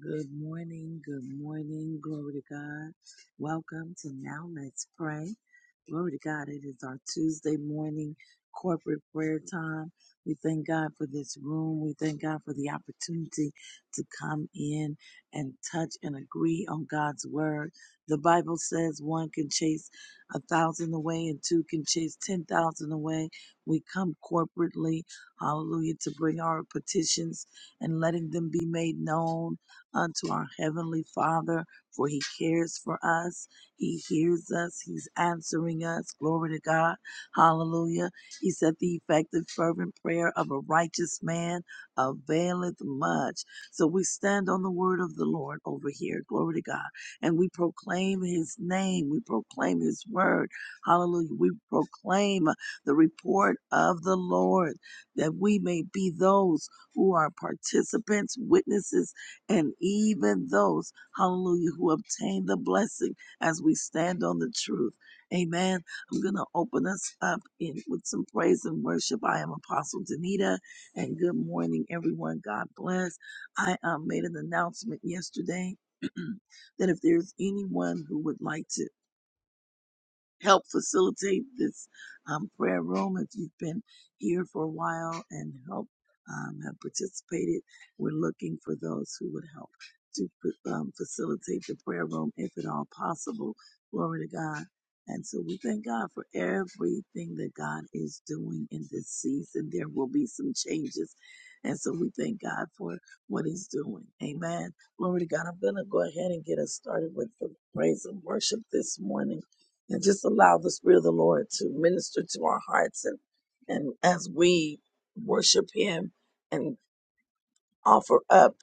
Good morning, good morning, glory to God. Welcome to Now Let's Pray. Glory to God, it is our Tuesday morning corporate prayer time. We thank God for this room. We thank God for the opportunity to come in and touch and agree on God's word. The Bible says one can chase a thousand away and two can chase 10,000 away. We come corporately, hallelujah, to bring our petitions and letting them be made known unto our Heavenly Father, for He cares for us. He hears us. He's answering us. Glory to God. Hallelujah. He said, The effective, fervent prayer of a righteous man availeth much. So we stand on the word of the Lord over here. Glory to God. And we proclaim His name. We proclaim His word. Hallelujah. We proclaim the report of the Lord that we may be those who are participants, witnesses and even those, hallelujah, who obtain the blessing as we stand on the truth. Amen. I'm going to open us up in, with some praise and worship. I am Apostle Danita, and good morning, everyone. God bless. I um, made an announcement yesterday that if there's anyone who would like to help facilitate this um, prayer room if you've been here for a while and help um, have participated. We're looking for those who would help to um, facilitate the prayer room if at all possible. Glory to God. And so we thank God for everything that God is doing in this season. There will be some changes. And so we thank God for what He's doing. Amen. Glory to God. I'm going to go ahead and get us started with the praise and worship this morning and just allow the Spirit of the Lord to minister to our hearts. And, and as we worship Him and offer up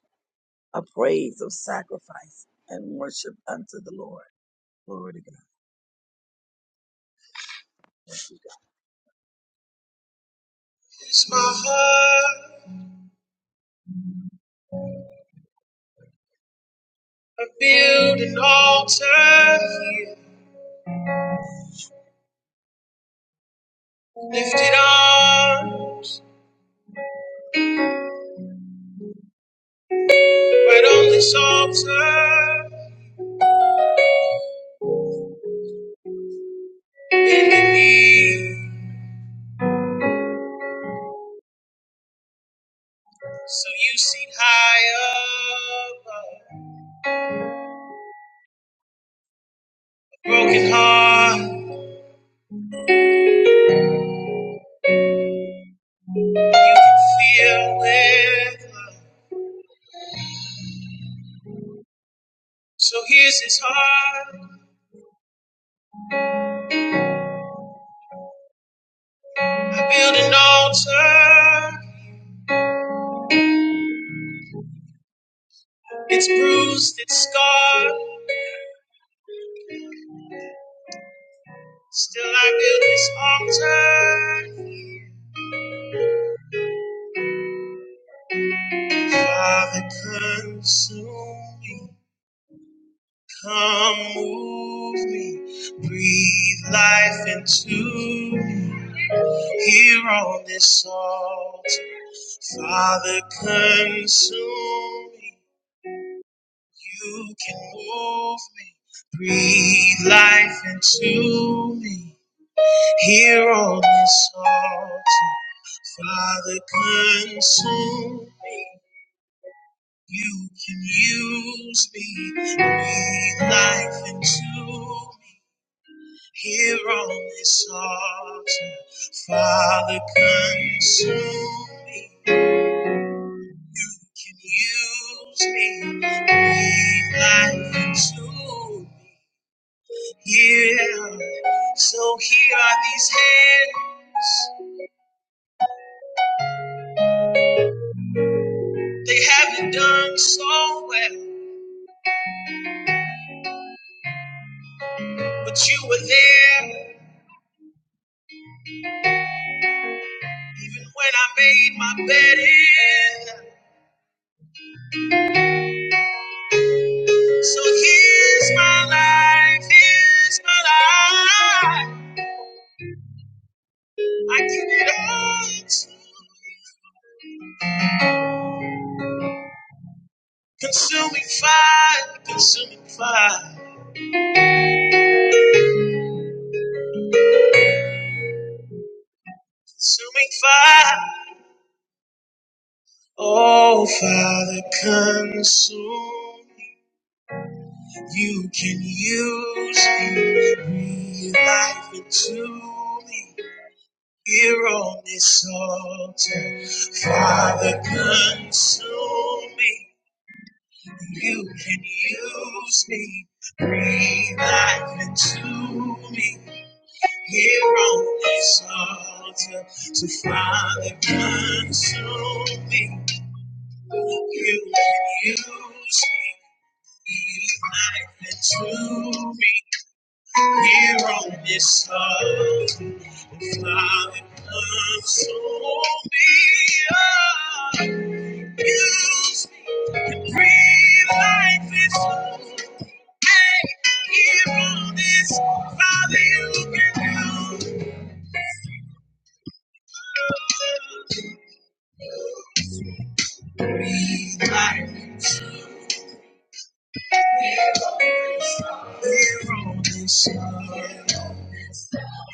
a praise of sacrifice and worship unto the Lord. Glory to God. It's my heart. I build an altar here. Lifted arms right on this altar. Bending knees so you see high above. Broken heart. filled with love. So here's his heart. I build an altar. It's bruised, it's scarred. Still, I build this altar. Father, consume me. Come move me. Breathe life into me. Here on this altar. Father, consume me. You can move me, breathe life into me. Here on this altar, Father, consume me. You can use me, breathe life into me. Here on this altar, Father, consume me. You can use me, breathe life into me. Yeah. So here are these hands. They haven't done so well, but you were there even when I made my bed in. So here's my life. Here's my life. I give it all to you. Consuming fire, consuming fire, consuming fire. Oh, Father, consume. You can use me, breathe life into me here on this altar. Father, consume me. You can use me, breathe life into me here on this altar. So, Father, consume me. You can use me, breathe life into me. Here on this earth, the Father, console me up. Use me to breathe life into me. Hey, Here on this, Father, you can do life. Here on this earth,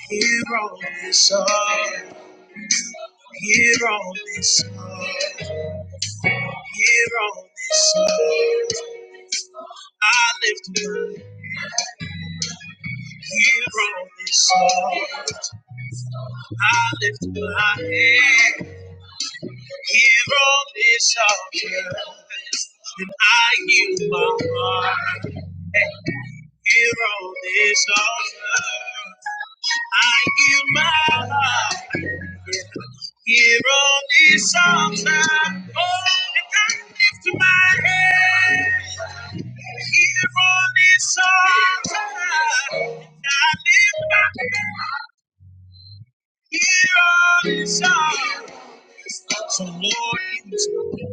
here on this earth, here on this earth, here on this earth. I lift here on this altar. I lift my head here on this altar. And I yield my heart here on this altar. I yield my heart here on this altar. Oh, and I lift my head here on this altar. And I lift my head. Hear our desire. So Lord, use my head.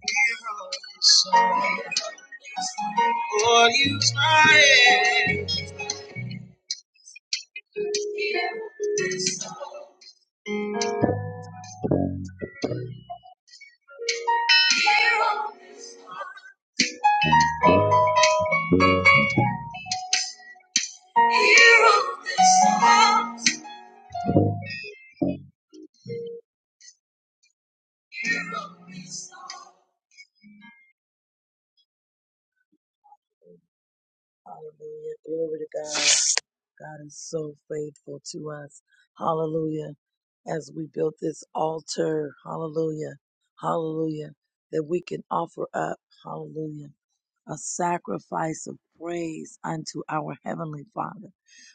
Hear our song. Lord, use my head. Hallelujah. Glory to God. God is so faithful to us. Hallelujah. As we built this altar, hallelujah, hallelujah, that we can offer up, hallelujah, a sacrifice of praise unto our Heavenly Father.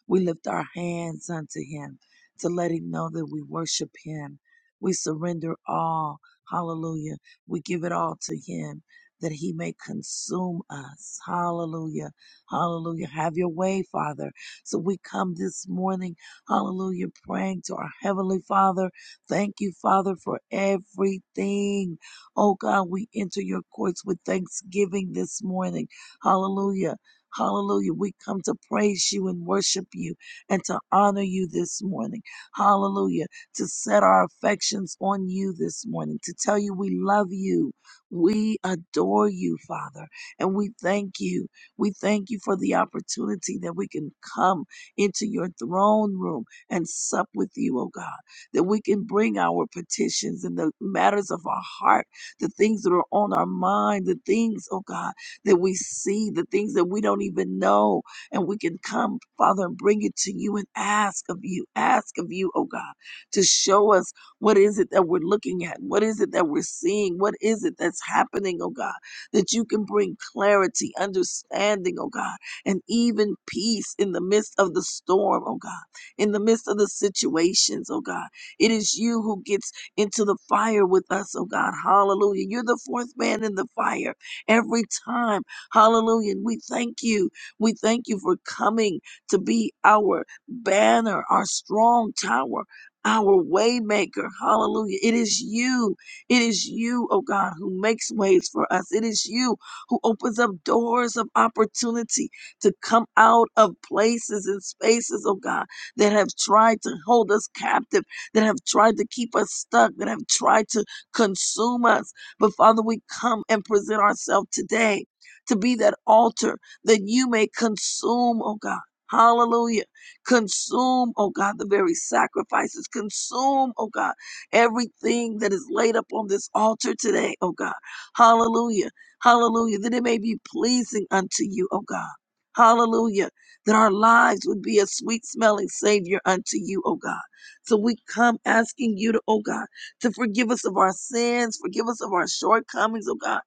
We lift our hands unto Him to let Him know that we worship Him. We surrender all, hallelujah. We give it all to Him that He may consume us. Hallelujah, hallelujah. Have your way, Father. So we come this morning, hallelujah, praying to our Heavenly Father. Thank you, Father, for everything. Oh God, we enter your courts with thanksgiving this morning. Hallelujah. Hallelujah. We come to praise you and worship you and to honor you this morning. Hallelujah. To set our affections on you this morning, to tell you we love you. We adore you, Father, and we thank you. We thank you for the opportunity that we can come into your throne room and sup with you, oh God, that we can bring our petitions and the matters of our heart, the things that are on our mind, the things, oh God, that we see, the things that we don't even know. And we can come, Father, and bring it to you and ask of you, ask of you, oh God, to show us what is it that we're looking at? What is it that we're seeing? What is it that's happening, oh God? that you can bring clarity, understanding, oh God, and even peace in the midst of the storm, oh God, in the midst of the situations, oh God. It is you who gets into the fire with us, oh God. Hallelujah. You're the fourth man in the fire every time. Hallelujah. And we thank you. We thank you for coming to be our banner, our strong tower. Our waymaker, hallelujah. It is you it is you, oh God, who makes ways for us. It is you who opens up doors of opportunity to come out of places and spaces, oh God, that have tried to hold us captive, that have tried to keep us stuck, that have tried to consume us. But Father, we come and present ourselves today to be that altar that you may consume, oh God. Hallelujah. Consume, oh God, the very sacrifices. Consume, oh God everything that is laid up on this altar today, oh God. Hallelujah. Hallelujah. That it may be pleasing unto you, oh God. Hallelujah. That our lives would be a sweet smelling Savior unto you, oh God. So we come asking you to, oh God, to forgive us of our sins, forgive us of our shortcomings, oh God,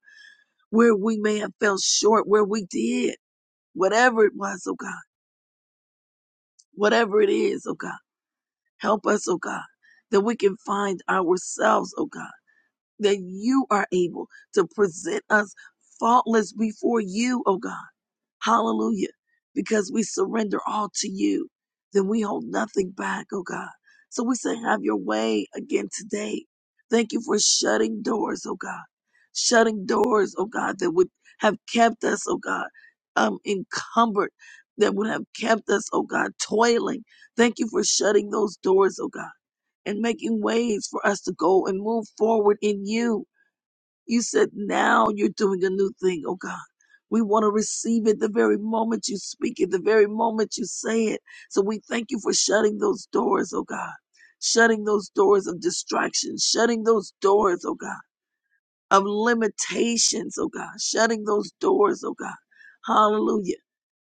where we may have fell short, where we did, whatever it was, oh God, whatever it is, oh God. Help us, oh God, that we can find ourselves, oh God that you are able to present us faultless before you, oh God. Hallelujah. Because we surrender all to you, then we hold nothing back, oh God. So we say, have your way again today. Thank you for shutting doors, oh God. Shutting doors, oh God, that would have kept us, oh God, um, encumbered, that would have kept us, oh God, toiling. Thank you for shutting those doors, oh God, and making ways for us to go and move forward in you. You said now you're doing a new thing, oh God. We want to receive it the very moment you speak it, the very moment you say it. So we thank you for shutting those doors, oh God. Shutting those doors of distraction, shutting those doors, oh God of limitations, oh God, shutting those doors, oh God. Hallelujah.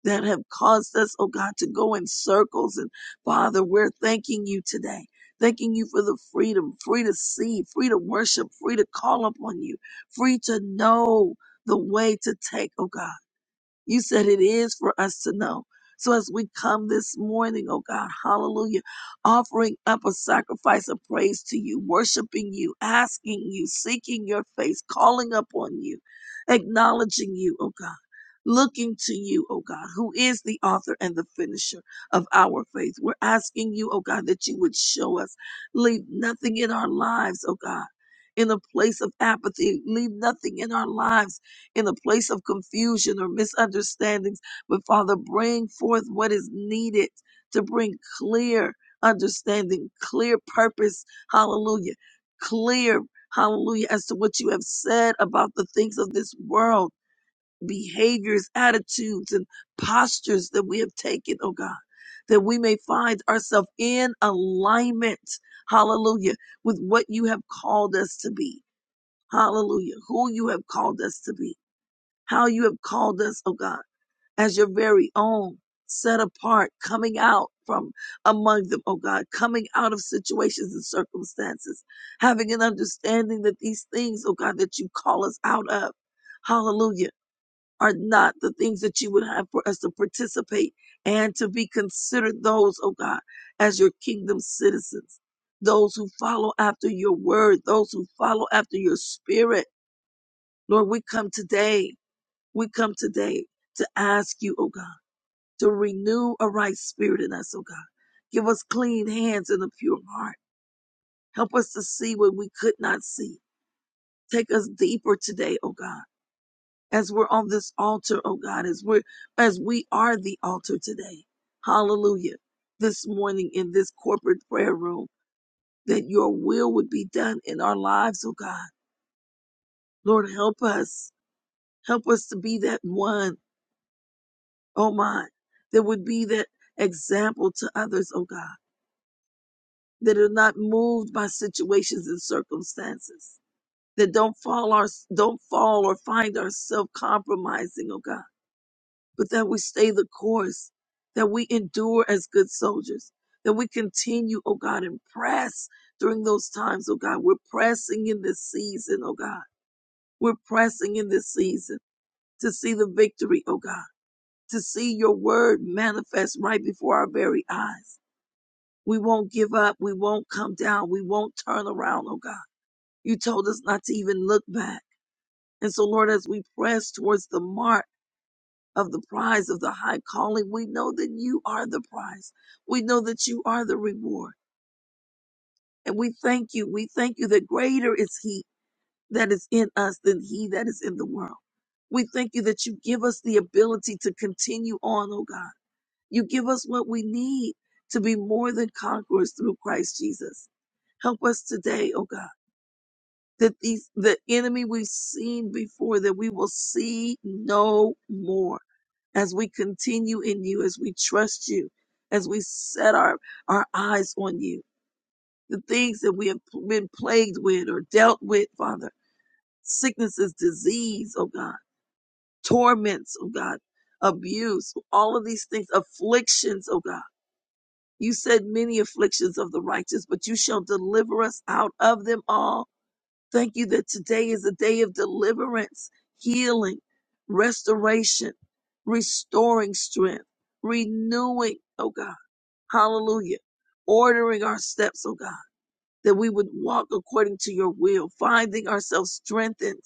That have caused us, oh God, to go in circles. And Father, we're thanking you today. Thanking you for the freedom, free to see, free to worship, free to call upon you, free to know the way to take, oh God. You said it is for us to know. So as we come this morning, oh God, hallelujah, offering up a sacrifice of praise to you, worshiping you, asking you, seeking your face, calling upon you, acknowledging you, oh God. Looking to you, oh God, who is the author and the finisher of our faith. We're asking you, oh God, that you would show us. Leave nothing in our lives, oh God, in a place of apathy. Leave nothing in our lives in a place of confusion or misunderstandings, but Father, bring forth what is needed to bring clear understanding, clear purpose, hallelujah, clear, hallelujah, as to what you have said about the things of this world, behaviors, attitudes, and postures that we have taken, oh God. That we may find ourselves in alignment, hallelujah, with what you have called us to be, hallelujah, who you have called us to be how you have called us, oh God, as your very own, set apart, coming out from among them, oh God, coming out of situations and circumstances, having an understanding that these things, oh God, that you call us out of, hallelujah, are not the things that you would have for us to participate and to be considered those, oh God, as your kingdom citizens. Those who follow after your word, those who follow after your spirit. Lord, we come today we come today to ask you, oh God, to renew a right spirit in us, oh God. Give us clean hands and a pure heart. Help us to see what we could not see. Take us deeper today, oh God, as we're on this altar, oh God, as we're as we are the altar today. Hallelujah. This morning in this corporate prayer room, that your will would be done in our lives, oh God. Lord, help us. Help us to be that one oh my, that would be that example to others, oh God, that are not moved by situations and circumstances, that don't fall our don't fall or find ourselves compromising, oh God, but that we stay the course, that we endure as good soldiers, that we continue, oh God, and press during those times, oh God. We're pressing in this season, oh God. We're pressing in this season to see the victory, oh God to see your word manifest right before our very eyes. We won't give up. We won't come down. We won't turn around, oh God. You told us not to even look back. And so, Lord, as we press towards the mark of the prize of the high calling, we know that you are the prize. We know that you are the reward. And we thank you. We thank you that greater is He that is in us than He that is in the world. We thank you that you give us the ability to continue on, oh God. You give us what we need to be more than conquerors through Christ Jesus. Help us today, oh God that these the enemy we've seen before that we will see no more as we continue in you as we trust you as we set our our eyes on you the things that we have been plagued with or dealt with father sicknesses disease oh god torments oh god abuse all of these things afflictions oh god you said many afflictions of the righteous but you shall deliver us out of them all Thank you that today is a day of deliverance, healing, restoration, restoring strength, renewing, oh God. Hallelujah. Ordering our steps, oh God, that we would walk according to your will, finding ourselves strengthened.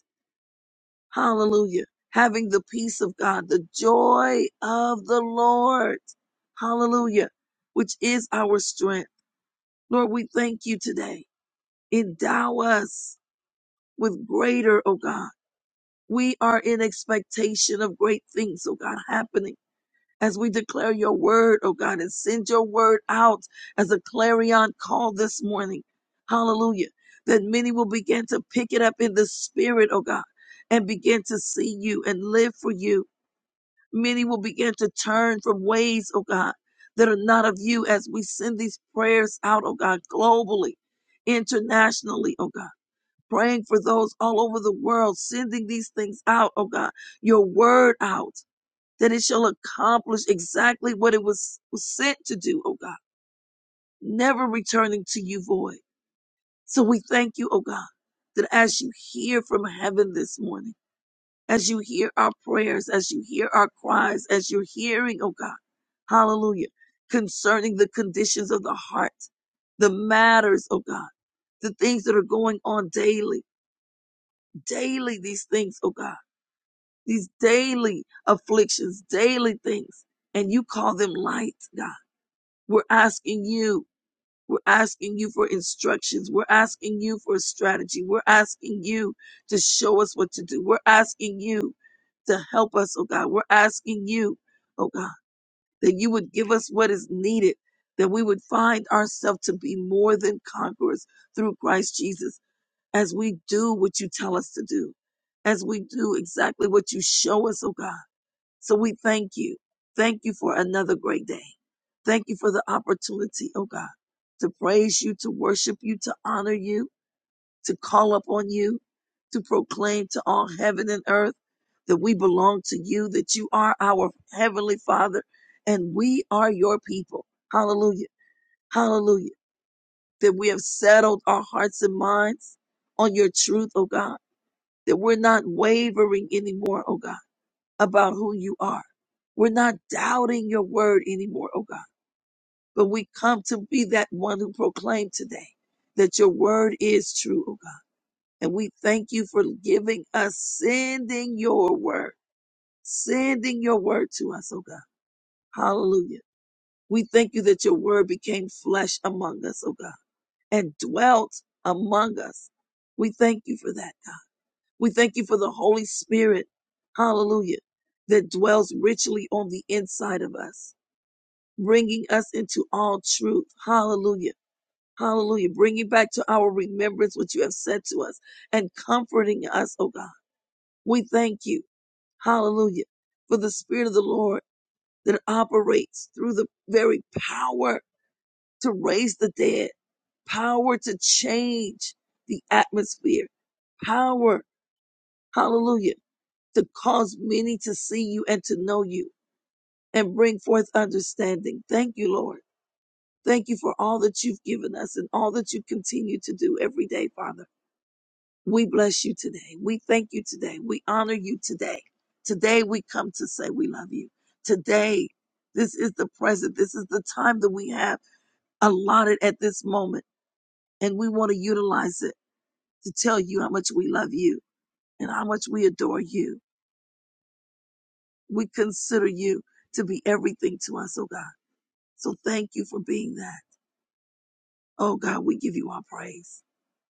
Hallelujah. Having the peace of God, the joy of the Lord. Hallelujah. Which is our strength. Lord, we thank you today. Endow us with greater, oh God We are in expectation of great things, oh God, happening as we declare your word, oh God, and send your word out as a clarion call this morning. Hallelujah. That many will begin to pick it up in the spirit, oh God, and begin to see you and live for you. Many will begin to turn from ways, oh God, that are not of you as we send these prayers out, oh God, globally, internationally, oh God praying for those all over the world, sending these things out, oh God, your word out, that it shall accomplish exactly what it was, was sent to do, oh God, never returning to you void. So we thank you, oh God, that as you hear from heaven this morning, as you hear our prayers, as you hear our cries, as you're hearing, oh God, hallelujah, concerning the conditions of the heart, the matters, oh God, the things that are going on daily, daily, these things, oh God. these daily afflictions, daily things, and you call them light, God. We're asking you. We're asking you for instructions. We're asking you for a strategy. We're asking you to show us what to do. We're asking you to help us, oh God. We're asking you, oh God, that you would give us what is needed, that we would find ourselves to be more than conquerors through Christ Jesus as we do what you tell us to do, as we do exactly what you show us, oh God so we thank you. Thank you for another great day. Thank you for the opportunity, oh God, to praise you, to worship you, to honor you, to call upon you, to proclaim to all heaven and earth that we belong to you, that you are our heavenly Father, and we are your people. Hallelujah. Hallelujah. That we have settled our hearts and minds on your truth, oh God, that we're not wavering anymore, oh God about who you are. We're not doubting your word anymore, oh God, but we come to be that one who proclaimed today that your word is true, oh God. And we thank you for giving us, sending your word, sending your word to us, oh God. Hallelujah. We thank you that your word became flesh among us, oh God, and dwelt among us. We thank you for that, God. We thank you for the Holy Spirit. Hallelujah. That dwells richly on the inside of us. bringing us into all truth. Hallelujah. Hallelujah. Bringing back to our remembrance what you have said to us and comforting us, oh God. We thank you. Hallelujah. For the Spirit of the Lord that operates through the very power to raise the dead, power to change the atmosphere, power, hallelujah, to cause many to see you and to know you and bring forth understanding. Thank you, Lord. Thank you for all that you've given us and all that you continue to do every day, Father. We bless you today. We thank you today. We honor you today. Today we come to say we love you. Today, this is the present. This is the time that we have allotted at this moment. And we want to utilize it to tell you how much we love you and how much we adore you. We consider you to be everything to us, oh God. So thank you for being that. Oh God, we give you our praise.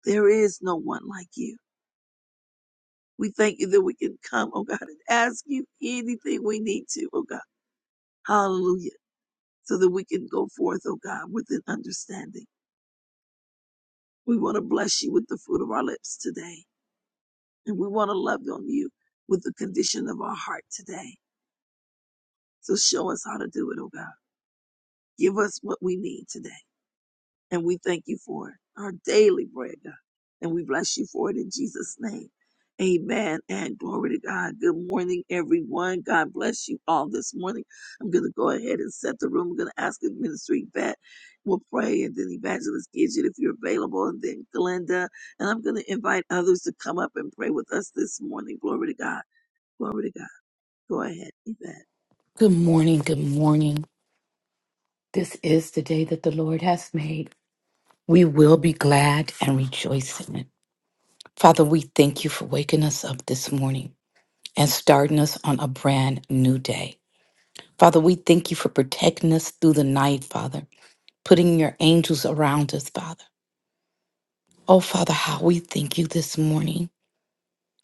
There is no one like you. We thank you that we can come, oh God, and ask you anything we need to, oh God. Hallelujah. So that we can go forth, oh God, with an understanding. We want to bless you with the fruit of our lips today. And we want to love on you with the condition of our heart today. So show us how to do it, oh God. Give us what we need today. And we thank you for it, our daily bread, God. And we bless you for it in Jesus' name. Amen and glory to God. Good morning, everyone. God bless you all this morning. I'm going to go ahead and set the room. I'm going to ask the ministry vet. We'll pray and then Evangelist Gidget if you're available and then Glenda. And I'm going to invite others to come up and pray with us this morning. Glory to God. Glory to God. Go ahead, Evan. Good morning. Good morning. This is the day that the Lord has made. We will be glad and rejoice in it. Father, we thank you for waking us up this morning and starting us on a brand new day. Father, we thank you for protecting us through the night, Father, putting your angels around us, Father. Oh, Father, how we thank you this morning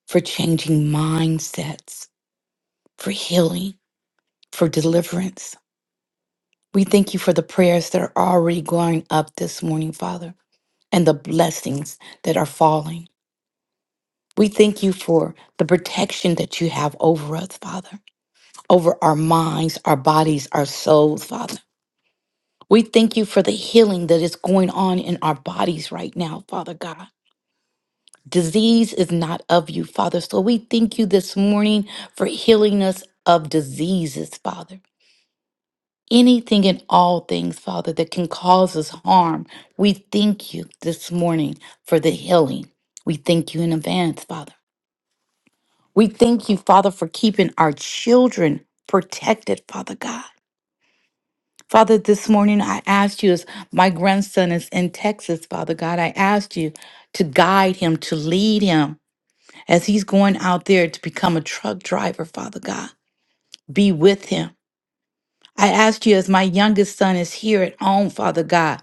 for changing mindsets, for healing, for deliverance. We thank you for the prayers that are already going up this morning, Father. and the blessings that are falling. We thank you for the protection that you have over us, Father, over our minds, our bodies, our souls, Father. We thank you for the healing that is going on in our bodies right now, Father God. Disease is not of you, Father. So we thank you this morning for healing us of diseases, Father. Anything and all things, Father, that can cause us harm, we thank you this morning for the healing. We thank you in advance, Father. We thank you, Father, for keeping our children protected, Father God. Father, this morning I asked you, as my grandson is in Texas, Father God, I asked you to guide him, to lead him as he's going out there to become a truck driver, Father God. Be with him. I asked you, as my youngest son is here at home, Father God,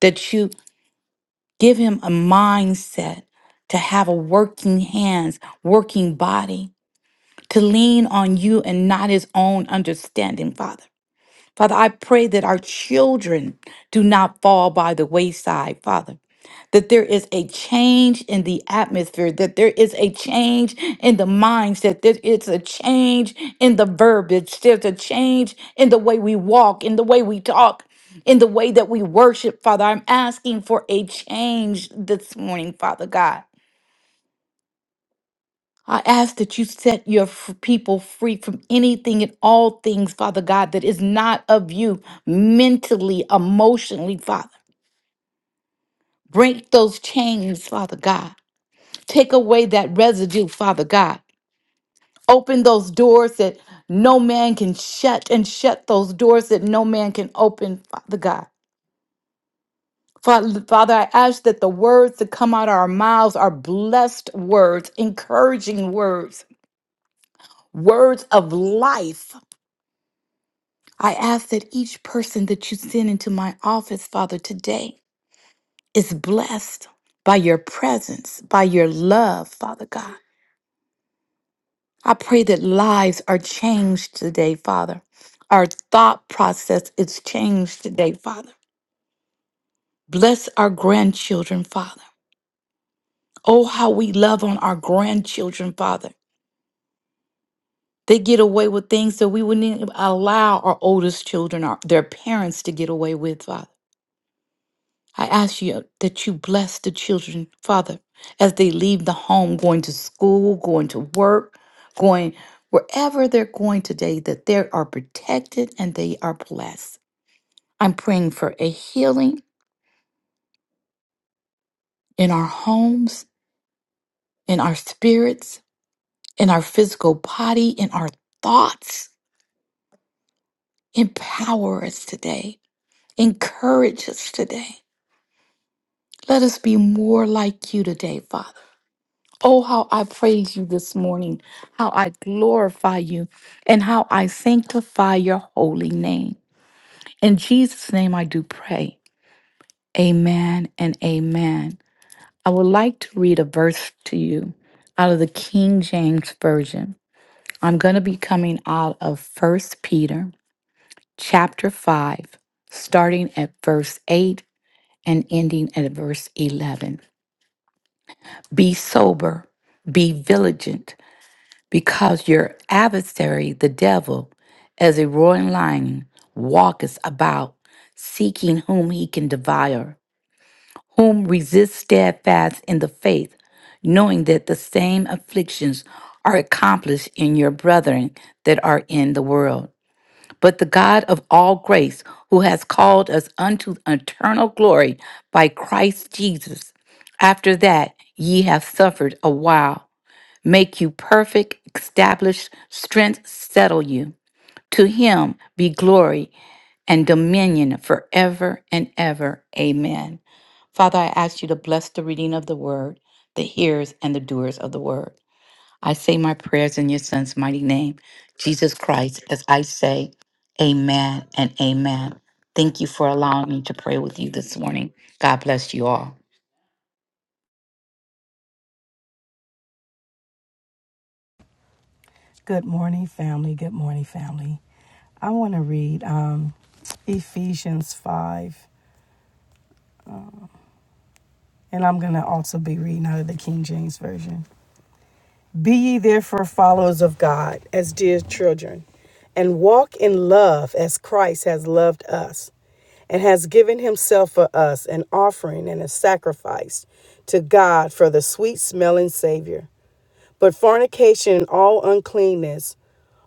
that you give him a mindset to have a working hands, working body. to lean on you and not his own understanding, Father. Father, I pray that our children do not fall by the wayside, Father. That there is a change in the atmosphere, that there is a change in the mindset, that it's a change in the verbiage, there's a change in the way we walk, in the way we talk, in the way that we worship, Father. I'm asking for a change this morning, Father God. I ask that you set your f- people free from anything and all things, Father God, that is not of you mentally, emotionally, Father. Break those chains, Father God. Take away that residue, Father God. Open those doors that no man can shut and shut those doors that no man can open, Father God. Father, Father, I ask that the words that come out of our mouths are blessed words, encouraging words, words of life I ask that each person that you send into my office, Father, today is blessed by your presence, by your love, Father God. I pray that lives are changed today, Father. Our thought process is changed today, Father. Bless our grandchildren, Father. Oh, how we love on our grandchildren, Father. They get away with things that we wouldn't even allow our oldest children, our, their parents, to get away with, Father. I ask you that you bless the children, Father, as they leave the home, going to school, going to work, going wherever they're going today, that they are protected and they are blessed. I'm praying for a healing in our homes, in our spirits, in our physical body, in our thoughts. Empower us today. Encourage us today. Let us be more like you today, Father. Oh, how I praise you this morning, how I glorify you, and how I sanctify your holy name. In Jesus' name I do pray. Amen and amen. I would like to read a verse to you out of the King James Version. I'm going to be coming out of First Peter chapter 5, starting at verse 8 and ending at verse 11. Be sober, be vigilant. because your adversary, the devil, as a roaring lion, walketh about, seeking whom he can devour, whom resist steadfast in the faith, knowing that the same afflictions are accomplished in your brethren that are in the world. But the God of all grace, who has called us unto eternal glory by Christ Jesus, after that ye have suffered a while, make you perfect, establish strength, settle you. To him be glory and dominion forever and ever. Amen. Father, I ask you to bless the reading of the word, the hearers and the doers of the word. I say my prayers in your son's mighty name, Jesus Christ, as I say, Amen and Amen. Thank you for allowing me to pray with you this morning. God bless you all. Good morning, family. Good morning, family. I want to read um, Ephesians 5, and I'm going to also be reading out of the King James Version. Be ye therefore followers of God as dear children, and walk in love as Christ has loved us, and has given himself for us an offering and a sacrifice to God for the sweet smelling Savior. But fornication, and all uncleanness,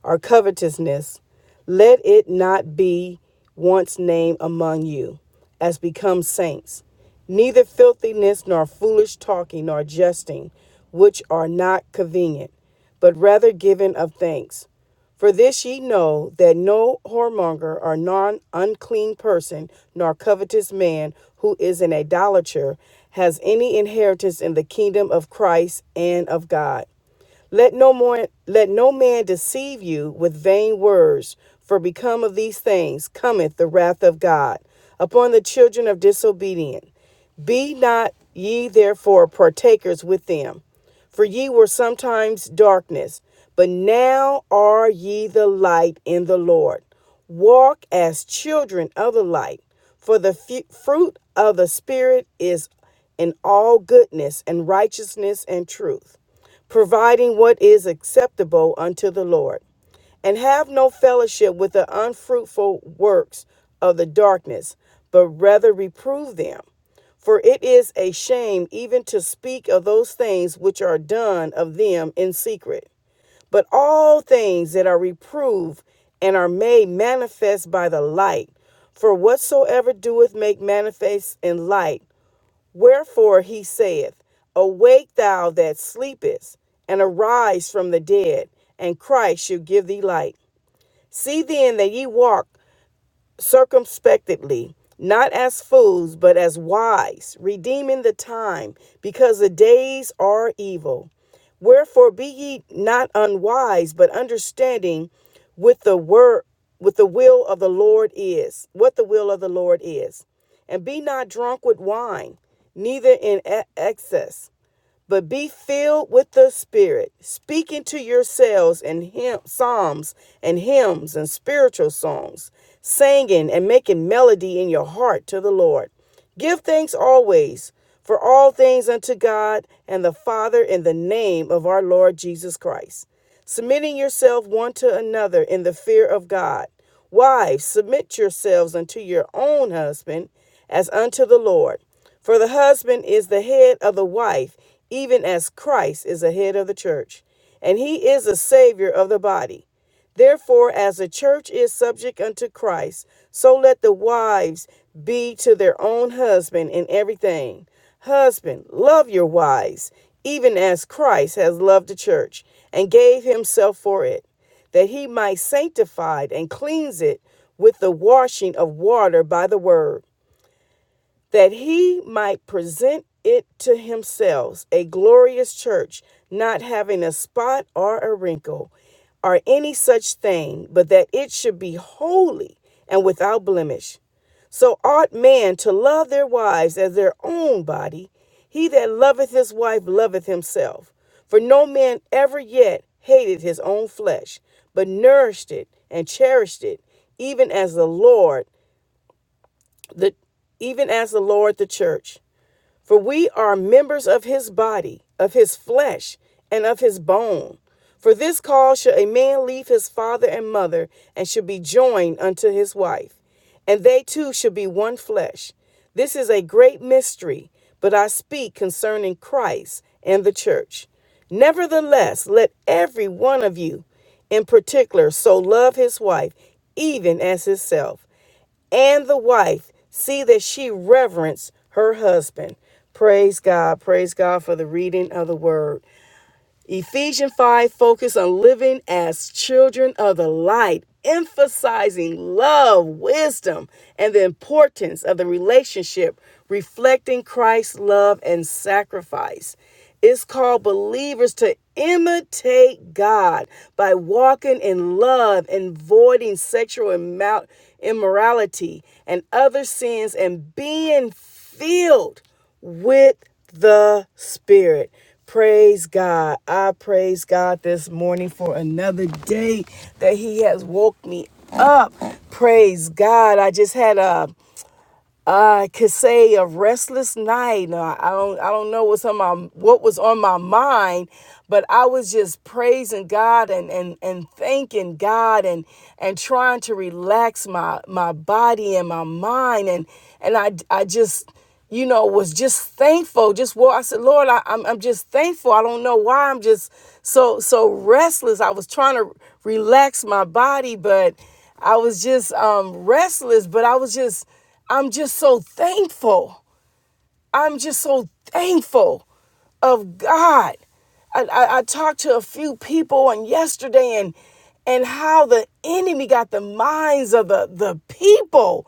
or covetousness, let it not be once named among you, as becomes saints, neither filthiness, nor foolish talking, nor jesting, which are not convenient, but rather giving of thanks. For this ye know that no whoremonger or non unclean person, nor covetous man who is an idolater, has any inheritance in the kingdom of Christ and of God. Let no more let no man deceive you with vain words, for become of these things cometh the wrath of God upon the children of disobedient. Be not ye therefore partakers with them, for ye were sometimes darkness, but now are ye the light in the Lord. Walk as children of the light, for the fu- fruit of the Spirit is in all goodness and righteousness and truth providing what is acceptable unto the Lord. And have no fellowship with the unfruitful works of the darkness, but rather reprove them. For it is a shame even to speak of those things which are done of them in secret. But all things that are reproved and are made manifest by the light, for whatsoever doeth make manifest in light, Wherefore he saith, Awake thou that sleepest, and arise from the dead, and Christ shall give thee light. See then that ye walk circumspectly, not as fools, but as wise, redeeming the time, because the days are evil. Wherefore be ye not unwise, but understanding with the word with the will of the Lord is, what the will of the Lord is. And be not drunk with wine, neither in e- excess but be filled with the Spirit, speaking to yourselves in hymn, psalms and hymns and spiritual songs, singing and making melody in your heart to the Lord. Give thanks always for all things unto God and the Father in the name of our Lord Jesus Christ submitting yourself one to another in the fear of God. Wives, submit yourselves unto your own husband as unto the Lord. For the husband is the head of the wife, even as Christ is the head of the church, and he is the Savior of the body. Therefore, as the church is subject unto Christ, so let the wives be to their own husband in everything. Husband, love your wives, even as Christ has loved the church and gave himself for it, that he might sanctify it and cleanse it with the washing of water by the word that he might present it to himself a glorious church, not having a spot or a wrinkle or any such thing, but that it should be holy and without blemish. So ought man to love their wives as their own body. He that loveth his wife loveth himself. For no man ever yet hated his own flesh, but nourished it and cherished it, even as the Lord, the even as the Lord the church. For we are members of his body, of his flesh, and of his bone. For this cause shall a man leave his father and mother, and shall be joined unto his wife, and they two shall be one flesh. This is a great mystery, but I speak concerning Christ and the church. Nevertheless, let every one of you in particular so love his wife, even as himself and the wife see that she reverence her husband. Praise God. Praise God for the reading of the word. Ephesians 5 focus on living as children of the light, emphasizing love, wisdom, and the importance of the relationship reflecting Christ's love and sacrifice. It's called believers to imitate God by walking in love and voiding sexual immorality and other sins and being filled with the Spirit. Praise God. I praise God this morning for another day that He has woke me up. Praise God. I just had a I could say a restless night. No, I don't I don't know what's on my what was on my mind, but I was just praising God and and and thanking God and and trying to relax my my body and my mind and and I I just you know, was just thankful. Just well, I said, Lord, I, I'm I'm just thankful. I don't know why I'm just so so restless. I was trying to relax my body, but I was just um, restless. But I was just I'm just so thankful. I'm just so thankful of God. I, I, I talked to a few people on yesterday and and how the enemy got the minds of the, the people.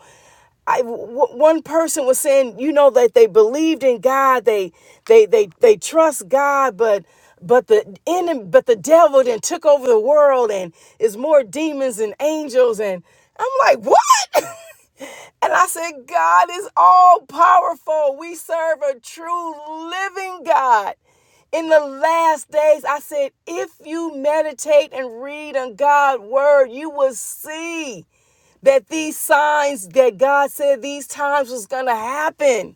I w- one person was saying, you know, that they believed in God, they they they they trust God, but but the enemy, but the devil then took over the world and is more demons than angels, and I'm like, what? And I said, God is all powerful. We serve a true living God. In the last days, I said, if you meditate and read on God's word, you will see that these signs that God said these times was going to happen.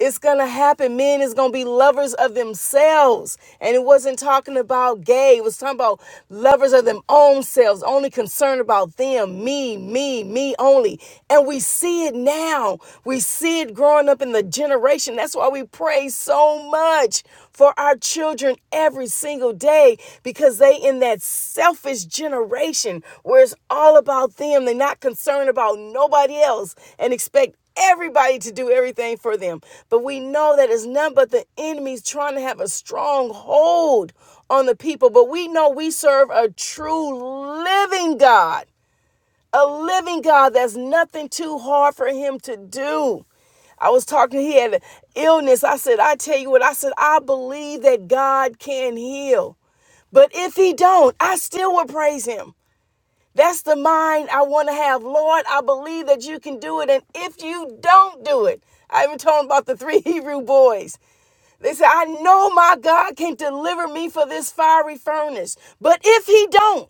It's going to happen. Men is going to be lovers of themselves. And it wasn't talking about gay. It was talking about lovers of them own selves, only concerned about them, me, me, me only. And we see it now. We see it growing up in the generation. That's why we pray so much for our children every single day because they in that selfish generation where it's all about them. They're not concerned about nobody else and expect everybody to do everything for them. But we know that it's none but the enemies trying to have a strong hold on the people. But we know we serve a true living God, a living God that's nothing too hard for him to do. I was talking, he had an illness. I said, I tell you what, I said, I believe that God can heal. But if he don't, I still will praise him. That's the mind I want to have. Lord, I believe that you can do it. And if you don't do it, I even told him about the three Hebrew boys. They said, I know my God can deliver me for this fiery furnace. But if he don't,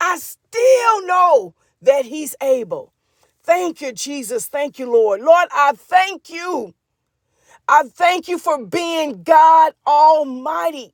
I still know that he's able. Thank you, Jesus. Thank you, Lord. Lord, I thank you. I thank you for being God Almighty.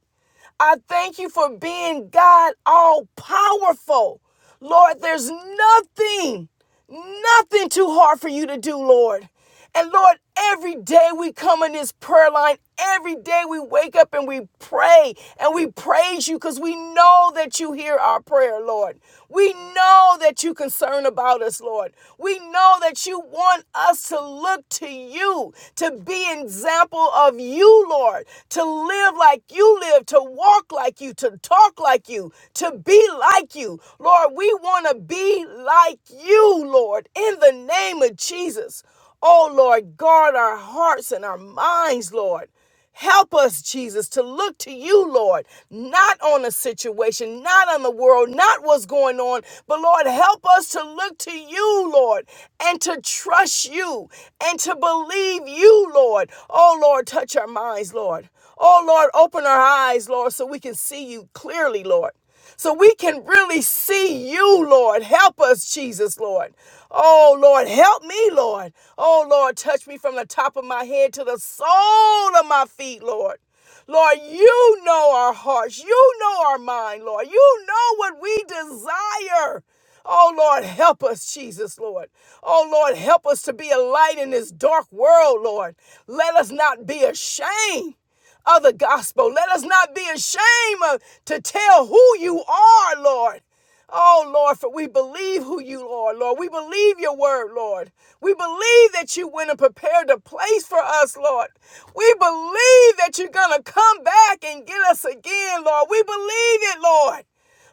I thank you for being God all powerful. Lord, there's nothing, nothing too hard for you to do, Lord. And Lord, every day we come in this prayer line, every day we wake up and we pray and we praise you because we know that you hear our prayer, Lord. We know that you concern about us, Lord. We know that you want us to look to you, to be an example of you, Lord, to live live like you live, to walk like you, to talk like you, to be like you. Lord, we want to be like you, Lord, in the name of Jesus. Oh, Lord, guard our hearts and our minds, Lord. Help us, Jesus, to look to you, Lord, not on a situation, not on the world, not what's going on, but Lord, help us to look to you, Lord, and to trust you and to believe you, Lord. Oh, Lord, touch our minds, Lord. Oh, Lord, open our eyes, Lord, so we can see you clearly, Lord. So we can really see you, Lord. Help us, Jesus, Lord. Oh, Lord, help me, Lord. Oh, Lord, touch me from the top of my head to the sole of my feet, Lord. Lord, you know our hearts. You know our mind, Lord. You know what we desire. Oh, Lord, help us, Jesus, Lord. Oh, Lord, help us to be a light in this dark world, Lord. Let us not be ashamed of the gospel. Let us not be ashamed to tell who you are, Lord. Oh, Lord, for we believe who you are, Lord. We believe your word, Lord. We believe that you went and prepared a place for us, Lord. We believe that you're going to come back and get us again, Lord. We believe it, Lord.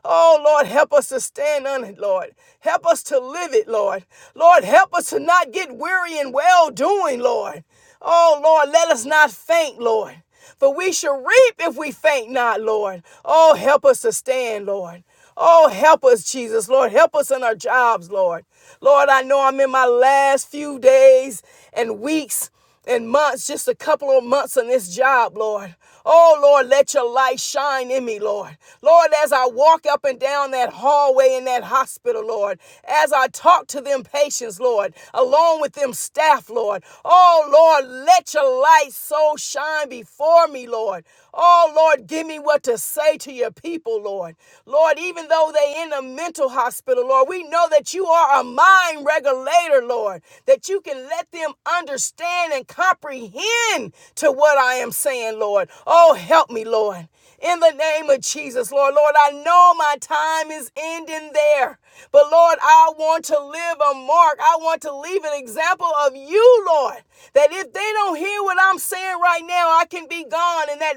Oh, Lord, help us to stand on it, Lord. Help us to live it, Lord. Lord, help us to not get weary in well doing, Lord. Oh, Lord, let us not faint, Lord. For we shall reap if we faint not, Lord. Oh, help us to stand, Lord. Oh, help us, Jesus, Lord. Help us in our jobs, Lord. Lord, I know I'm in my last few days and weeks. And months, just a couple of months on this job, Lord. Oh, Lord, let your light shine in me, Lord. Lord, as I walk up and down that hallway in that hospital, Lord, as I talk to them patients, Lord, along with them staff, Lord. Oh, Lord, let your light so shine before me, Lord. Oh, Lord, give me what to say to your people, Lord. Lord, even though they in a mental hospital, Lord, we know that you are a mind regulator, Lord, that you can let them understand and comprehend to what I am saying, Lord. Oh, help me, Lord in the name of Jesus, Lord. Lord, I know my time is ending there, but Lord, I want to live a mark. I want to leave an example of you, Lord, that if they don't hear what I'm saying right now, I can be gone and that,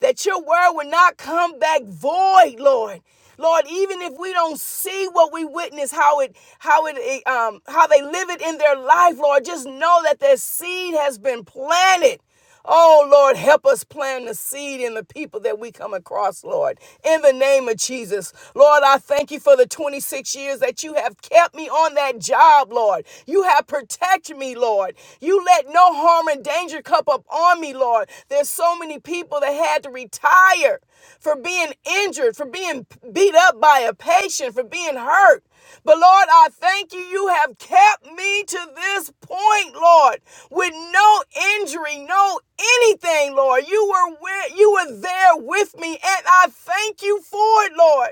that your word would not come back void, Lord. Lord, even if we don't see what we witness, how it, how it, eh, um, how they live it in their life, Lord, just know that their seed has been planted. Oh, Lord, help us plant the seed in the people that we come across, Lord. In the name of Jesus. Lord, I thank you for the 26 years that you have kept me on that job, Lord. You have protected me, Lord. You let no harm and danger come up on me, Lord. There's so many people that had to retire for being injured, for being beat up by a patient, for being hurt. But Lord, I thank you. You have kept me to this point, Lord, with no injury, no anything, Lord. You were with, you were there with me, and I thank you for it, Lord.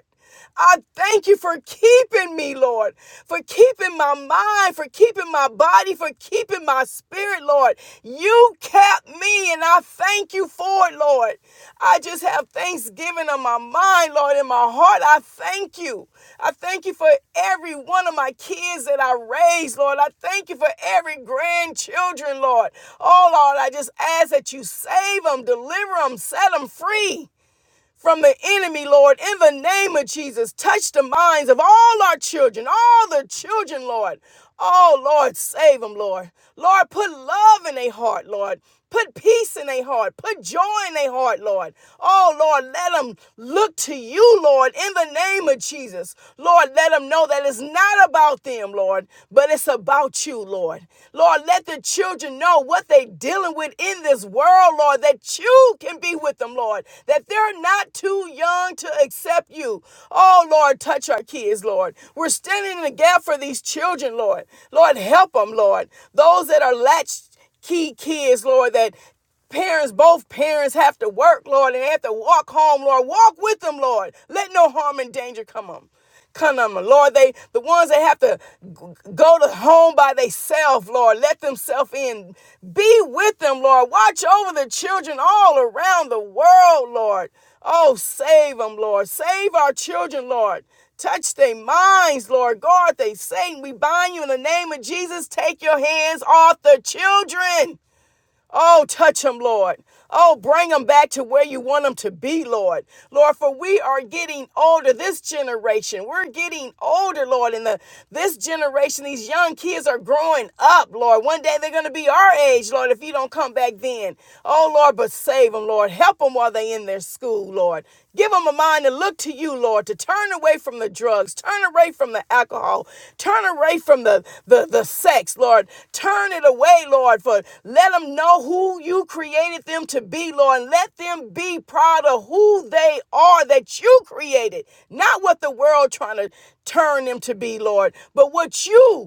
I thank you for keeping me, Lord, for keeping my mind, for keeping my body, for keeping my spirit. Spirit, Lord. You kept me, and I thank you for it, Lord. I just have thanksgiving on my mind, Lord, in my heart. I thank you. I thank you for every one of my kids that I raised, Lord. I thank you for every grandchildren, Lord. Oh, Lord, I just ask that you save them, deliver them, set them free from the enemy, Lord, in the name of Jesus. Touch the minds of all our children, all the children, Lord. Oh, Lord, save them, Lord. Lord, put love in their heart, Lord. Put peace in their heart. Put joy in their heart, Lord. Oh, Lord, let them look to you, Lord, in the name of Jesus. Lord, let them know that it's not about them, Lord, but it's about you, Lord. Lord, Lord, let the children know what they're dealing with in this world, Lord, that you can be with them, Lord, that they're not too young to accept you. Oh, Lord, touch our kids, Lord. We're standing in the gap for these children, Lord. Lord, help them, Lord. Those that are latched key kids, Lord, that Parents, both parents have to work, Lord, and they have to walk home, Lord. Walk with them, Lord. Let no harm and danger come on. Come on, Lord. They the ones that have to go to home by themselves, Lord. Let themselves in. Be with them, Lord. Watch over the children all around the world, Lord. Oh, save them, Lord. Save our children, Lord. Touch their minds, Lord. Guard they Satan. We bind you in the name of Jesus. Take your hands off the children. Oh, touch them, Lord. Oh, bring them back to where you want them to be, Lord. Lord, for we are getting older. This generation, we're getting older, Lord. And the this generation, these young kids are growing up, Lord. One day they're going to be our age, Lord, if you don't come back then. Oh, Lord, but save them, Lord. Help them while they're in their school, Lord. Give them a mind to look to you, Lord, to turn away from the drugs, turn away from the alcohol, turn away from the, the, the sex, Lord. Turn it away, Lord, for let them know who you created them to be, Lord. And let them be proud of who they are that you created, not what the world trying to turn them to be, Lord, but what you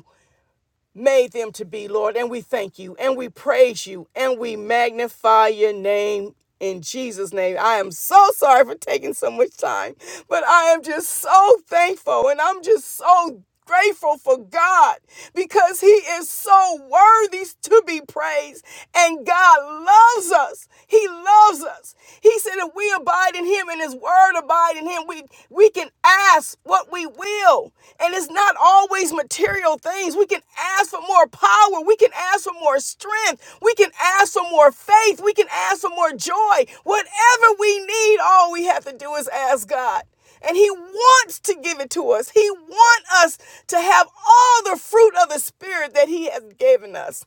made them to be, Lord. And we thank you and we praise you and we magnify your name in Jesus' name. I am so sorry for taking so much time, but I am just so thankful and I'm just so grateful for God because he is so worthy to be praised and God loves us. He loves us. He said if we abide in him and his word word abide in him, we we can ask what we will. And it's not always material things. We can ask for more power. We can ask for more strength. We can ask for more faith. We can ask for more joy. Whatever we need, all we have to do is ask God. And he wants to give it to us. He wants us to have all the fruit of the spirit that he has given us.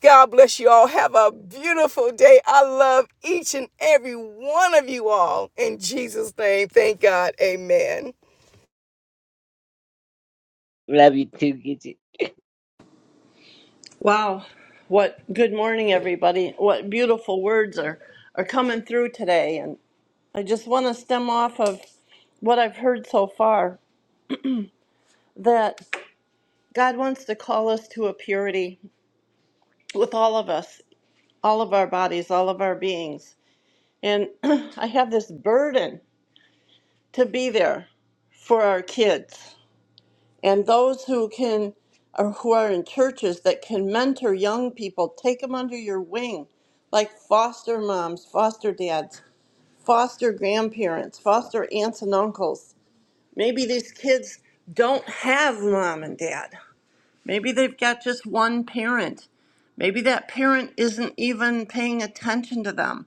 God bless you all. Have a beautiful day. I love each and every one of you all. In Jesus' name, thank God. Amen. Love you too, Gidget. Wow. What good morning everybody. What beautiful words are are coming through today and I just want to stem off of what I've heard so far that God wants to call us to a purity with all of us, all of our bodies, all of our beings. And I have this burden to be there for our kids. and those who can or who are in churches that can mentor young people take them under your wing like foster moms foster dads foster grandparents foster aunts and uncles maybe these kids don't have mom and dad maybe they've got just one parent maybe that parent isn't even paying attention to them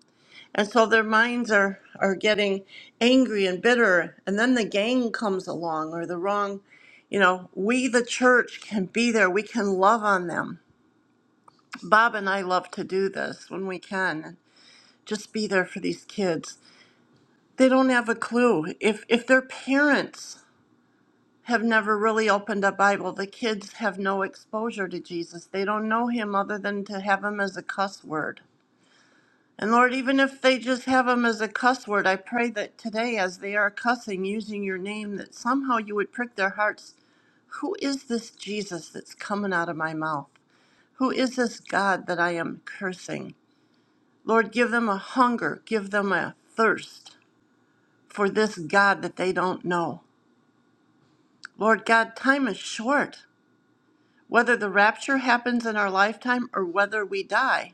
and so their minds are are getting angry and bitter and then the gang comes along or the wrong you know we the church can be there we can love on them bob and i love to do this when we can just be there for these kids they don't have a clue if if their parents have never really opened a bible the kids have no exposure to jesus they don't know him other than to have him as a cuss word And Lord, even if they just have them as a cuss word, I pray that today, as they are cussing using your name, that somehow you would prick their hearts. Who is this Jesus that's coming out of my mouth? Who is this God that I am cursing? Lord, give them a hunger, give them a thirst for this God that they don't know. Lord God, time is short. Whether the rapture happens in our lifetime or whether we die,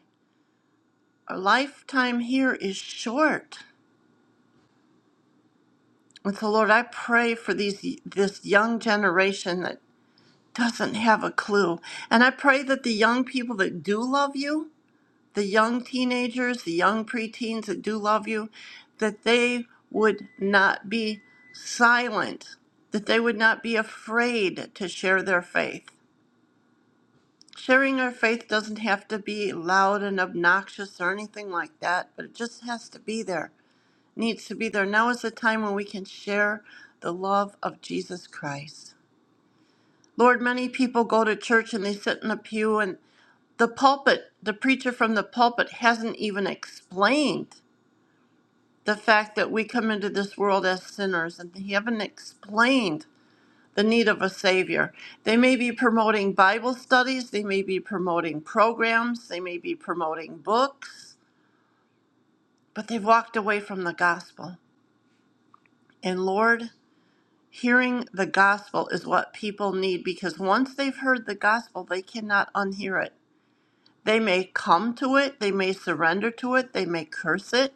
our lifetime here is short. And so, Lord, I pray for these this young generation that doesn't have a clue. And I pray that the young people that do love you, the young teenagers, the young preteens that do love you, that they would not be silent, that they would not be afraid to share their faith. Sharing our faith doesn't have to be loud and obnoxious or anything like that, but it just has to be there needs to be there. Now is the time when we can share the love of Jesus Christ. Lord, many people go to church and they sit in a pew, and the pulpit, the preacher from the pulpit, hasn't even explained the fact that we come into this world as sinners, and they haven't explained the need of a Savior. They may be promoting Bible studies, they may be promoting programs, they may be promoting books, but they've walked away from the gospel. And Lord, Hearing the gospel is what people need because once they've heard the gospel, they cannot unhear it. They may come to it, they may surrender to it, they may curse it,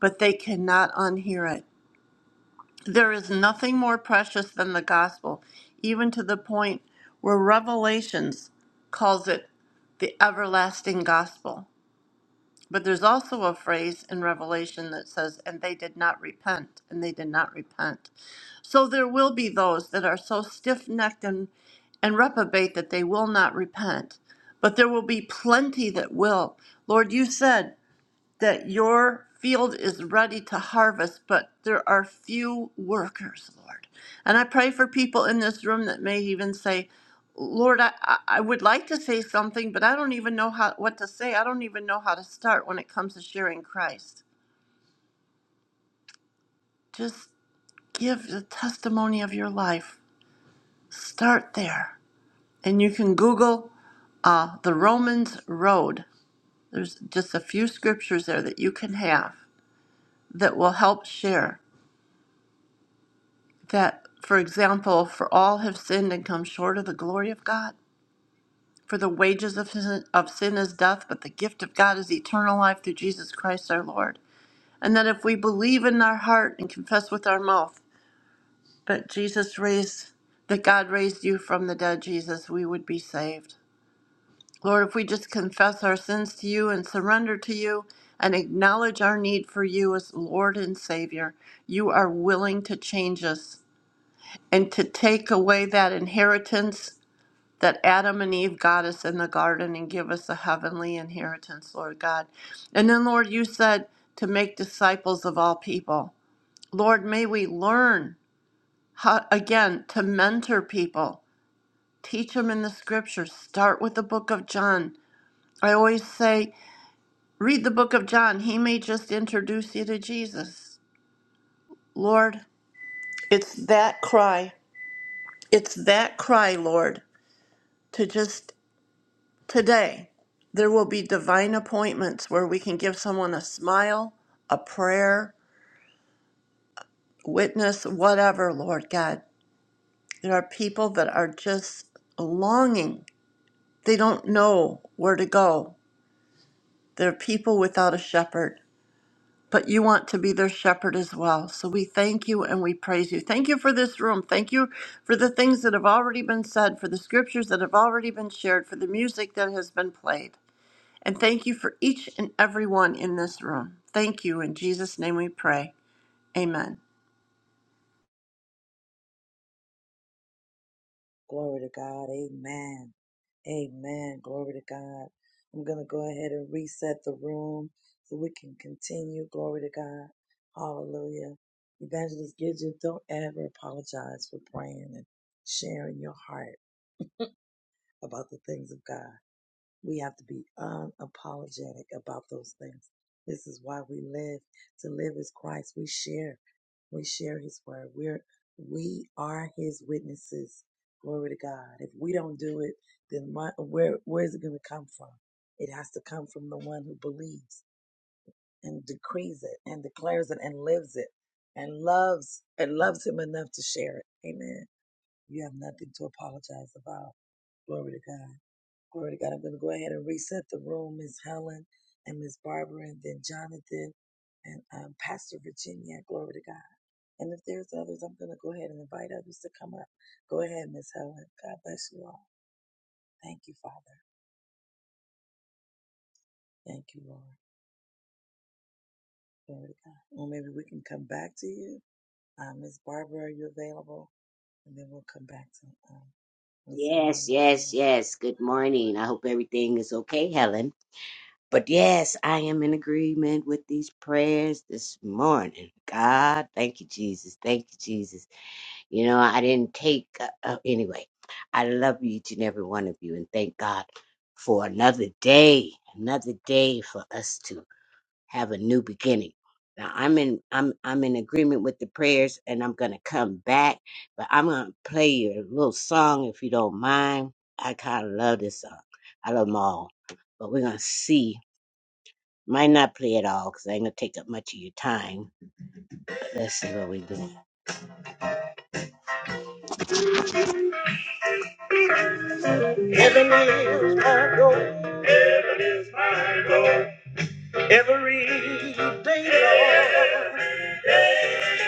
but they cannot unhear it. There is nothing more precious than the gospel, even to the point where Revelations calls it the everlasting gospel. But there's also a phrase in Revelation that says, and they did not repent, and they did not repent. So there will be those that are so stiff necked and, and reprobate that they will not repent. But there will be plenty that will. Lord, you said that your field is ready to harvest, but there are few workers, Lord. And I pray for people in this room that may even say, Lord, I, I I would like to say something, but I don't even know how what to say. I don't even know how to start when it comes to sharing Christ. Just give the testimony of your life. Start there. And you can Google uh, the Romans Road. There's just a few scriptures there that you can have that will help share. that, for example, for all have sinned and come short of the glory of God. For the wages of sin, of sin is death, but the gift of God is eternal life through Jesus Christ our Lord. And that if we believe in our heart and confess with our mouth that Jesus raised, that God raised you from the dead, Jesus, we would be saved. Lord, if we just confess our sins to you and surrender to you and acknowledge our need for you as Lord and Savior, you are willing to change us and to take away that inheritance that Adam and Eve got us in the garden and give us a heavenly inheritance, Lord God. And then, Lord, you said to make disciples of all people. Lord, may we learn how, again, to mentor people, teach them in the scriptures. Start with the book of John. I always say, read the book of John. He may just introduce you to Jesus. Lord, it's that cry. It's that cry, Lord, to just Today, there will be divine appointments where we can give someone a smile, a prayer, witness, whatever, Lord God. There are people that are just longing. They don't know where to go. They're people without a shepherd, but you want to be their shepherd as well. So we thank you and we praise you. Thank you for this room. Thank you for the things that have already been said, for the scriptures that have already been shared, for the music that has been played. And thank you for each and every one in this room. Thank you. In Jesus' name we pray. Amen. Glory to God. Amen. Amen. Glory to God. I'm going to go ahead and reset the room so we can continue. Glory to God. Hallelujah. Evangelist Gidget, don't ever apologize for praying and sharing your heart about the things of God. We have to be unapologetic about those things. This is why we live. To live is Christ. We share. We share his word. We're we are his witnesses. Glory to God. If we don't do it, then my, where where is it going to come from? It has to come from the one who believes and decrees it and declares it and lives it and loves and loves him enough to share it. Amen. You have nothing to apologize about. Glory to God. Glory to God. I'm going to go ahead and reset the room. Miss Helen and Miss Barbara and then Jonathan and um, Pastor Virginia. Glory to God. And if there's others, I'm going to go ahead and invite others to come up. Go ahead, Miss Helen. God bless you all. Thank you, Father. Thank you, Lord. Glory to God. Well, maybe we can come back to you. Uh, Miss Barbara, are you available? And then we'll come back to um, Miss Helen Yes, later yes, on. yes. Good morning. I hope everything is okay, Helen. But yes, I am in agreement with these prayers this morning. God, thank you, Jesus. Thank you, Jesus. You know, I didn't take, uh, uh, anyway, I love each and every one of you and thank God for another day, another day for us to have a new beginning. Now I'm in I'm I'm in agreement with the prayers and I'm gonna come back, but I'm gonna play you a little song if you don't mind. I kinda love this song. I love them all. But we're gonna see. Might not play it all because I ain't gonna take up much of your time. But let's see what we doing. Heaven is my goal every day. Lord.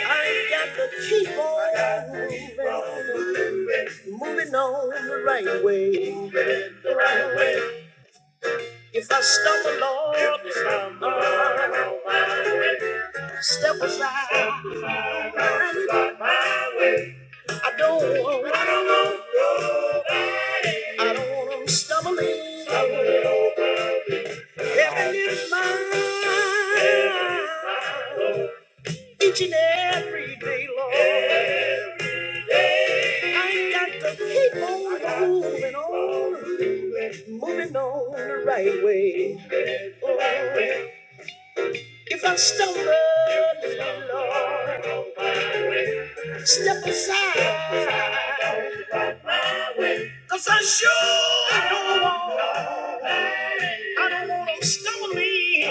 I got to keep on moving on the right way. If I stumble, Lord, step aside. I don't want, I don't want 'em stumbling. Heaven is mine. Each and every day, Lord. I got to keep on moving on, moving on the right way. Oh, if I stumble, Lord, step aside. 'Cause I sure don't want, I don't want them stumbling.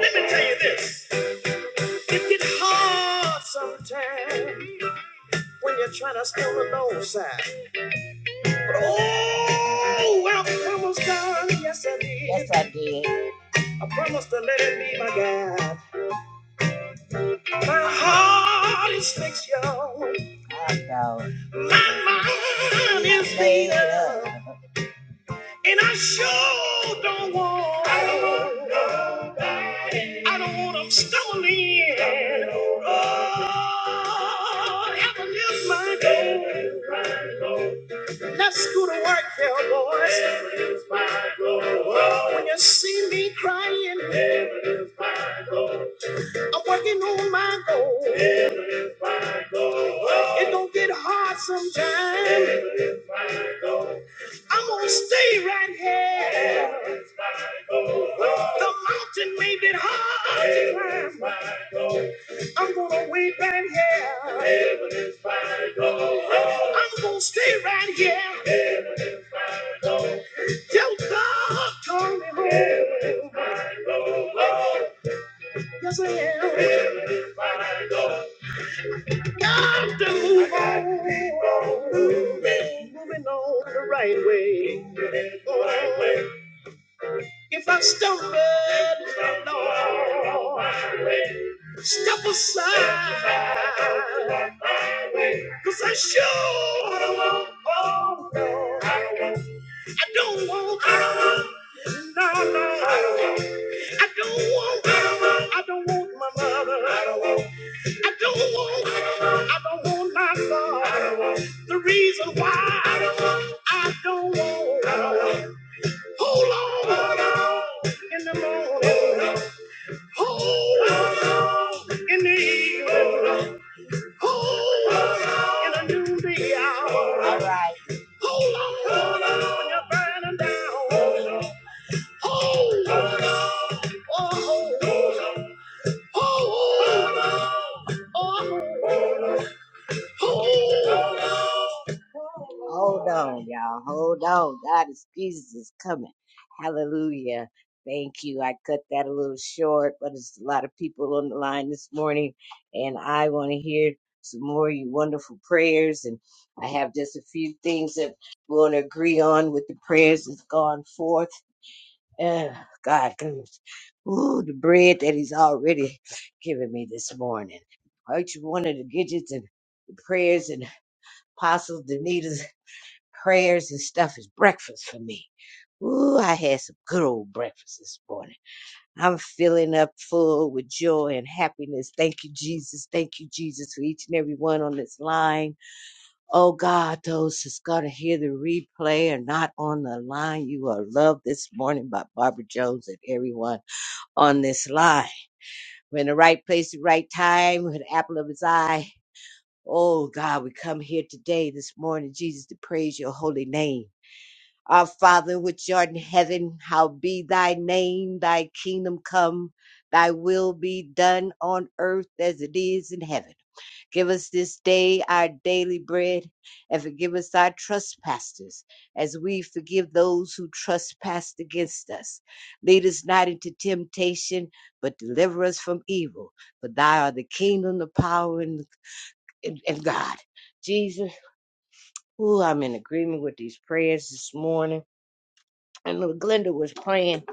Let me tell you this, it get hard sometimes when you're trying to stumble on side. Oh, well, I promised God, yes I did. Yes I did. I promised to let Him be my God. My heart is fixed, y'all. I know. My mind is made up. And I sure don't want. I don't want nobody. I don't want them stumbling. in. Oh, heaven is my goal. Let's go to work, yeah, Heaven is my goal. When you see me crying, heaven is my goal. I'm working on my goal. It don't get hard sometimes. Heaven is my goal. I'm gonna stay right here. The mountain may be hard to climb. my I'm gonna wait right here. Heaven is my goal. I'm gonna stay right here. Tell call me home. Yes, I am. Got to move on. Moving, moving on the right way. If I stumble, Lord, step aside. Cause I sure don't want, oh, no. I don't want, I don't want, no, no. I don't want mama. I don't want my mother. I don't want. I don't want. I don't want my son. I don't want. The reason why I don't want. I don't want. I don't want. Hold on. Hold on. In the morning. Hold on. In the evening. Hold on. In the noonday hour. All right. Hold on. Hold on. When you're burning down. Hold on. Hold on. Oh, hold on. Hold on, y'all. Hold on. God is Jesus is coming. Hallelujah. Thank you. I cut that a little short, but it's a lot of people on the line this morning, and I want to hear some more of your wonderful prayers. And I have just a few things that we want to agree on with the prayers that's gone forth. Oh, God, goodness. Ooh, the bread that he's already given me this morning. Each one of the gidgets and the prayers and Apostle Danita's prayers and stuff is breakfast for me. Ooh, I had some good old breakfast this morning. I'm filling up full with joy and happiness. Thank you, Jesus. Thank you, Jesus, for each and every one on this line. Oh God, those that's going to hear the replay are not on the line. You are loved this morning by Barbara Jones and everyone on this line. We're in the right place at the right time. We're the apple of his eye. Oh God, we come here today, this morning, Jesus, to praise your holy name. Our Father, which art in heaven, how be thy name, thy kingdom come, thy will be done on earth as it is in heaven. Give us this day our daily bread and forgive us our trespasses as we forgive those who trespass against us. Lead us not into temptation, but deliver us from evil. For thy are the kingdom, the power, and, and, and God. Jesus, ooh, I'm in agreement with these prayers this morning. And Glenda was praying,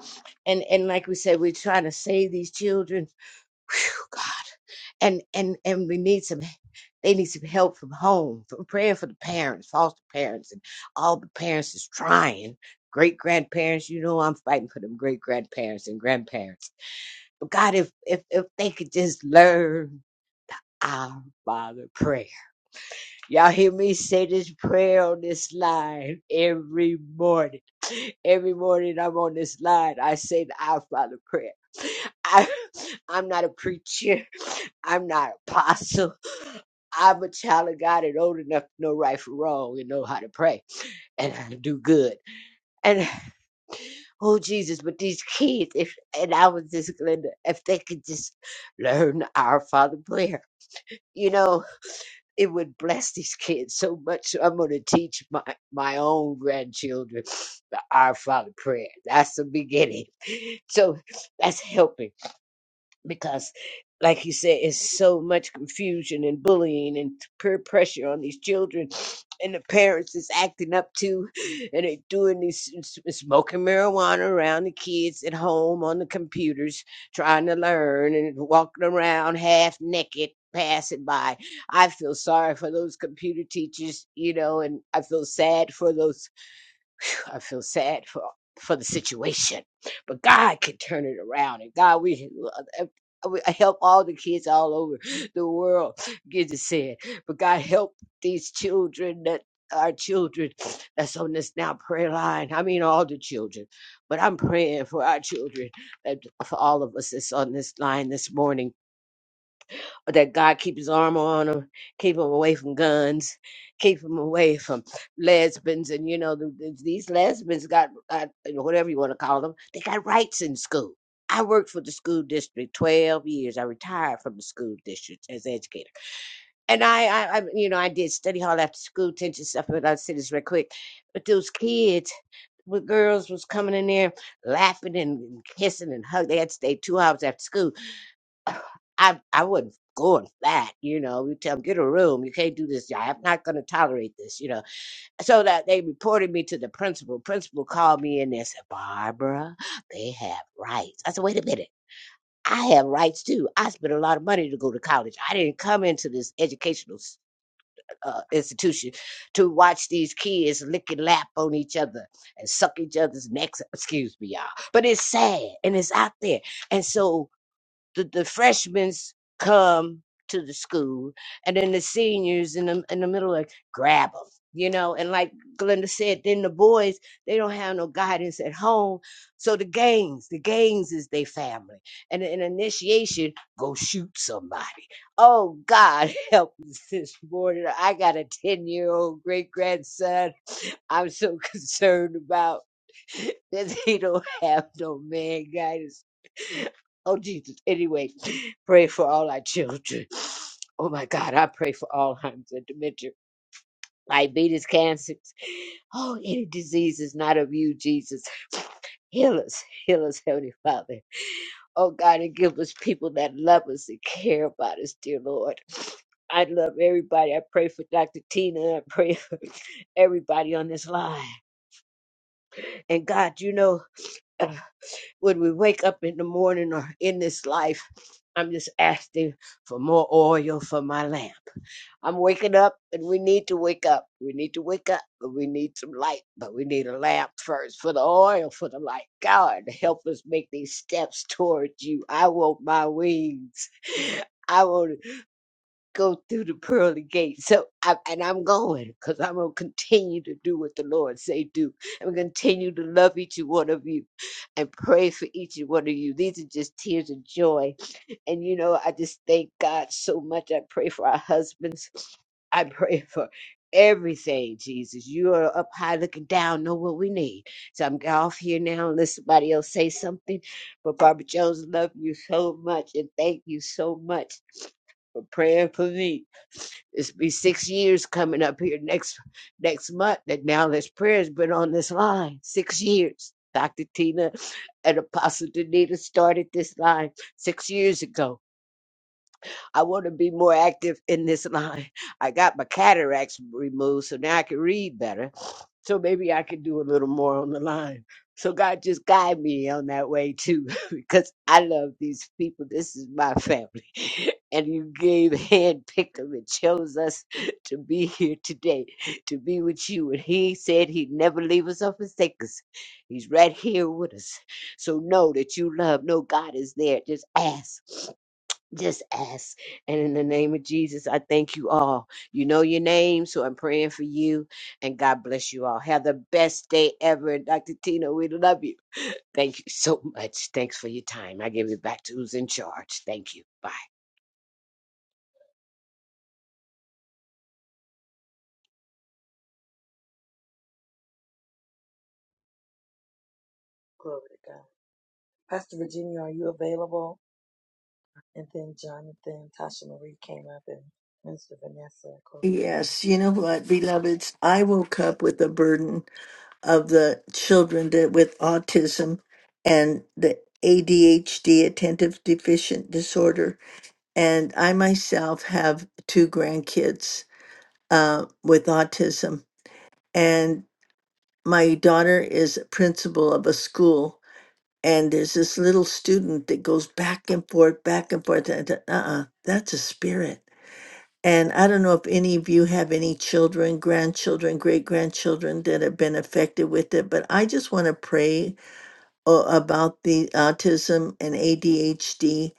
and, and like we said, we're trying to save these children. Whew, God. and and and we need some they need some help from home from praying for the parents foster parents and all the parents is trying great grandparents you know i'm fighting for them great grandparents and grandparents but god if if if they could just learn our father prayer y'all hear me say this prayer on this line every morning every morning i'm on this line i say the our father prayer I, i'm not a preacher I'm not apostle. I'm a child of God and old enough to know right from wrong and know how to pray and how to do good. And oh Jesus, but these kids, if and I was just Glenda, if they could just learn our Father prayer, you know, it would bless these kids so much. So I'm gonna teach my my own grandchildren the Our Father prayer. That's the beginning. So that's helping because like you said it's so much confusion and bullying and peer pressure on these children and the parents is acting up too and they doing these smoking marijuana around the kids at home on the computers trying to learn and walking around half naked passing by i feel sorry for those computer teachers you know and i feel sad for those I feel sad for for the situation, but God can turn it around. And God, we. we help all the kids all over the world get to see it. But God help these children that our children that's on this now prayer line. I mean all the children. But I'm praying for our children and for all of us that's on this line this morning that God keep his armor on him, keep him away from guns, keep him away from lesbians. And, you know, the, the- these lesbians got, got, you know, whatever you want to call them, they got rights in school. I worked for the school district 12 years. I retired from the school district as educator. And I, I, I you know, I did study hall after school, tension stuff, but I'll say this real quick. But those kids, with girls was coming in there laughing and kissing and hugging. They had to stay two hours after school I I wouldn't go with that, you know. You tell them get a room. You can't do this. I'm not going to tolerate this, you know. So that they reported me to the principal. Principal called me in and said, Barbara, they have rights. I said, wait a minute. I have rights too. I spent a lot of money to go to college. I didn't come into this educational s- uh, institution to watch these kids lick and lap on each other and suck each other's necks. Excuse me, y'all. But it's sad and it's out there. And so the, the freshmen come to the school, and then the seniors in the in the middle like grab them, you know. And like Glenda said, then the boys they don't have no guidance at home, so the gangs, the gangs is their family, and an initiation go shoot somebody. Oh God, help us this morning! I got a ten year old great grandson. I'm so concerned about that he don't have no man guidance Oh, Jesus. Anyway, pray for all our children. Oh, my God. I pray for Alzheimer's and dementia, diabetes, cancers. Oh, any disease is not of you, Jesus. Heal us. Heal us, Heavenly Father. Oh, God, and give us people that love us and care about us, dear Lord. I love everybody. I pray for Dr. Tina. I pray for everybody on this line. And God, you know. when we wake up in the morning or in this life, I'm just asking for more oil for my lamp. I'm waking up and we need to wake up. We need to wake up, but we need some light, but we need a lamp first for the oil, for the light. God, help us make these steps towards you. I want my wings. I want go through the pearly gates. So, I, and I'm going because I'm going to continue to do what the Lord say do. I'm going to continue to love each one of you and pray for each one of you. These are just tears of joy. And, you know, I just thank God so much. I pray for our husbands. I pray for everything, Jesus. You are up high looking down, know what we need. So I'm off here now unless somebody else say something. But Barbara Jones, love you so much and thank you so much for praying for me. It's be six years coming up here next next month that now this prayer has been on this line. Six years. Dr. Tina and Apostle Danita started this line six years ago I want to be more active in this line. I got my cataracts removed, so now I can read better. So maybe I can do a little more on the line. So God just guide me on that way too, because I love these people. This is my family. And you gave hand picked them and chose us to be here today, to be with you. And he said he'd never leave us or forsake us. He's right here with us. So know that you love. Know God is there. Just ask. Just ask. And in the name of Jesus, I thank you all. You know your name, so I'm praying for you. And God bless you all. Have the best day ever. And Dr. Tina, we love you. Thank you so much. Thanks for your time. I give it back to who's in charge. Thank you. Bye. Glory to God. Pastor Virginia, are you available? And then Jonathan, Tasha Marie came up and Minister Vanessa. Glory to God. Yes, you know what, beloveds? I woke up with the burden of the children that with autism and the ADHD, attentive deficient disorder. And I myself have two grandkids uh, with autism. And my daughter is principal of a school. And there's this little student that goes back and forth, back and forth. And, uh uh, that's a spirit. And I don't know if any of you have any children, grandchildren, great grandchildren that have been affected with it, but I just want to pray uh, about the autism and ADHD.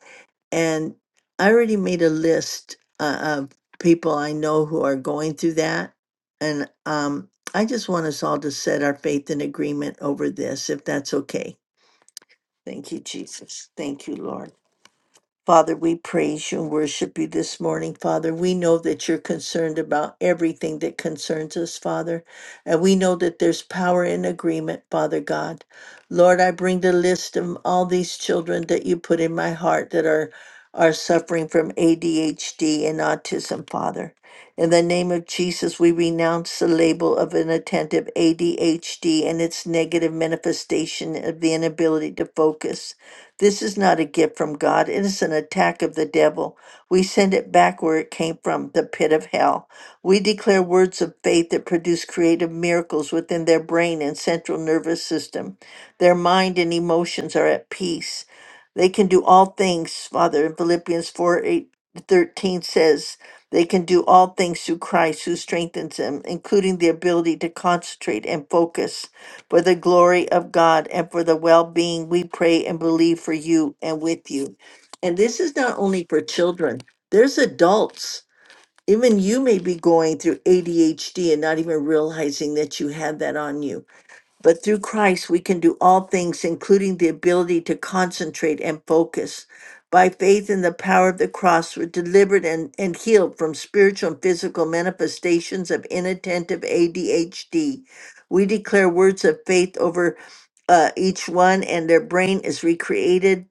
And I already made a list uh, of people I know who are going through that. And um, I just want us all to set our faith in agreement over this, if that's okay. Thank you, Jesus. Thank you, Lord. Father, we praise you and worship you this morning, Father. We know that you're concerned about everything that concerns us, Father. And we know that there's power in agreement, Father God. Lord, I bring the list of all these children that you put in my heart that are are suffering from ADHD and autism, Father. In the name of Jesus, we renounce the label of inattentive ADHD and its negative manifestation of the inability to focus. This is not a gift from God. It is an attack of the devil. We send it back where it came from, the pit of hell. We declare words of faith that produce creative miracles within their brain and central nervous system. Their mind and emotions are at peace. They can do all things, Father. In Philippians 4 8 13 says, they can do all things through Christ who strengthens them, including the ability to concentrate and focus for the glory of God and for the well being. We pray and believe for you and with you. And this is not only for children, there's adults. Even you may be going through ADHD and not even realizing that you had that on you. But through Christ, we can do all things, including the ability to concentrate and focus. By faith in the power of the cross, we're delivered and, and healed from spiritual and physical manifestations of inattentive ADHD. We declare words of faith over uh, each one, and their brain is recreated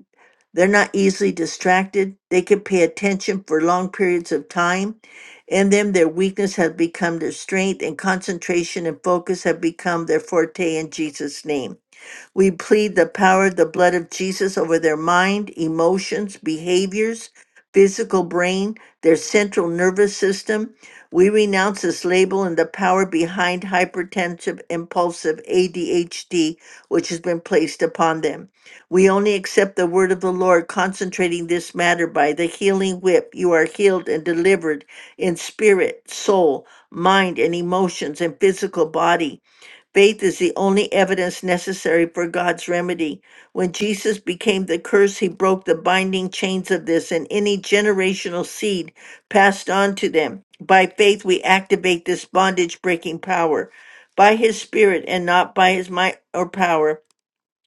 they're not easily distracted. They can pay attention for long periods of time. In them, their weakness has become their strength, and concentration and focus have become their forte in Jesus' name. We plead the power of the blood of Jesus over their mind, emotions, behaviors, physical brain, their central nervous system. We renounce this label and the power behind hypertensive, impulsive ADHD, which has been placed upon them. We only accept the word of the Lord, concentrating this matter by the healing whip. You are healed and delivered in spirit, soul, mind, and emotions, and physical body. Faith is the only evidence necessary for God's remedy. When Jesus became the curse, he broke the binding chains of this and any generational seed passed on to them. By faith, we activate this bondage breaking power. By his spirit and not by his might or power,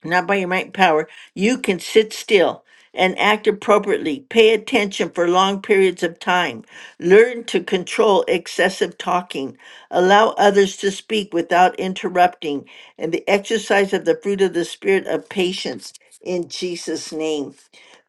not by your might and power, you can sit still and act appropriately. Pay attention for long periods of time. Learn to control excessive talking. Allow others to speak without interrupting. And the exercise of the fruit of the Spirit of patience in Jesus' name.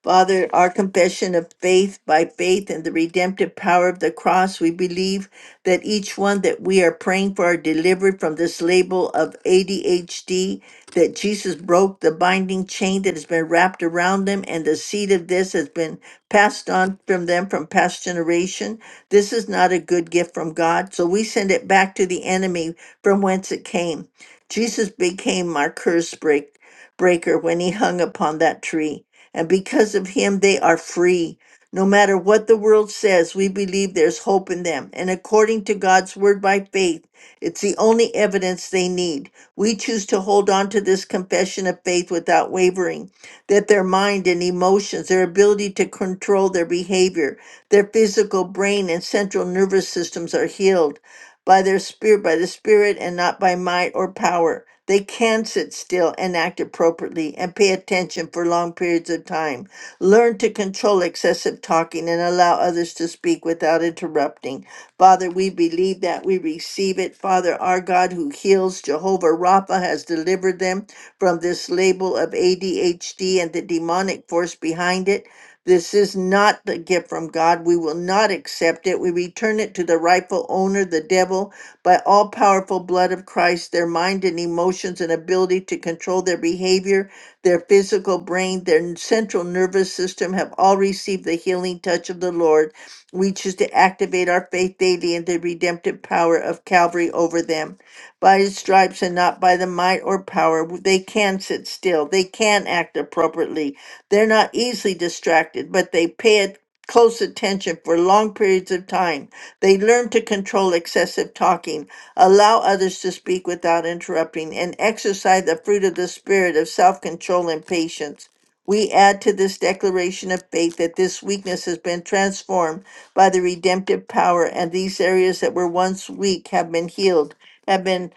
Father, our confession of faith by faith in the redemptive power of the cross, we believe that each one that we are praying for are delivered from this label of ADHD, that Jesus broke the binding chain that has been wrapped around them, and the seed of this has been passed on from them from past generation. This is not a good gift from God, so we send it back to the enemy from whence it came. Jesus became our curse break, breaker when he hung upon that tree and because of him they are free. No matter what the world says, we believe there's hope in them. And according to God's word by faith, it's the only evidence they need. We choose to hold on to this confession of faith without wavering that their mind and emotions, their ability to control their behavior, their physical brain and central nervous systems are healed by their spirit, by the spirit, and not by might or power. They can sit still and act appropriately and pay attention for long periods of time. Learn to control excessive talking and allow others to speak without interrupting. Father, we believe that we receive it. Father, our God who heals, Jehovah Rapha, has delivered them from this label of ADHD and the demonic force behind it. This is not the gift from God. We will not accept it. We return it to the rightful owner, the devil, by all powerful blood of Christ, their mind and emotions and ability to control their behavior, their physical brain, their central nervous system have all received the healing touch of the Lord. We choose to activate our faith daily in the redemptive power of Calvary over them. By his stripes and not by the might or power, they can sit still. They can act appropriately. They're not easily distracted, but they pay it close attention for long periods of time they learn to control excessive talking, allow others to speak without interrupting, and exercise the fruit of the Spirit of self control and patience. We add to this declaration of faith that this weakness has been transformed by the redemptive power, and these areas that were once weak have been healed, have been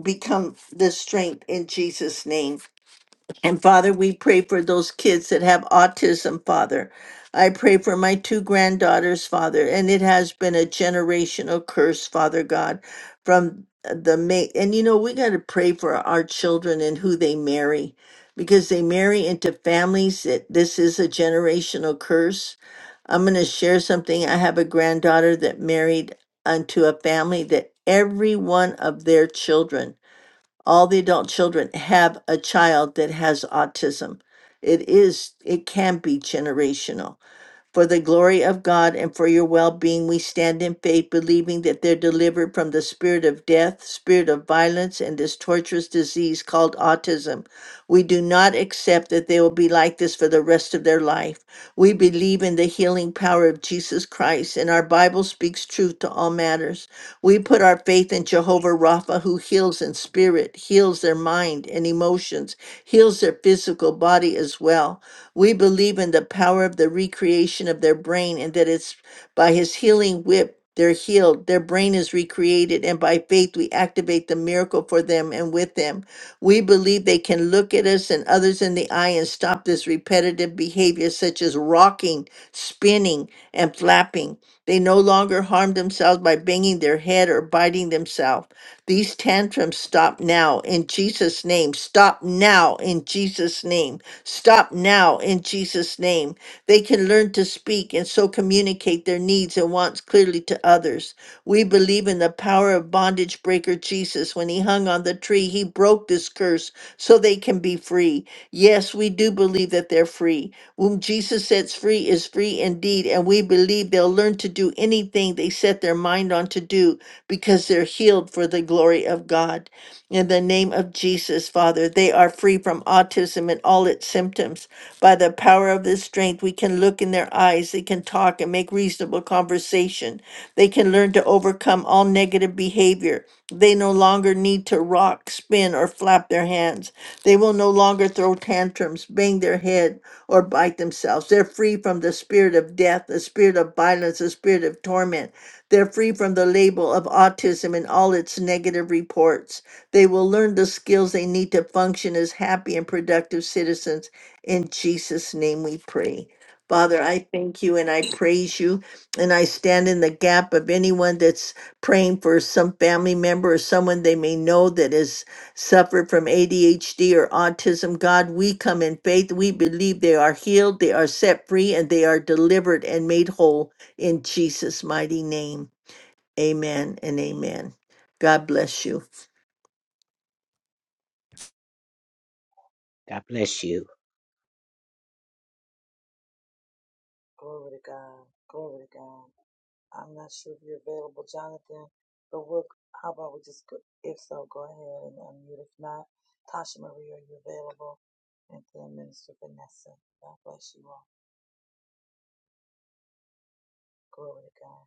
become the strength in Jesus' name. And Father, we pray for those kids that have autism, Father. I pray for my two granddaughters, Father, and it has been a generational curse, Father God, from the mate. And you know, we got to pray for our children and who they marry because they marry into families that this is a generational curse. I'm going to share something. I have a granddaughter that married unto a family that every one of their children all the adult children have a child that has autism. It is, it can be generational. For the glory of God and for your well being, we stand in faith, believing that they're delivered from the spirit of death, spirit of violence, and this torturous disease called autism. We do not accept that they will be like this for the rest of their life. We believe in the healing power of Jesus Christ, and our Bible speaks truth to all matters. We put our faith in Jehovah Rapha, who heals in spirit, heals their mind and emotions, heals their physical body as well. We believe in the power of the recreation of their brain and that it's by his healing whip they're healed, their brain is recreated, and by faith we activate the miracle for them and with them. We believe they can look at us and others in the eye and stop this repetitive behavior, such as rocking, spinning, and flapping. They no longer harm themselves by banging their head or biting themselves. These tantrums stop now in Jesus' name. Stop now in Jesus' name. Stop now in Jesus' name. They can learn to speak and so communicate their needs and wants clearly to others. We believe in the power of bondage breaker Jesus. When he hung on the tree, he broke this curse so they can be free. Yes, we do believe that they're free. Whom Jesus sets free is free indeed, and we believe they'll learn to do anything they set their mind on to do because they're healed for the glory of God. In the name of Jesus, Father, they are free from autism and all its symptoms. By the power of this strength, we can look in their eyes, they can talk and make reasonable conversation. They can learn to overcome all negative behavior. They no longer need to rock, spin, or flap their hands. They will no longer throw tantrums, bang their head, or bite themselves. They're free from the spirit of death, the spirit of violence, the spirit of torment. They're free from the label of autism and all its negative reports. They will learn the skills they need to function as happy and productive citizens. In Jesus' name we pray. Father, I thank you and I praise you. And I stand in the gap of anyone that's praying for some family member or someone they may know that has suffered from ADHD or autism. God, we come in faith. We believe they are healed, they are set free, and they are delivered and made whole in Jesus' mighty name. Amen and amen. God bless you. God bless you. Glory to God. Glory to God. I'm not sure if you're available, Jonathan, but we'll, how about we just, go, if so, go ahead and unmute. If not, Tasha Marie, are you available? And then Minister Vanessa. God bless you all. Glory to God.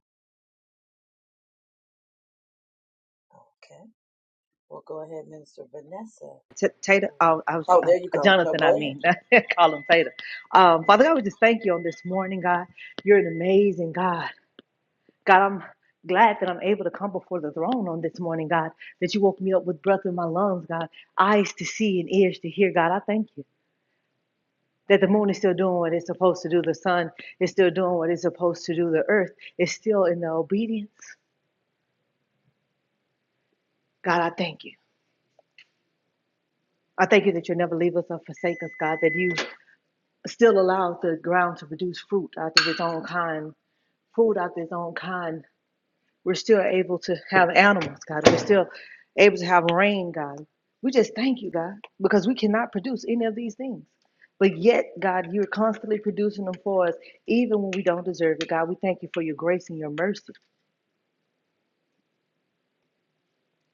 Okay. Well, go ahead, Minister Vanessa. T- Tater, oh, I was, Oh, uh, there you go. No, Jonathan, I go ahead. mean, call him Tater. Um, Father God, we just thank you on this morning, God. You're an amazing God. God, I'm glad that I'm able to come before the throne on this morning, God, that you woke me up with breath in my lungs, God, eyes to see and ears to hear, God. I thank you. That the moon is still doing what it's supposed to do, the sun is still doing what it's supposed to do, the earth is still in the obedience. God, I thank you. I thank you that you'll never leave us or forsake us, God, that you still allows the ground to produce fruit out of its own kind, food out of its own kind. We're still able to have animals, God. We're still able to have rain, God. We just thank you, God, because we cannot produce any of these things. But yet, God, you're constantly producing them for us, even when we don't deserve it. God, we thank you for your grace and your mercy.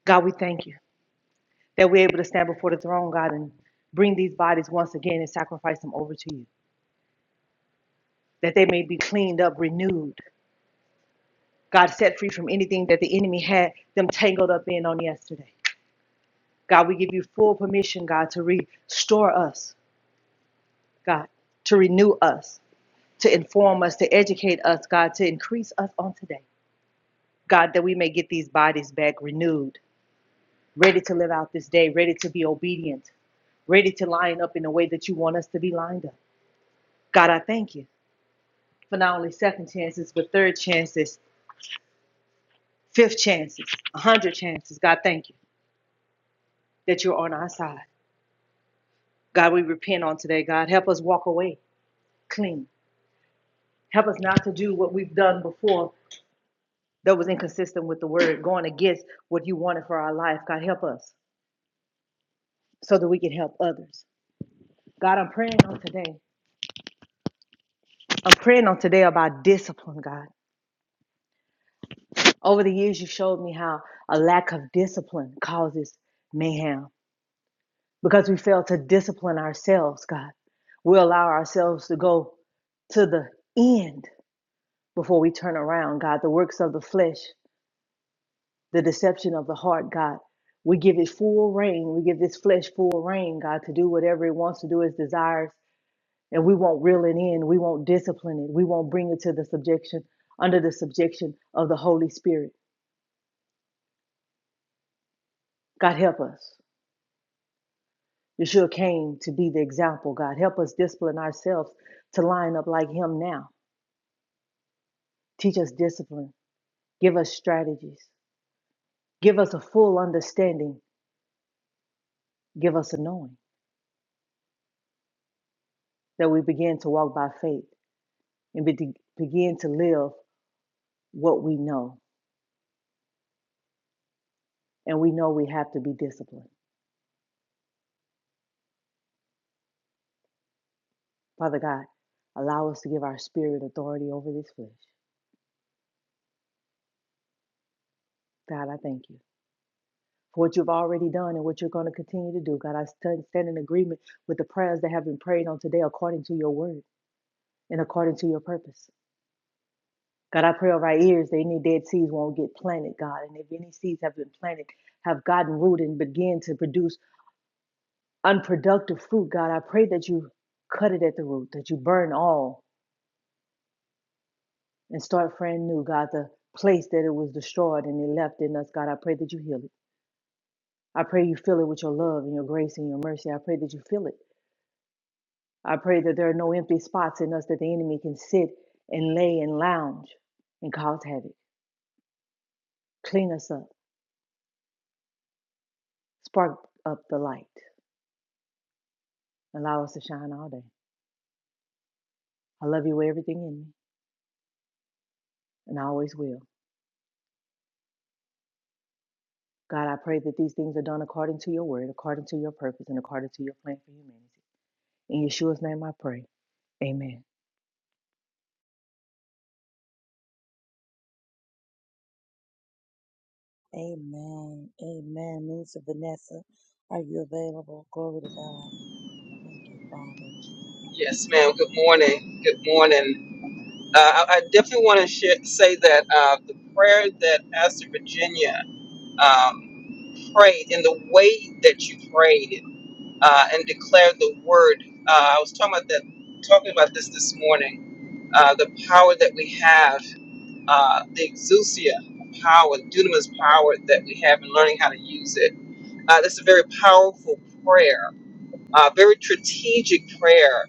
God, we thank you that we're able to stand before the throne, God, and bring these bodies once again and sacrifice them over to you, that they may be cleaned up, renewed, God, set free from anything that the enemy had them tangled up in on yesterday. God, we give you full permission, God, to restore us, God, to renew us, to inform us, to educate us, God, to increase us on today. God, that we may get these bodies back renewed, ready to live out this day, ready to be obedient, ready to line up in the way that you want us to be lined up. God, I thank you for not only second chances, but third chances, fifth chances, a hundred chances. God, thank you that you're on our side. God, we repent on today, God. Help us walk away clean. Help us not to do what we've done before that was inconsistent with the word, going against what you wanted for our life. God, help us so that we can help others. God, I'm praying on today. I'm praying on today about discipline, God. Over the years, you showed me how a lack of discipline causes mayhem because we fail to discipline ourselves, God. We allow ourselves to go to the end before we turn around, God. The works of the flesh the deception of the heart, God. We give it full reign. We give this flesh full reign, God, to do whatever it wants to do, its desires. And we won't reel it in. We won't discipline it. We won't bring it to the subjection, under the subjection of the Holy Spirit. God, help us. Yeshua came to be the example, God. Help us discipline ourselves to line up like Him now. Teach us discipline. Give us strategies. Give us a full understanding. Give us a knowing that we begin to walk by faith and be- begin to live what we know, and we know we have to be disciplined. Father God, allow us to give our spirit authority over this flesh. God, I thank you for what you've already done and what you're going to continue to do. God, I stand in agreement with the prayers that have been prayed on today according to your word and according to your purpose. God, I pray over our ears that any dead seeds won't get planted, God. And if any seeds have been planted, have gotten rooted and begin to produce unproductive fruit, God, I pray that you cut it at the root, that you burn all and start friend new, God, the place that it was destroyed and it left in us, God, I pray that you heal it. I pray you fill it with your love and your grace and your mercy. I pray that you fill it. I pray that there are no empty spots in us that the enemy can sit and lay and lounge and cause havoc. Clean us up. Spark up the light. Allow us to shine all day. I love you with everything in me, and I always will. God, I pray that these things are done according to your word, according to your purpose, and according to your plan for humanity. In Yeshua's name I pray. Amen. Amen. Amen. Minister Vanessa, are you available? Glory to God. Thank you, Father. Yes, ma'am. Good morning. Good morning. Uh, I, I definitely want to sh- say that uh, the prayer that Pastor Virginia um, prayed and the way that you prayed uh, and declared the word, uh, I was talking about that, talking about this this morning. Uh, the power that we have, uh, the exousia power, dunamis power that we have, and learning how to use it. Uh, this is a very powerful prayer uh, very strategic prayer.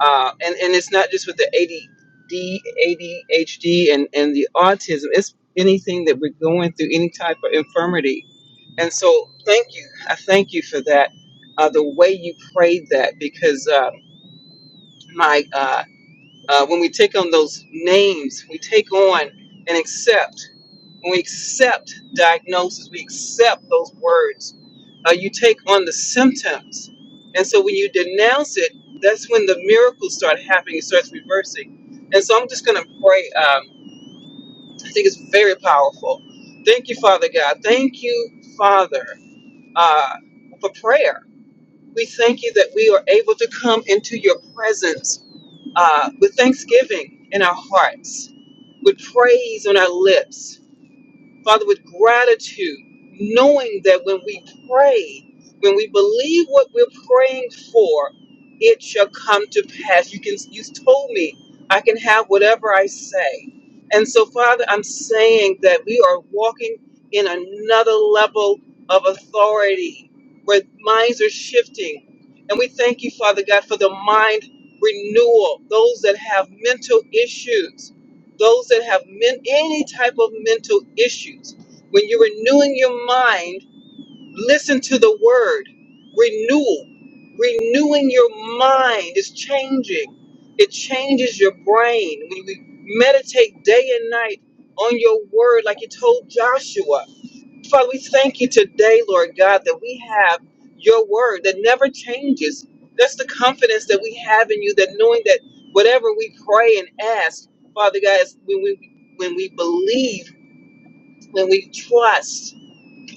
Uh, and, and it's not just with the ADD, ADHD, and, and the autism, it's anything that we're going through, any type of infirmity. And so, thank you. I thank you for that, uh, the way you prayed that, because uh, my uh, uh, when we take on those names, we take on and accept. When we accept diagnosis, we accept those words. Uh, you take on the symptoms. And so when you denounce it, that's when the miracles start happening. It starts reversing. And so I'm just going to pray. Um, I think it's very powerful. Thank you, Father God. Thank you, Father, uh, for prayer. We thank you that we are able to come into your presence uh, with thanksgiving in our hearts, with praise on our lips Father, with gratitude, knowing that when we pray, when we believe what we're praying for, it shall come to pass. You can you told me I can have whatever I say. And so, Father, I'm saying that we are walking in another level of authority where minds are shifting. And we thank you, Father God, for the mind renewal, those that have mental issues those that have men, any type of mental issues. When you're renewing your mind, listen to the word renewal. Renewing your mind is changing, it changes your brain. When we meditate day and night on your word, like you told Joshua, Father, we thank you today, Lord God, that we have your word that never changes. That's the confidence that we have in you, that knowing that whatever we pray and ask, Father God, is when we when we believe, when we trust,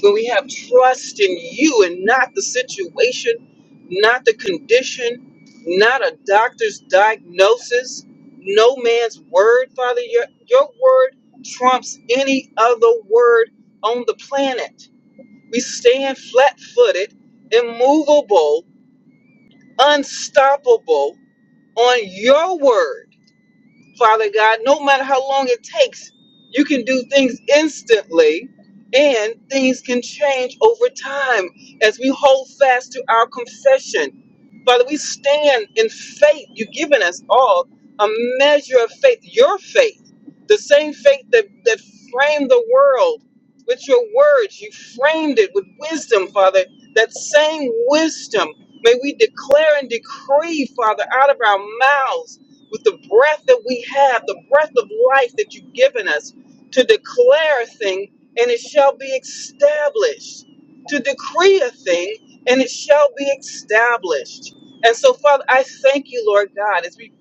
when we have trust in you and not the situation, not the condition, not a doctor's diagnosis, no man's word, Father, your your word trumps any other word on the planet. We stand flat footed, immovable, unstoppable on your word. Father God, no matter how long it takes, you can do things instantly and things can change over time as we hold fast to our confession. Father, we stand in faith. You've given us all a measure of faith, your faith, the same faith that, that framed the world with your words. You framed it with wisdom, Father. That same wisdom, may we declare and decree, Father, out of our mouths with the breath that we have, the breath of life that you've given us, to declare a thing and it shall be established, to decree a thing and it shall be established. And so, Father, I thank you, Lord God, as we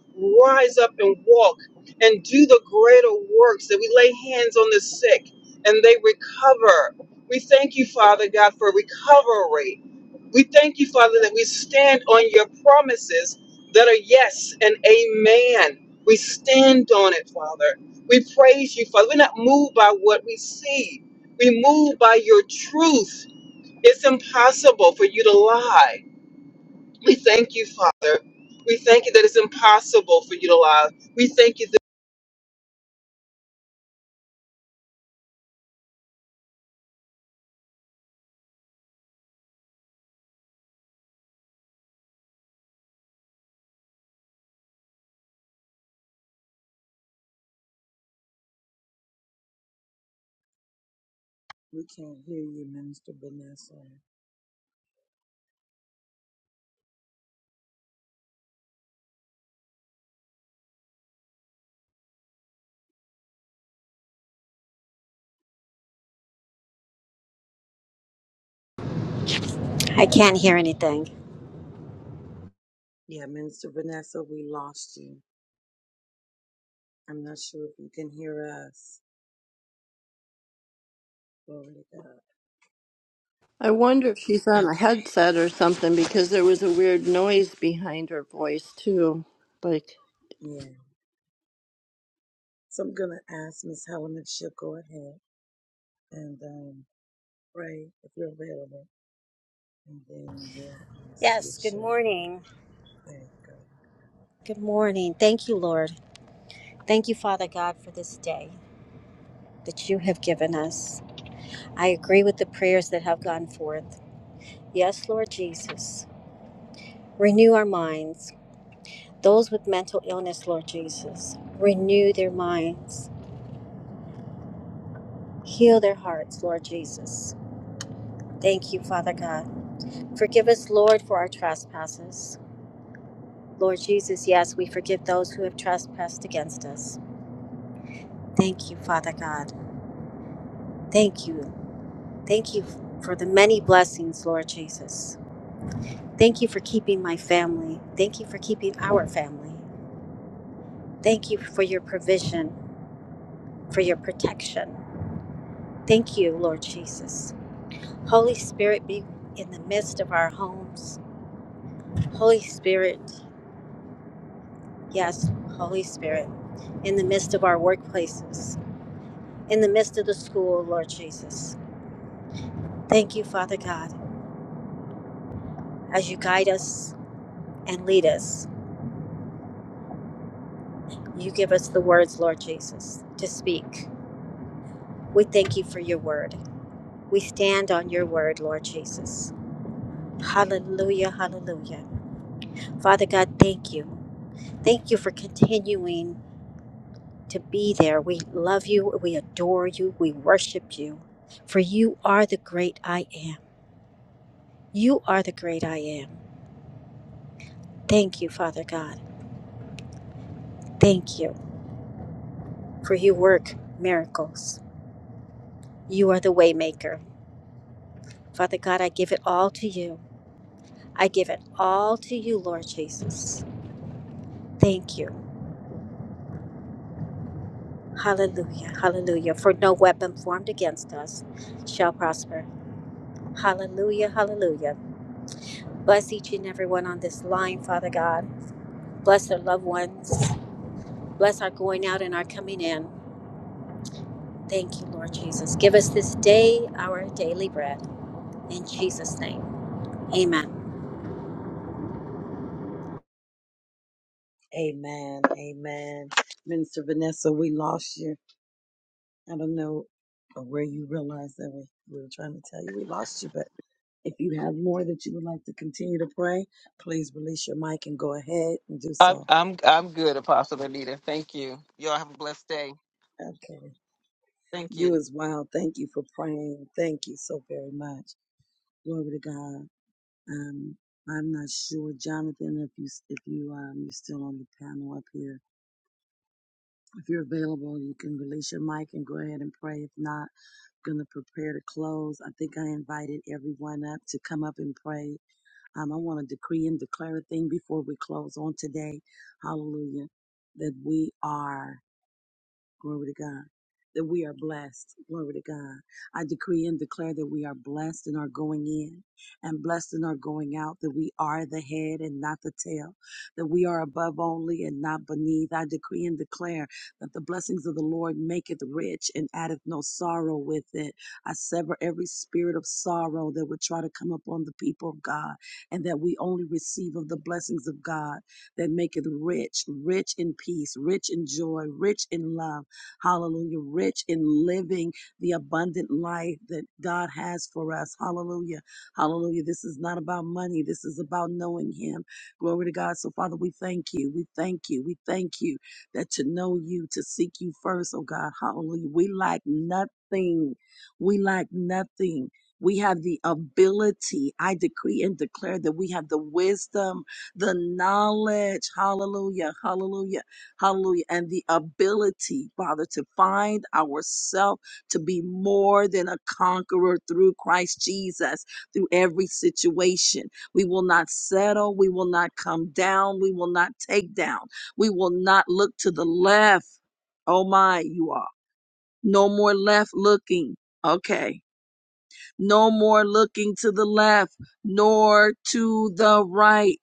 rise up and walk and do the greater works that we lay hands on the sick and they recover. We thank you, Father God, for recovery. We thank you, Father, that we stand on your promises that are yes and amen. We stand on it, Father. We praise you, Father. We're not moved by what we see, we move by your truth. It's impossible for you to lie. We thank you, Father. We thank you that it's impossible for you to lie. We thank you that. We can't hear you, Minister Vanessa. I can't hear anything. Yeah, Minister Vanessa, we lost you. I'm not sure if you can hear us. Glory to God. I wonder if she's on a Okay. headset or something because there was a weird noise behind her voice, too. Like, Yeah. So I'm going to ask Miss Helen if she'll go ahead and um, pray if you're available. And then we'll um, see if Yes, good she'll. morning. There you go. Good morning. Thank you, Lord. Thank you, Father God, for this day that you have given us. I agree with the prayers that have gone forth. Yes, Lord Jesus. Renew our minds. Those with mental illness, Lord Jesus, renew their minds. Heal their hearts, Lord Jesus. Thank you, Father God. Forgive us, Lord, for our trespasses. Lord Jesus, yes, we forgive those who have trespassed against us. Thank you, Father God. Thank you. Thank you for the many blessings, Lord Jesus. Thank you for keeping my family. Thank you for keeping our family. Thank you for your provision, for your protection. Thank you, Lord Jesus. Holy Spirit, be in the midst of our homes. Holy Spirit, yes, Holy Spirit, in the midst of our workplaces, in the midst of the school, Lord Jesus. Thank you, Father God, as you guide us and lead us. You give us the words, Lord Jesus, to speak. We thank you for your word. We stand on your word, Lord Jesus. Hallelujah, hallelujah. Father God, thank you. Thank you for continuing to be there. We love you, we adore you, we worship you, for you are the great I am. You are the great I am. Thank you, Father God. Thank you for you work miracles. You are the waymaker. Father God, I give it all to you. I give it all to you, Lord Jesus. Thank you. Hallelujah. Hallelujah. For no weapon formed against us shall prosper. Hallelujah. Hallelujah. Bless each and every one on this line, Father God. Bless their loved ones. Bless our going out and our coming in. Thank you, Lord Jesus. Give us this day our daily bread. In Jesus' name. Amen. Amen. Amen. Minister Vanessa, we lost you. I don't know or where you realize that we, we were trying to tell you we lost you, but if you have more that you would like to continue to pray, please release your mic and go ahead and do I'm, so. I'm, I'm good, Anita. Thank you. Y'all have a blessed day. Okay. Thank You you. as well. Thank you for praying. Thank you so very much. Glory to God. Um, I'm not sure, Jonathan, if you if you um you're still on the panel up here. If you're available, you can release your mic and go ahead and pray. If not, gonna prepare to close. I think I invited everyone up to come up and pray Um, I want to decree and declare a thing before we close on today. Hallelujah. That we are Glory to God. That we are blessed. Glory to God. I decree and declare that we are blessed in our going in and blessed in our going out, that we are the head and not the tail, that we are above only and not beneath. I decree and declare that the blessings of the Lord maketh rich and addeth no sorrow with it. I sever every spirit of sorrow that would try to come upon the people of God, and that we only receive of the blessings of God that maketh rich, rich in peace, rich in joy, rich in love Hallelujah. Rich in living the abundant life that God has for us. Hallelujah. Hallelujah. This is not about money. This is about knowing Him. Glory to God. So, Father, we thank you. We thank you. We thank you that to know you, to seek you first, oh God. Hallelujah. We lack nothing. We lack nothing. We have the ability. I decree and declare that we have the wisdom, the knowledge. Hallelujah. Hallelujah Hallelujah. And the ability, Father, to find ourselves to be more than a conqueror through Christ Jesus, through every situation. We will not settle. We will not come down. We will not take down. We will not look to the left. Oh my, you are. No more left looking. Okay no more looking to the left nor to the right.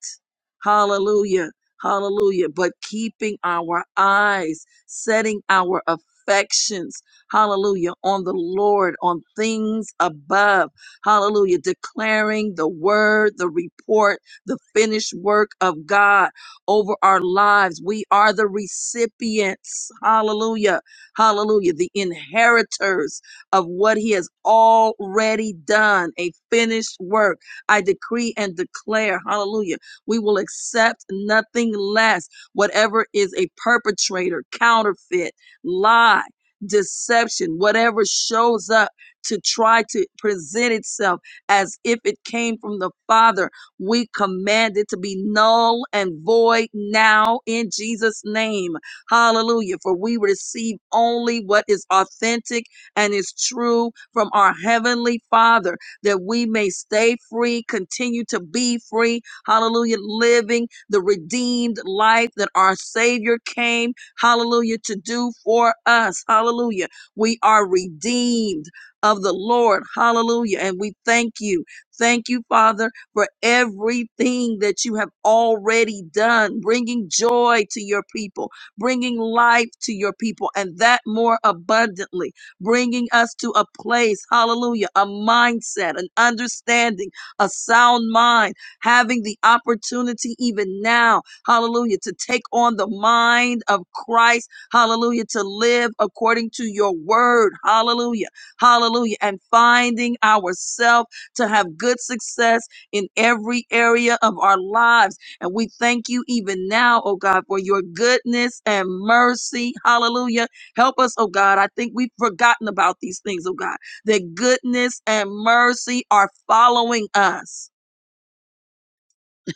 Hallelujah. Hallelujah. But keeping our eyes, setting our affections, hallelujah, on the Lord, on things above. Hallelujah. Declaring the word, the report, the finished work of God over our lives. We are the recipients. Hallelujah. Hallelujah. The inheritors of what he has already done, a finished work. I decree and declare, hallelujah, we will accept nothing less. Whatever is a perpetrator, counterfeit, lie, deception, whatever shows up to try to present itself as if it came from the Father, we command it to be null and void now in Jesus' name. Hallelujah. For we receive only what is authentic and is true from our Heavenly Father, that we may stay free, continue to be free. Hallelujah. Living the redeemed life that our Savior came, hallelujah, to do for us. Hallelujah. We are redeemed of the Lord. Hallelujah. And we thank you. Thank you, Father, for everything that you have already done, bringing joy to your people, bringing life to your people, and that more abundantly bringing us to a place, hallelujah, a mindset, an understanding, a sound mind, having the opportunity even now, hallelujah, to take on the mind of Christ, hallelujah, to live according to your word, hallelujah, hallelujah, and finding ourselves to have good success in every area of our lives. And we thank you even now, oh God, for your goodness and mercy, hallelujah Help us, oh God. I think we've forgotten about these things, oh God, that goodness and mercy are following us.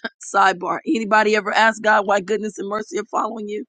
Sidebar. Anybody ever ask God why goodness and mercy are following you?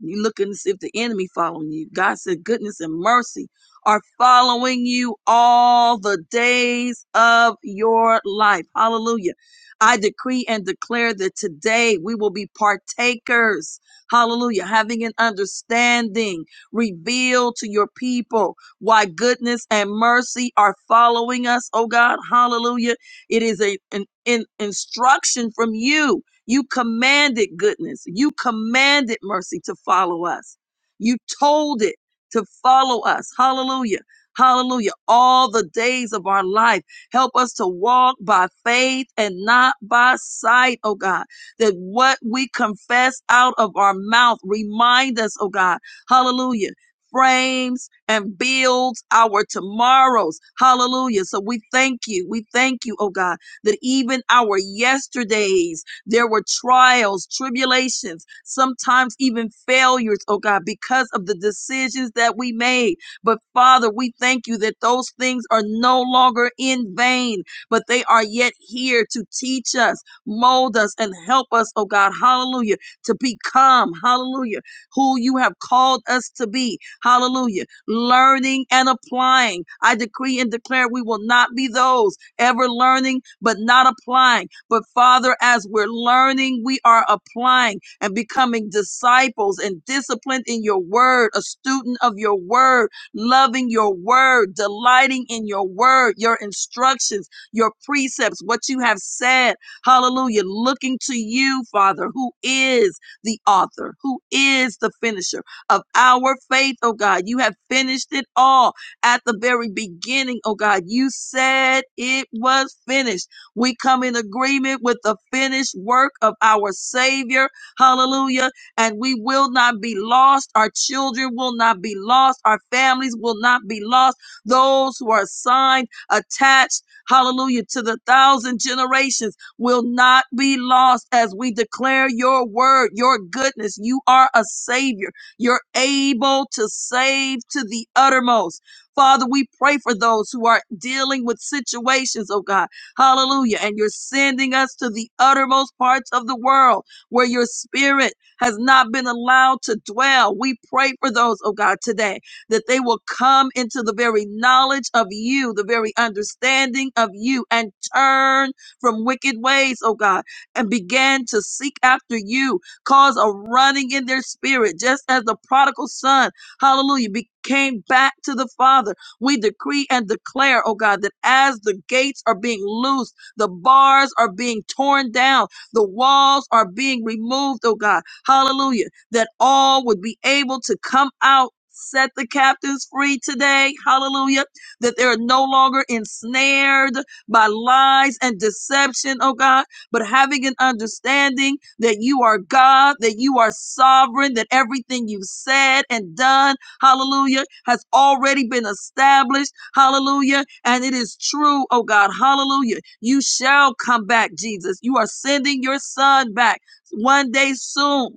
You looking to see if the enemy following you. God said goodness and mercy are following you all the days of your life. Hallelujah. I decree and declare that today we will be partakers. Hallelujah. Having an understanding revealed to your people why goodness and mercy are following us. Oh God. Hallelujah. It is a, an, an instruction from you you commanded goodness. You commanded mercy to follow us. You told it to follow us. Hallelujah. Hallelujah. All the days of our life. Help us to walk by faith and not by sight, oh God. That what we confess out of our mouth remind us, oh God. Hallelujah. Frames and builds our tomorrows. Hallelujah. So we thank you. We thank you, oh God, that even our yesterdays there were trials, tribulations, sometimes even failures, oh God, because of the decisions that we made. But Father, we thank you that those things are no longer in vain, but they are yet here to teach us, mold us, and help us, oh God, hallelujah, to become, hallelujah, who you have called us to be, hallelujah, learning and applying. I decree and declare we will not be those ever learning but not applying but Father, as we're learning, we are applying and becoming disciples and disciplined in your word, a student of your word, loving your word, delighting in your word, your instructions, your precepts, what you have said. Hallelujah. Looking to you, Father, who is the author, who is the finisher of our faith, oh God. You have finished it all at the very beginning, oh God. You said it was finished. We come in agreement with the finished work of our Savior. Hallelujah. And we will not be lost. Our children will not be lost. Our families will not be lost. Those who are assigned, attached, hallelujah, to the thousand generations will not be lost as we declare your word, your goodness. You are a Savior. You're able to save to the uttermost. Father, we pray for those who are dealing with situations, oh God Hallelujah. And you're sending us to the uttermost parts of the world where your spirit has not been allowed to dwell. We pray for those, oh God, today that they will come into the very knowledge of you, the very understanding of you, and turn from wicked ways, oh God, and begin to seek after you. Cause a running in their spirit, just as the prodigal son, hallelujah, be, came back to the Father. We decree and declare, oh God, that as the gates are being loosed, the bars are being torn down, the walls are being removed, oh God. Hallelujah. That all would be able to come out. Set the captives free today. Hallelujah. That they're no longer ensnared by lies and deception, oh God, but having an understanding that you are God, that you are sovereign, that everything you've said and done hallelujah, has already been established, hallelujah, and it is true, oh God, hallelujah. You shall come back, Jesus. You are sending your son back one day soon.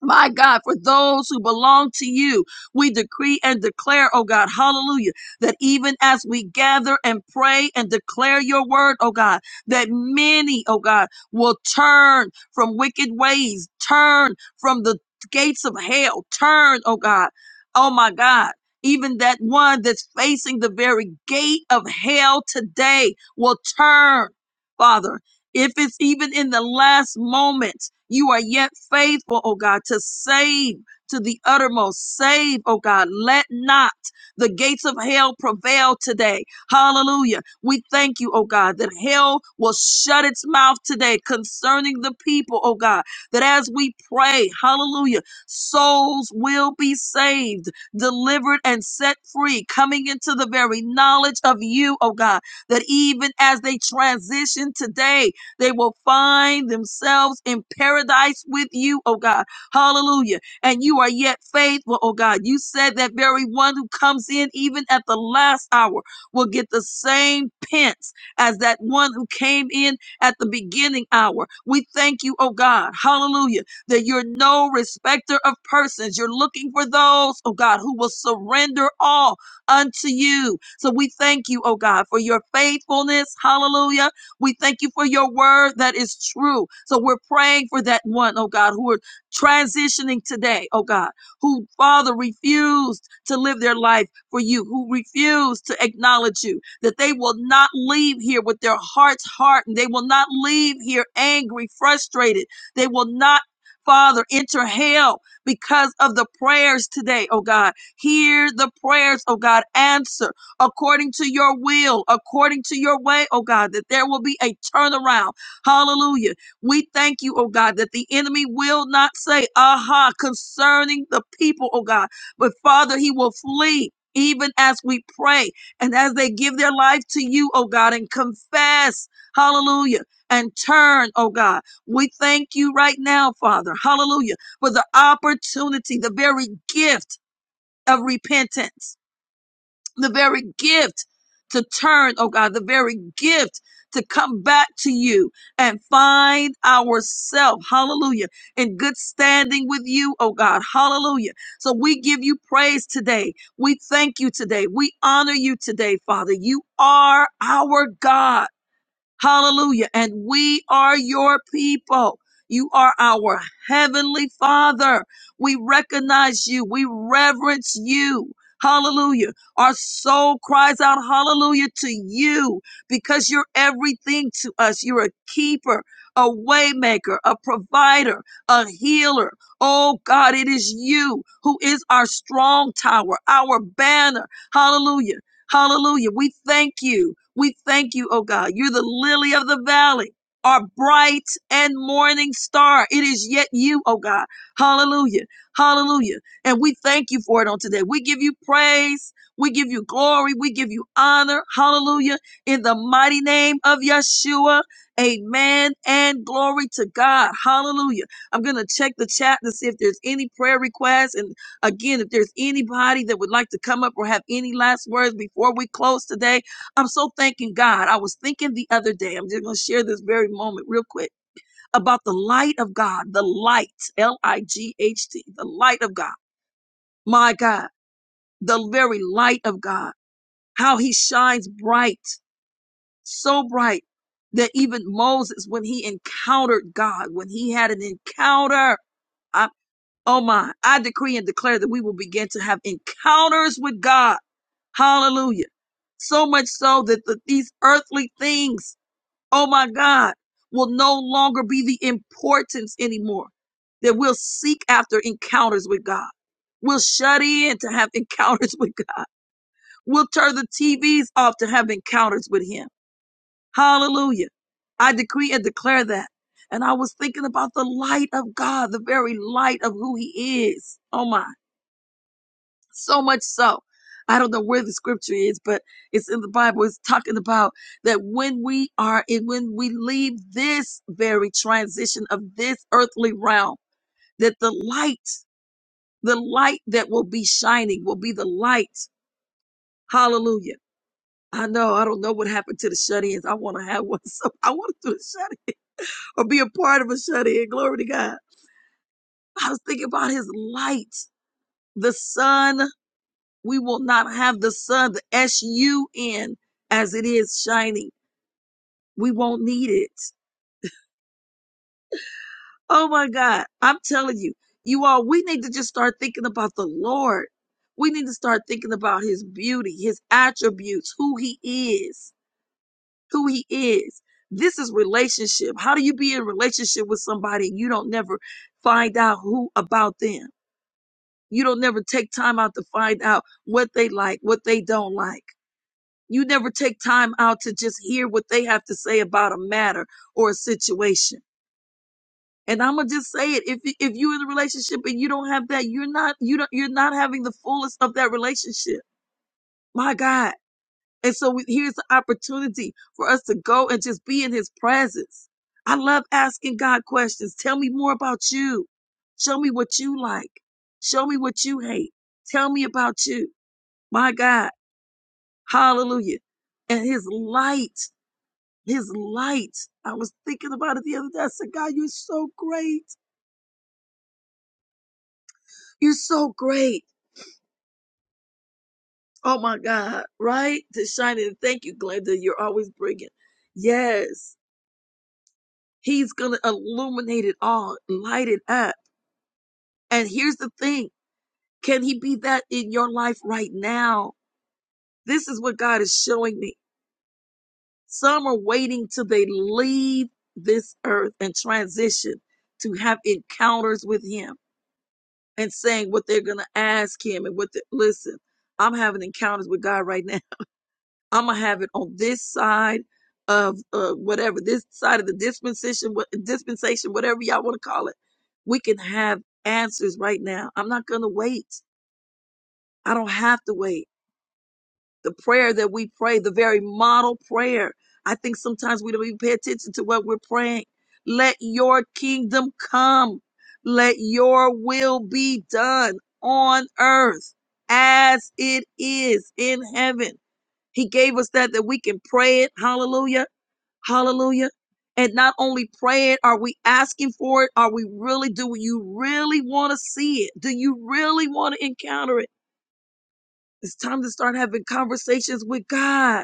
My God, for those who belong to you, we decree and declare, oh God, hallelujah, that even as we gather and pray and declare your word, oh God, that many, oh God, will turn from wicked ways, turn from the gates of hell, turn, oh God, oh my God. Even that one that's facing the very gate of hell today will turn, Father. If it's even in the last moment, you are yet faithful, oh God, to save to the uttermost. Save, oh God. Let not the gates of hell prevail today. Hallelujah. We thank you, oh God, that hell will shut its mouth today concerning the people, oh God, that as we pray, hallelujah, souls will be saved, delivered, and set free, coming into the very knowledge of you, oh God, that even as they transition today, they will find themselves in paradise with you, oh God. Hallelujah. And you are yet faithful, oh God. You said that very one who comes in even at the last hour will get the same pence as that one who came in at the beginning hour. We thank you, oh God. Hallelujah. That you're no respecter of persons. You're looking for those, oh God, who will surrender all unto you. So we thank you, oh God, for your faithfulness. Hallelujah we thank you for your word that is true. So we're praying for that one, oh God, who are transitioning today, oh God, who, Father, refused to live their life for you, who refused to acknowledge you, that they will not leave here with their hearts hardened. They will not leave here angry, frustrated. They will not. Father, enter hell because of the prayers today, oh God. Hear the prayers, oh God. Answer according to your will, according to your way, oh God, that there will be a turnaround. Hallelujah. We thank you, oh God, that the enemy will not say, aha, concerning the people, oh God, but Father, he will flee. Even as we pray and as they give their life to you, oh God, and confess, hallelujah, and turn, oh God. We thank you right now, Father, hallelujah, for the opportunity, the very gift of repentance the very gift to turn, oh God, the very gift to come back to you and find ourselves, hallelujah, in good standing with you, oh God, hallelujah. So we give you praise today. We thank you today. We honor you today, Father. You are our God. Hallelujah. And we are your people. You are our heavenly father. We recognize you. We reverence you. Hallelujah. Our soul cries out hallelujah to you because you're everything to us. You're a keeper, a waymaker, a provider, a healer. Oh God, it is you who is our strong tower, our banner. Hallelujah Hallelujah. We thank you. We thank you, oh God. You're the lily of the valley, our bright and morning star. It is yet you, oh God. Hallelujah. Hallelujah. And we thank you for it on today. We give you praise. We give you glory. We give you honor. Hallelujah. In the mighty name of Yeshua. Amen and glory to God. Hallelujah. I'm going to check the chat to see if there's any prayer requests. And Again, if there's anybody that would like to come up or have any last words before we close today, I'm so thanking God. I was thinking the other day, I'm just going to share this very moment real quick about the light of God, the light, L I G H T, the light of God. My God, the very light of God, how he shines bright, so bright that even Moses, when he encountered God, when he had an encounter, Oh my, I decree and declare that we will begin to have encounters with God. Hallelujah. So much so that the, these earthly things, oh my God, will no longer be the importance anymore. That we'll seek after encounters with God. We'll shut in to have encounters with God. We'll turn the TVs off to have encounters with Him. Hallelujah. I decree and declare that. And I was thinking about the light of God, the very light of who He is. Oh my. So much so. I don't know where the scripture is, but it's in the Bible. It's talking about that when we are and when we leave this very transition of this earthly realm, that the light, the light that will be shining will be the light. Hallelujah. I know. I don't know what happened to the shut-ins. I want to have one. So I want to do the shut-in or be a part of a shut-in. Glory to God. I was thinking about his light, the sun We will not have the sun, the S U N, as it is shining. We won't need it. Oh my God. I'm telling you, you all, we need to just start thinking about the Lord. We need to start thinking about his beauty, his attributes, who he is, who he is. This is relationship. How do you be in relationship with somebody and you don't never find out who about them? You don't never take time out to find out what they like, what they don't like You never take time out to just hear what they have to say about a matter or a situation. And I'm gonna just say it: if if you're in a relationship and you don't have that, you're not you don't you're not having the fullest of that relationship. My God! And so we, here's the opportunity for us to go and just be in His presence. I love asking God questions. Tell me more about you. Show me what you like. Show me what you hate. Tell me about you. My God! Hallelujah! And His light His light. I was thinking about it the other day. I said, God, you're so great. You're so great. Oh my God, right? To shine it. Thank you, Glenda. You're always bringing. Yes. He's going to illuminate it all, light it up. And here's the thing. Can he be that in your life right now? This is what God is showing me. Some are waiting till they leave this earth and transition to have encounters with him and saying what they're going to ask him and what the, listen i'm having encounters with god right now i'm going to have it on this side of uh, whatever this side of the dispensation what dispensation whatever y'all want to call it we can have answers right now i'm not going to wait i don't have to wait the prayer that we pray, the very model prayer. I think sometimes we don't even pay attention to what we're praying. Let your kingdom come. Let your will be done on earth as it is in heaven. He gave us that, that we can pray it. Hallelujah. Hallelujah. And not only pray it, are we asking for it? Are we really, do you really want to see it? Do you really want to encounter it? It's time to start having conversations with God.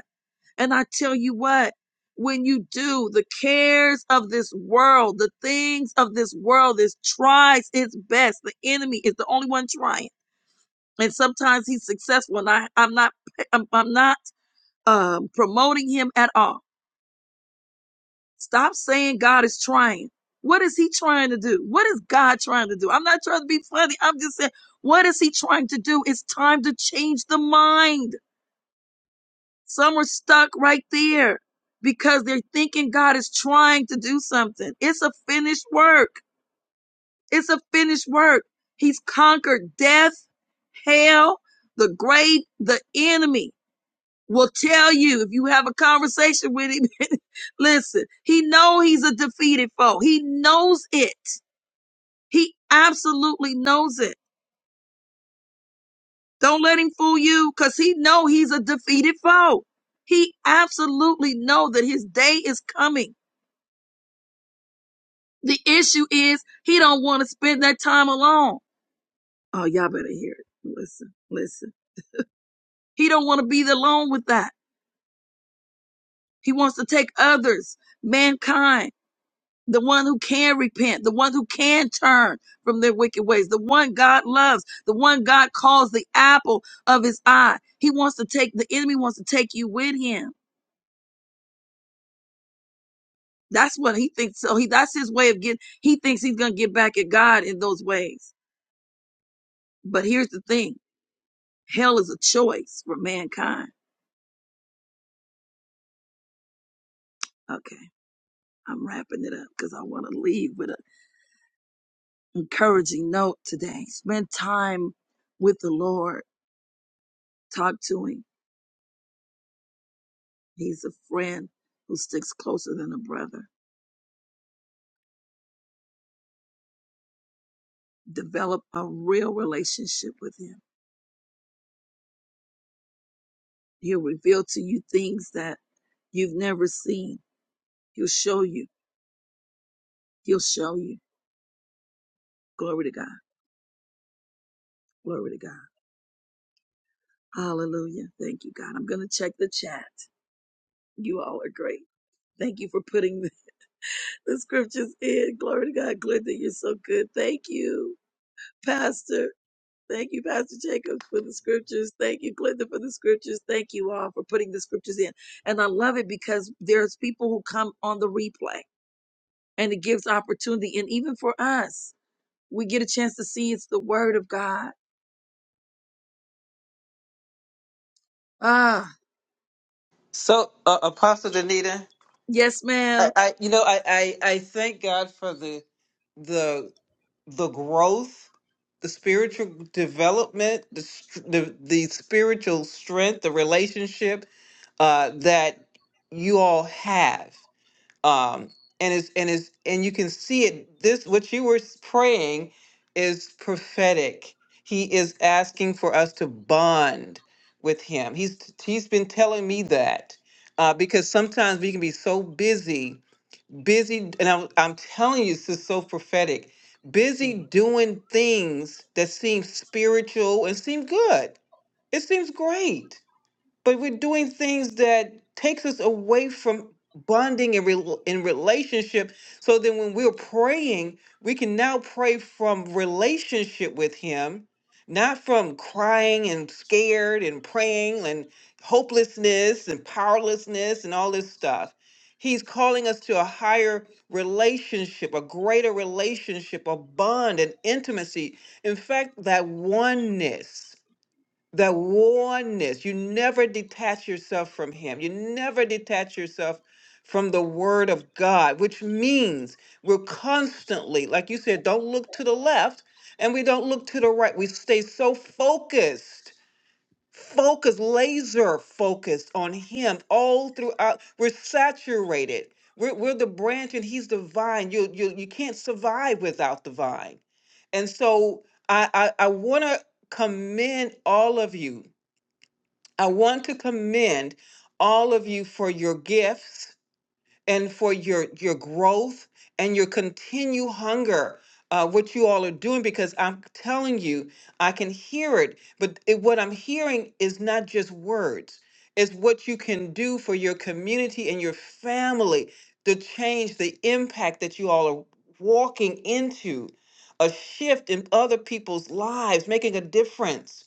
And I tell you what, when you do, the cares of this world, the things of this world, this tries its best. The enemy is the only one trying. And sometimes he's successful. And I, I'm not I'm, I'm not um, promoting him at all. Stop saying God is trying. What is he trying to do? What is God trying to do? I'm not trying to be funny. I'm just saying, what is he trying to do? It's time to change the mind. Some are stuck right there because they're thinking God is trying to do something. It's a finished work. It's a finished work. He's conquered death, hell, the great, the enemy will tell you if you have a conversation with him. listen, he know he's a defeated foe. He knows it. He absolutely knows it. Don't let him fool you cuz he know he's a defeated foe. He absolutely know that his day is coming. The issue is he don't want to spend that time alone. Oh, y'all better hear it. Listen, listen. He don't want to be alone with that. He wants to take others, mankind, the one who can repent, the one who can turn from their wicked ways, the one God loves, the one God calls the apple of his eye. He wants to take the enemy wants to take you with him. That's what he thinks. So he that's his way of getting he thinks he's gonna get back at God in those ways. But here's the thing hell is a choice for mankind Okay, I'm wrapping it up because I want to leave with an encouraging note today. Spend time with the Lord. Talk to Him. He's a friend who sticks closer than a brother. Develop a real relationship with Him. He'll reveal to you things that you've never seen. He'll show you. He'll show you. Glory to God. Glory to God. Hallelujah. Thank you, God. I'm going to check the chat. You all are great. Thank you for putting The scriptures in. Glory to God, Glenda, you're so good. Thank you, Pastor. Thank you, Pastor Jacobs, for the scriptures. Thank you, Glenda, for the scriptures. Thank you all for putting the scriptures in. And I love it because there's people who come on the replay and it gives opportunity. And even for us, we get a chance to see it's the word of God. Ah, So, uh, Apostle Danita, yes, I, ma'am. I, you know, I, I, I thank God for the the the, the development the the spiritual strength, the relationship uh, that you all have, um, and it's and it's and you can see it. This what you were s- praying is prophetic. He is asking for us to bond with him. He's he's been telling me that. Uh, because sometimes we can be so busy, busy, and I'm, I'm telling you, this is so prophetic. Busy doing things that seem spiritual and seem good it seems great, but we're doing things that takes us away from bonding and rel in relationship. So then, when we're praying, we can now pray from relationship with Him, not from crying and scared and praying and hopelessness and powerlessness and all this stuff. He's calling us to a higher relationship, a greater relationship, a bond, an intimacy. In fact, that oneness. The oneness. You never detach yourself from Him. You never detach yourself from the Word of God, which means we're constantly, like you said, don't look to the left and we don't look to the right. We stay so focused, focused, laser focused on Him all throughout. We're saturated. We're, we're the branch and he's the vine. You, you you can't survive without the vine. And so I I, I want to commend all of you I want to commend all of you for your gifts and for your your growth and your continued hunger. Uh, what you all are doing because I'm telling you, I can hear it. But it, what I'm hearing is not just words; it's what you can do for your community and your family. The change, the impact that you all are walking into, a shift in other people's lives, making a difference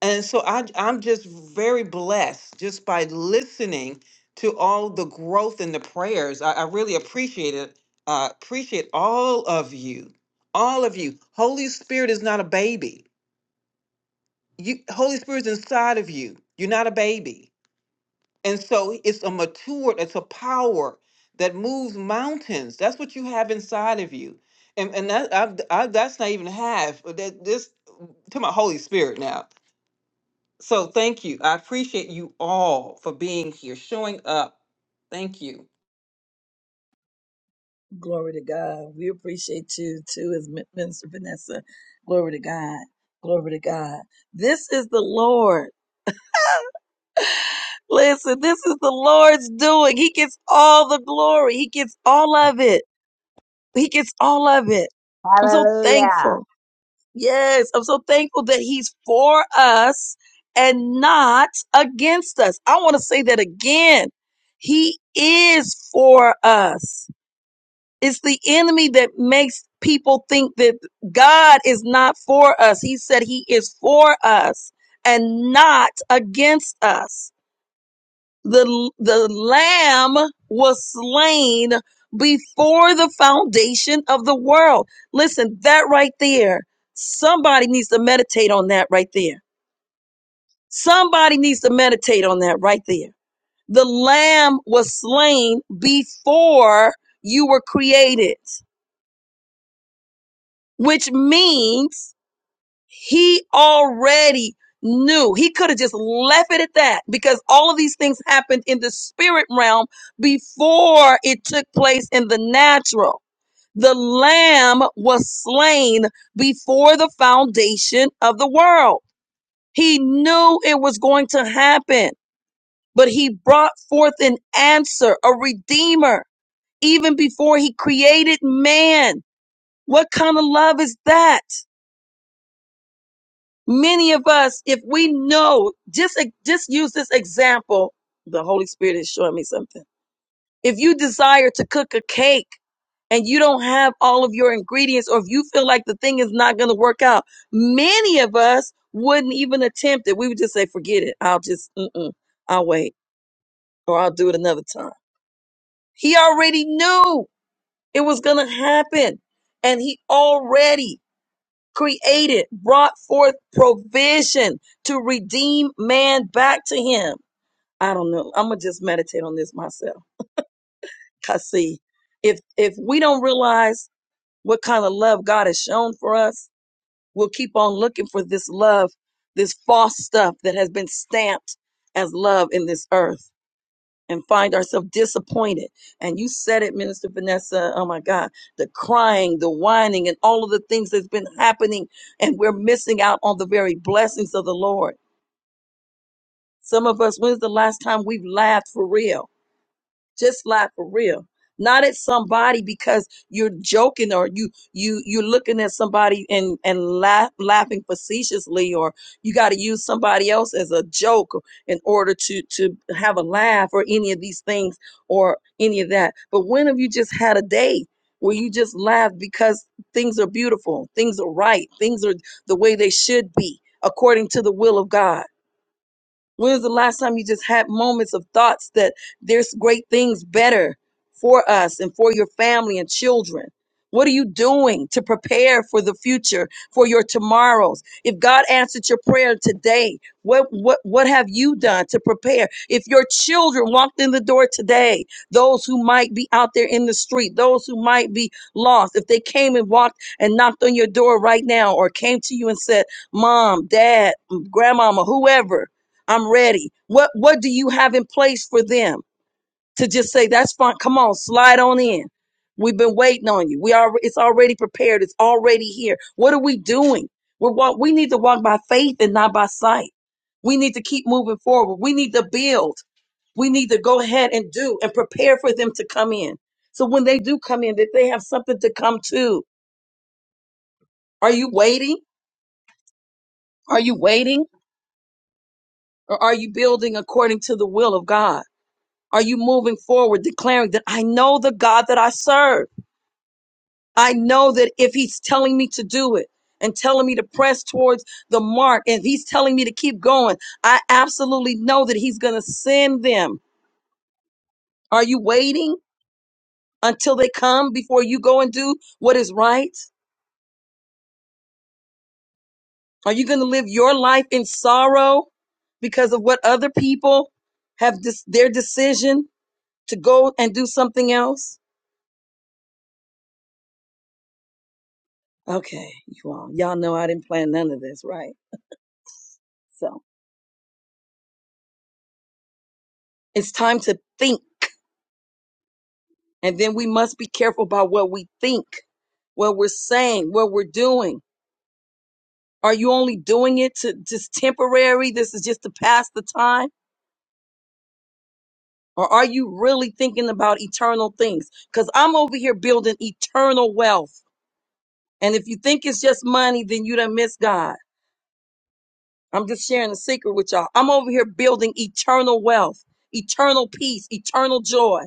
and so I, I'm just very blessed just by listening to all the growth and the prayers. I, I really appreciate it. Uh, appreciate all of you, all of you. Holy Spirit is not a baby. You, Holy Spirit is inside of you. You're not a baby. And so it's a matured, it's a power that moves mountains. That's what you have inside of you. And, and that, I, I, that's not even half. but That, this, to my Holy Spirit now. So thank you. I appreciate you all for being here, showing up. Thank you. Glory to God. We appreciate you too, as Min- Minister Vanessa. Glory to God. Glory to God. This is the Lord. Listen, this is the Lord's doing. He gets all the glory. He gets all of it. He gets all of it. I'm so Hallelujah. thankful. Yes, I'm so thankful that He's for us and not against us. I want to say that again. He is for us. It's the enemy that makes people think that God is not for us. He said he is for us and not against us. The, the lamb was slain before the foundation of the world. Listen, that right there, somebody needs to meditate on that right there. Somebody needs to meditate on that right there. The lamb was slain before you were created. which means he already knew. He could have just left it at that because all of these things happened in the spirit realm before it took place in the natural. The lamb was slain before the foundation of the world. He knew it was going to happen, but he brought forth an answer, a redeemer, even before he created man. What kind of love is that? Many of us, if we know, just just use this example. The Holy Spirit is showing me something. If you desire to cook a cake and you don't have all of your ingredients, or if you feel like the thing is not going to work out, many of us wouldn't even attempt it. We would just say, "Forget it. I'll just, mm-mm, I'll wait, or I'll do it another time." He already knew it was going to happen, and he already created, brought forth provision to redeem man back to him. I don't know. I'm gonna just meditate on this myself. Cause see, if if we don't realize what kind of love God has shown for us, we'll keep on looking for this love, this false stuff that has been stamped as love in this earth and find ourselves disappointed. And you said it, Minister Vanessa. Oh my God, the crying, the whining, and all of the things that's been happening, and we're missing out on the very blessings of the Lord. Some of us, when's the last time we've laughed for real? Just laugh for real. Not at somebody because you're joking or you you you're looking at somebody and and laugh, laughing facetiously or you got to use somebody else as a joke in order to to have a laugh or any of these things or any of that. But when have you just had a day where you just laughed because things are beautiful, things are right, things are the way they should be according to the will of God? When was the last time you just had moments of thoughts that there's great things better for us and for your family and children? What are you doing to prepare for the future, for your tomorrows? If God answered your prayer today, what what what have you done to prepare? If your children walked in the door today, those who might be out there in the street, those who might be lost, if they came and walked and knocked on your door right now or came to you and said, "Mom, dad, grandmama, whoever, I'm ready. What what do you have in place for them to just say that's fine? Come on, slide on in. We've been waiting on you. We are it's already prepared. It's already here. What are we doing? We're walk, we need to walk by faith and not by sight. We need to keep moving forward. We need to build. We need to go ahead and do and prepare for them to come in. So when they do come in, that they have something to come to. Are you waiting? Are you waiting? Or are you building according to the will of God? Are you moving forward declaring that I know the God that I serve? I know that if he's telling me to do it and telling me to press towards the mark and he's telling me to keep going, I absolutely know that he's going to send them. Are you waiting until they come before you go and do what is right? Are you going to live your life in sorrow because of what other people have this, their decision to go and do something else? Okay, you all, y'all know I didn't plan none of this, right? So it's time to think. And then we must be careful about what we think, what we're saying, what we're doing. Are you only doing it to just temporary? This is just to pass the time? Or are you really thinking about eternal things? Because I'm over here building eternal wealth. And if you think it's just money, then you done miss God. I'm just sharing a secret with y'all. I'm over here building eternal wealth, eternal peace, eternal joy.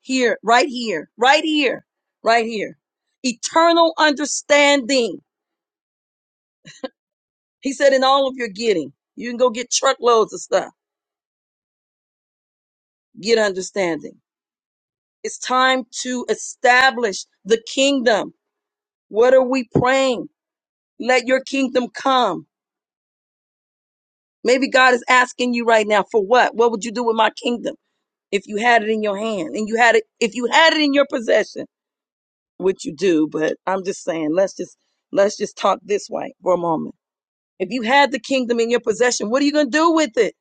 Here, right here, right here, right here. Eternal understanding. He said, in all of your getting, you can go get truckloads of stuff, get understanding. It's time to establish the kingdom. What are we praying? Let your kingdom come. Maybe God is asking you right now for what? What would you do with my kingdom? if you had it in your hand and you had it if you had it in your possession which you do but i'm just saying let's just let's just talk this way for a moment if you had the kingdom in your possession what are you going to do with it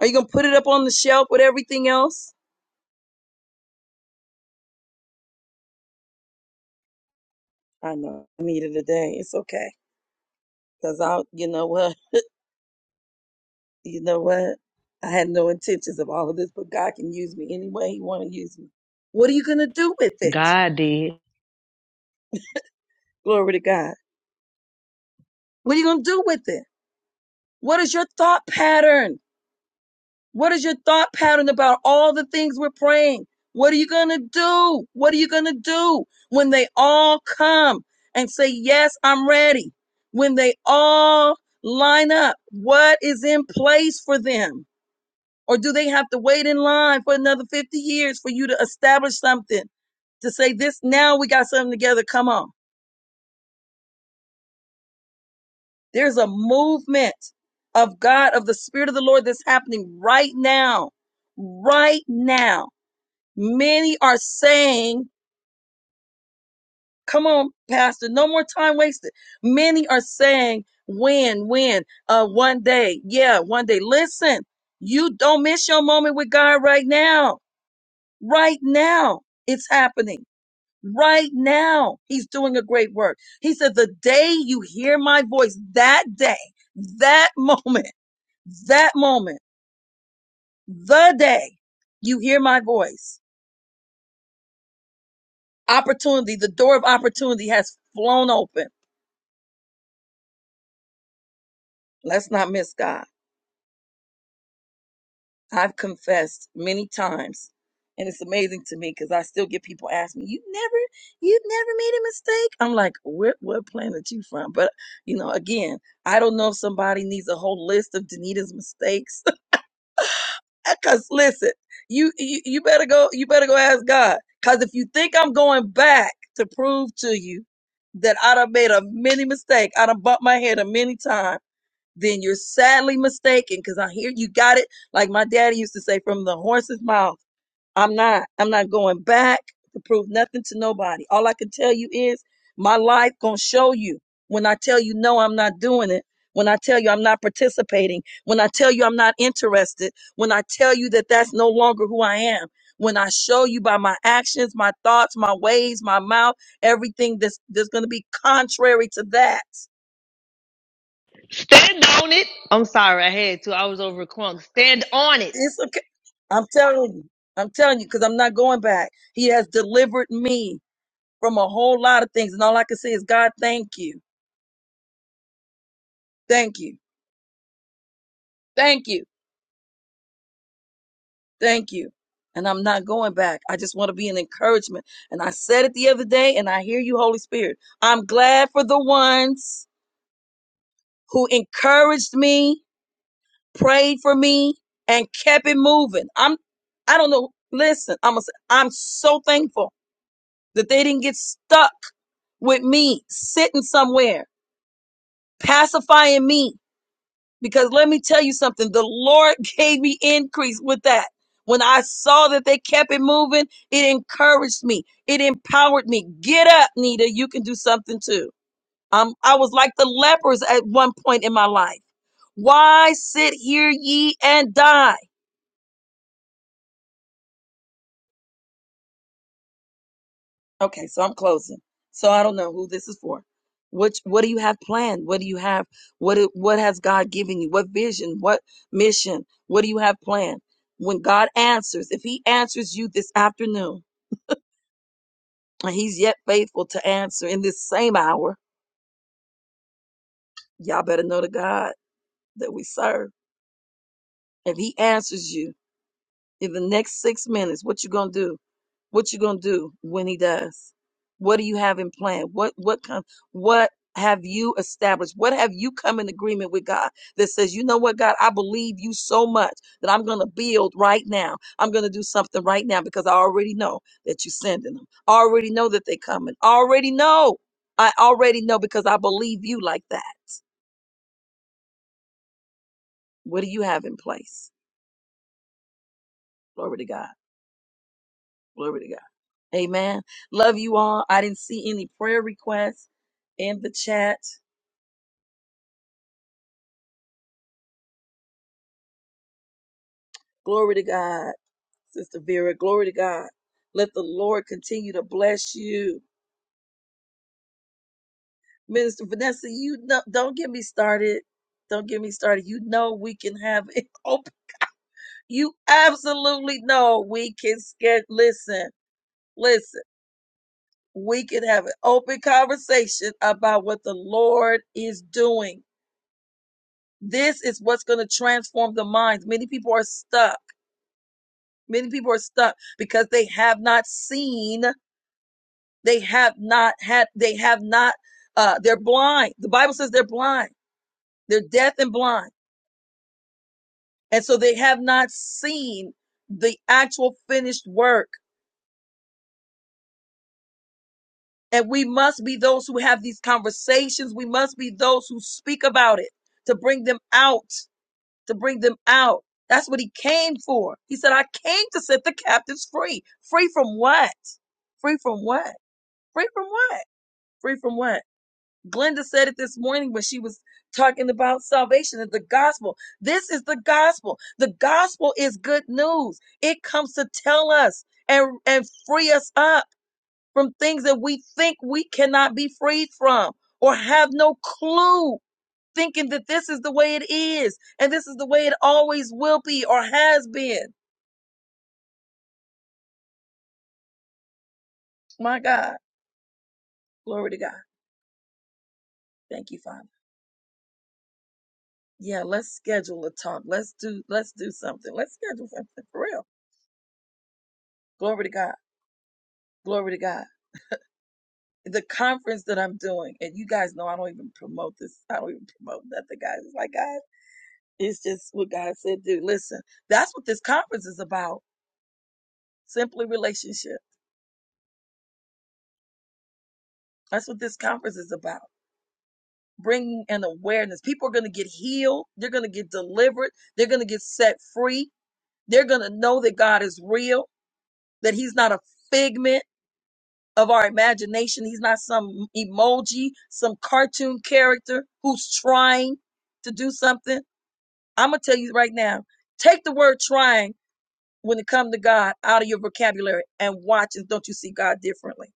are you going to put it up on the shelf with everything else i know i need it today it's okay because i you know what you know what i had no intentions of all of this but god can use me any way he want to use me what are you going to do with it God did. glory to god what are you going to do with it what is your thought pattern What is your thought pattern about all the things we're praying? What are you going to do? What are you going to do when they all come and say, Yes, I'm ready? When they all line up, what is in place for them? Or do they have to wait in line for another 50 years for you to establish something to say, This now we got something together? Come on. There's a movement of God, of the Spirit of the Lord that's happening right now. Right now Many are saying, come on, Pastor, no more time wasted. Many are saying, when, when, uh, one day, yeah, one day. Listen, you don't miss your moment with God right now. Right now, it's happening. Right now, He's doing a great work. He said, the day you hear my voice, that day, that moment, that moment, the day you hear my voice, opportunity, the door of opportunity has flown open Let's not miss God. I've confessed many times, and it's amazing to me because I still get people ask me, "You never, you've never made a mistake." I'm like, "Where, what planet you from?" But you know, again, I don't know if somebody needs a whole list of Danita's mistakes. Cause listen, you, you you better go, you better go ask God. Cause if you think I'm going back to prove to you that I done made a many mistake, I done bumped my head a many times. then you're sadly mistaken because I hear you got it. Like my daddy used to say, from the horse's mouth. I'm not, I'm not going back to prove nothing to nobody. All I can tell you is my life gonna show you when I tell you no, I'm not doing it. When I tell you I'm not participating, when I tell you I'm not interested, when I tell you that that's no longer who I am, when I show you by my actions, my thoughts, my ways, my mouth, everything that's, that's going to be contrary to that Stand on it. I'm sorry, I had to. I was over crunk. Stand on it. It's okay. I'm telling you. I'm telling you because I'm not going back. He has delivered me from a whole lot of things. And all I can say is, God, thank you. Thank you. Thank you. Thank you. And I'm not going back. I just want to be an encouragement. And I said it the other day, and I hear you, Holy Spirit. I'm glad for the ones who encouraged me, prayed for me, and kept it moving. I'm, I don't know. Listen, I'm, i I'm so thankful that they didn't get stuck with me sitting somewhere, pacifying me. Because let me tell you something, the Lord gave me increase with that. When I saw that they kept it moving, it encouraged me. It empowered me. Get up, Nita. You can do something too. Um, I was like the lepers at one point in my life. Why sit here ye and die? Okay, so I'm closing. So I don't know who this is for. Which what do you have planned? What do you have? What do- what has God given you? What vision? What mission? What do you have planned? When God answers, if He answers you this afternoon, and He's yet faithful to answer in this same hour, y'all better know the God that we serve. If He answers you in the next six minutes, what you gonna do? What you gonna do when he does? What do you have in plan? What what come what have you established? What have you come in agreement with God that says, you know what, God, I believe you so much that I'm gonna build right now. I'm gonna do something right now because I already know that you're sending them. I already know that they are coming. I already know. I already know because I believe you like that. What do you have in place? Glory to God. Glory to God. Amen. Love you all. I didn't see any prayer requests in the chat. Glory to God, Sister Vera. Glory to God. Let the Lord continue to bless you. Minister Vanessa, you know, don't get me started. Don't get me started. You know we can have it open. You absolutely know we can get listen, listen. We can have an open conversation about what the Lord is doing. This is what's going to transform the minds. Many people are stuck. Many people are stuck because they have not seen They have not had, they have not, uh, they're blind. The Bible says they're blind. They're deaf and blind. And so they have not seen the actual finished work. And we must be those who have these conversations. We must be those who speak about it to bring them out, to bring them out. That's what he came for. He said, I came to set the captives free. Free from what? Free from what? Free from what? Free from what? Glenda said it this morning when she was talking about salvation and the gospel. This is the gospel. The gospel is good news. It comes to tell us and, and free us up from things that we think we cannot be freed from or have no clue thinking that this is the way it is and this is the way it always will be or has been. My God. Glory to God. Thank you, Father. Yeah, let's schedule a talk. Let's do let's do something. Let's schedule something for real. Glory to God. Glory to God. The conference that I'm doing, and you guys know I don't even promote this. I don't even promote nothing, guys. It's like, God, it's just what God said, do. Listen, that's what this conference is about. Simply relationship. That's what this conference is about. Bringing an awareness. People are going to get healed. They're going to get delivered. They're going to get set free. They're going to know that God is real, that He's not a figment of our imagination. He's not some emoji, some cartoon character who's trying to do something I'm gonna tell you right now, take the word trying when it comes to God out of your vocabulary and watch and don't you see God differently.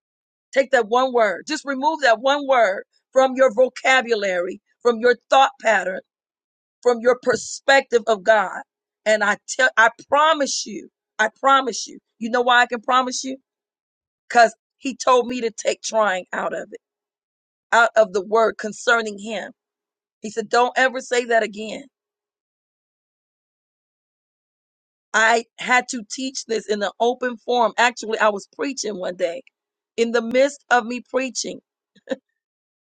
Take that one word, just remove that one word from your vocabulary, from your thought pattern, from your perspective of God. And I tell I promise you, I promise you. You know why I can promise you? Because he told me to take trying out of it, out of the word concerning him. He said, Don't ever say that again I had to teach this in an open forum. Actually, I was preaching one day. In the midst of me preaching,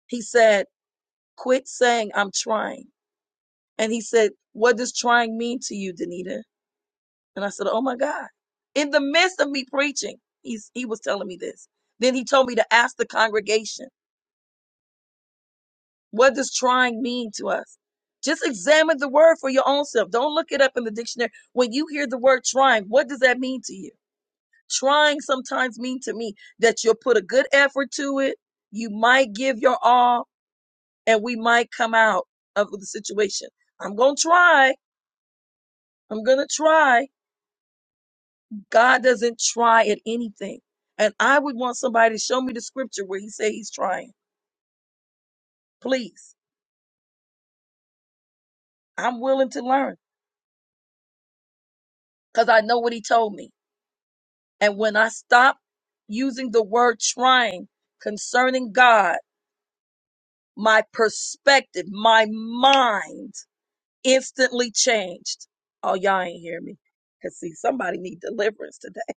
he said, Quit saying I'm trying. And he said, What does trying mean to you, Danita? And I said, Oh my God. In the midst of me preaching, he's, he was telling me this. Then he told me to ask the congregation, What does trying mean to us? Just examine the word for your own self. Don't look it up in the dictionary. When you hear the word trying, what does that mean to you? Trying sometimes mean to me that you'll put a good effort to it. You might give your all and we might come out of the situation. I'm going to try. I'm going to try. God doesn't try at anything. And I would want somebody to show me the scripture where he say he's trying. Please. I'm willing to learn because I know what he told me. And when I stop using the word trying concerning God, my perspective, my mind instantly changed. Oh, y'all ain't hear me. Cause see, somebody need deliverance today.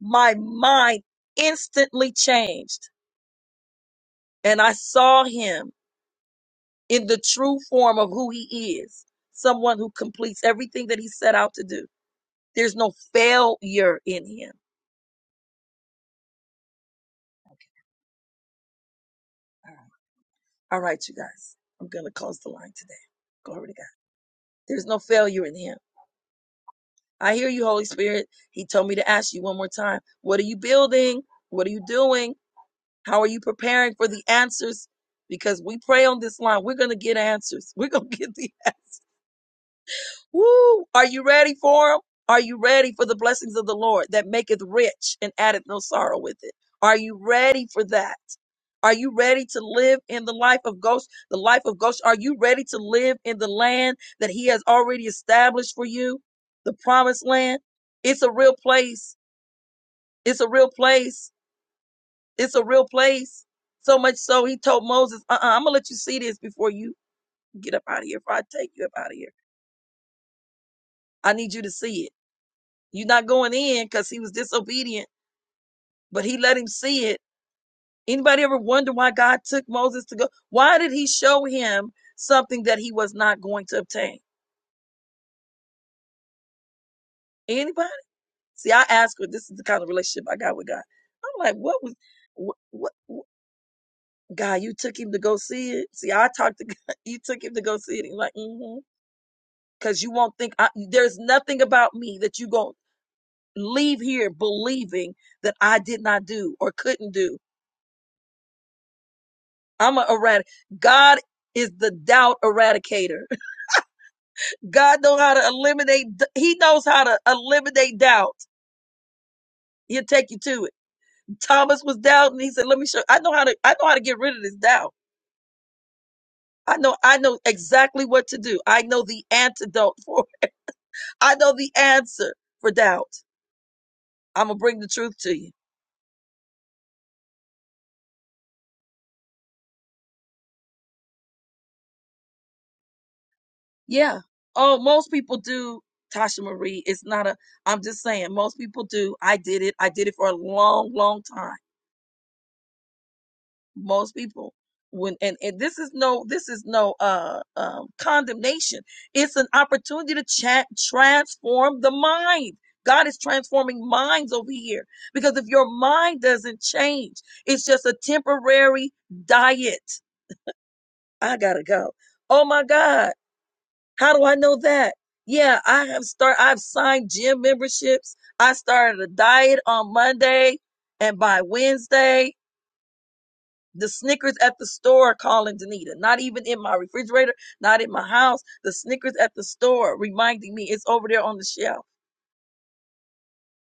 My mind instantly changed and I saw him in the true form of who he is. Someone who completes everything that he set out to do. There's no failure in him. All right, All right, you guys. I'm going to close the line today. Glory to God. There's no failure in him. I hear you, Holy Spirit. He told me to ask you one more time. What are you building? What are you doing? How are you preparing for the answers? Because we pray on this line, we're going to get answers. We're going to get the answers. Woo! Are you ready for them? Are you ready for the blessings of the Lord that maketh rich and addeth no sorrow with it? Are you ready for that? Are you ready to live in the life of Ghost? The life of Ghost. Are you ready to live in the land that He has already established for you? The promised land. It's a real place. It's a real place It's a real place. So much so he told Moses, uh-uh, I'm gonna let you see this before you get up out of here. If I take you up out of here, I need you to see it. You're not going in because he was disobedient, but he let him see it. Anybody ever wonder why God took Moses to go? Why did he show him something that he was not going to obtain? Anybody? See, I ask her, this is the kind of relationship I got with God. I'm like, what was what, what, what God, you took him to go see it? See, I talked to God, you took him to go see it. He's like, mm-hmm. because you won't think I, there's nothing about me that you going to leave here believing that I did not do or couldn't do. I'm a erratic. God is the doubt eradicator. God knows how to eliminate. He knows how to eliminate doubt. He'll take you to it. Thomas was doubting. He said, "Let me show. I know how to. I know how to get rid of this doubt. I know. I know exactly what to do. I know the antidote for. it. I know the answer for doubt. I'm gonna bring the truth to you." Yeah. Oh, most people do, Tasha Marie. It's not a, I'm just saying, most people do. I did it. I did it for a long, long time. Most people. When, and, and this is no this is no uh, um condemnation it's an opportunity to chat, transform the mind god is transforming minds over here because if your mind doesn't change it's just a temporary diet i gotta go oh my god How do I know that? Yeah, I have start I've signed gym memberships. I started a diet on Monday and by Wednesday, the Snickers at the store are calling Danita. Not even in my refrigerator, not in my house. The Snickers at the store reminding me it's over there on the shelf.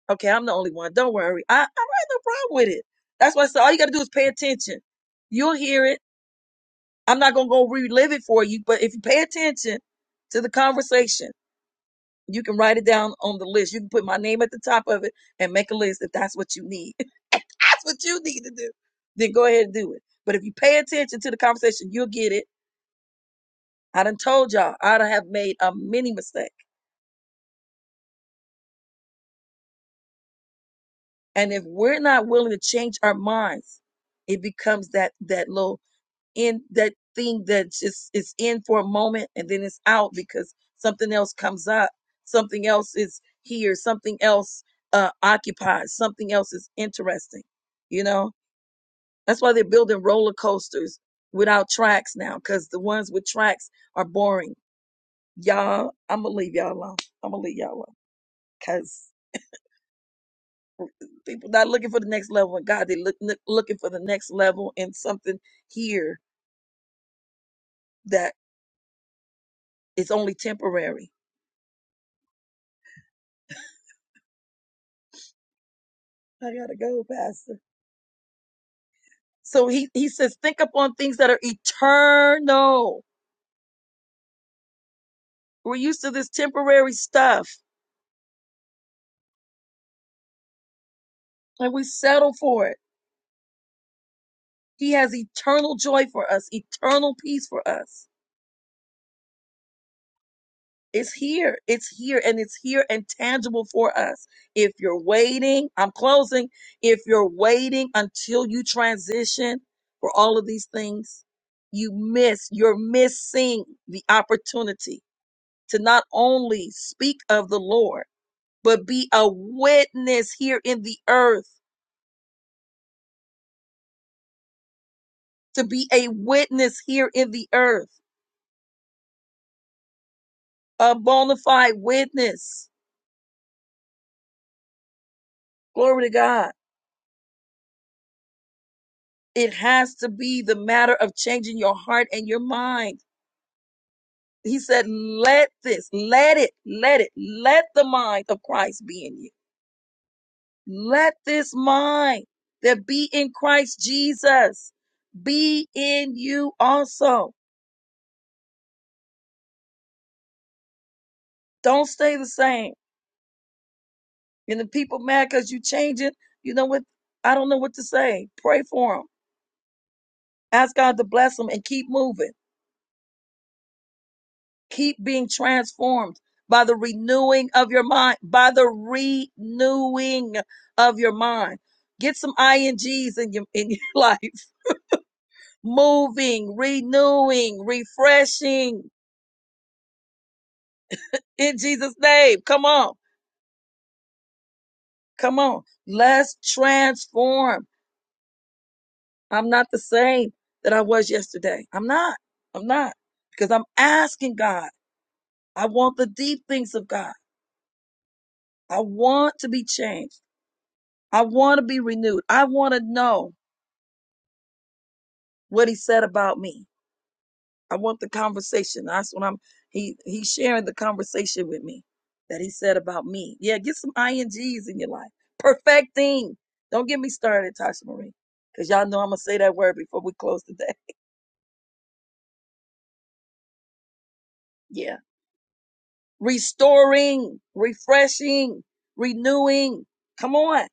Okay, I'm the only one. Don't worry. I, I have no problem with it. That's why I said all you gotta do is pay attention. You'll hear it. I'm not gonna go relive it for you, but if you pay attention to the conversation, You can write it down on the list. You can put my name at the top of it and make a list if that's what you need. If that's what you need to do. Then go ahead and do it. But if you pay attention to the conversation, you'll get it. I done told y'all, I done have made a mini mistake. And if we're not willing to change our minds, it becomes that that little in that thing that just is in for a moment and then it's out because something else comes up. Something else is here. Something else uh, occupies. Something else is interesting. You know, That's why they're building roller coasters without tracks now, because the ones with tracks are boring. Y'all, I'm gonna leave y'all alone. I'm gonna leave y'all alone, because people not looking for the next level in God. They look look- looking for the next level in something here that is only temporary. I gotta go, Pastor. So he he says, think upon things that are eternal. We're used to this temporary stuff, and we settle for it. He has eternal joy for us, eternal peace for us. It's here. It's here and it's here and tangible for us. If you're waiting, I'm closing. If you're waiting until you transition for all of these things, you miss, you're missing the opportunity to not only speak of the Lord, but be a witness here in the earth, to be a witness here in the earth, a bona fide witness. Glory to God. It has to be the matter of changing your heart and your mind He said, let this, let it, let it, let the mind of Christ be in you. Let this mind that be in Christ Jesus be in you also. Don't stay the same. And the people mad because you changing, you know what? I don't know what to say. Pray for them. Ask God to bless them and keep moving. Keep being transformed by the renewing of your mind, by the renewing of your mind. Get some INGs in your, in your life. Moving, renewing, refreshing in Jesus' name. Come on. Come on. Let's transform. I'm not the same that I was yesterday. I'm not. I'm not because I'm asking God. I want the deep things of God. I want to be changed. I want to be renewed. I want to know. what he said about me. I want the conversation. That's what I'm he he's sharing the conversation with me that he said about me. Yeah, get some INGs in your life. Perfecting. Don't get me started, Tasha Marie. Cause y'all know I'm gonna say that word before we close today. Yeah. Restoring, refreshing, renewing. Come on.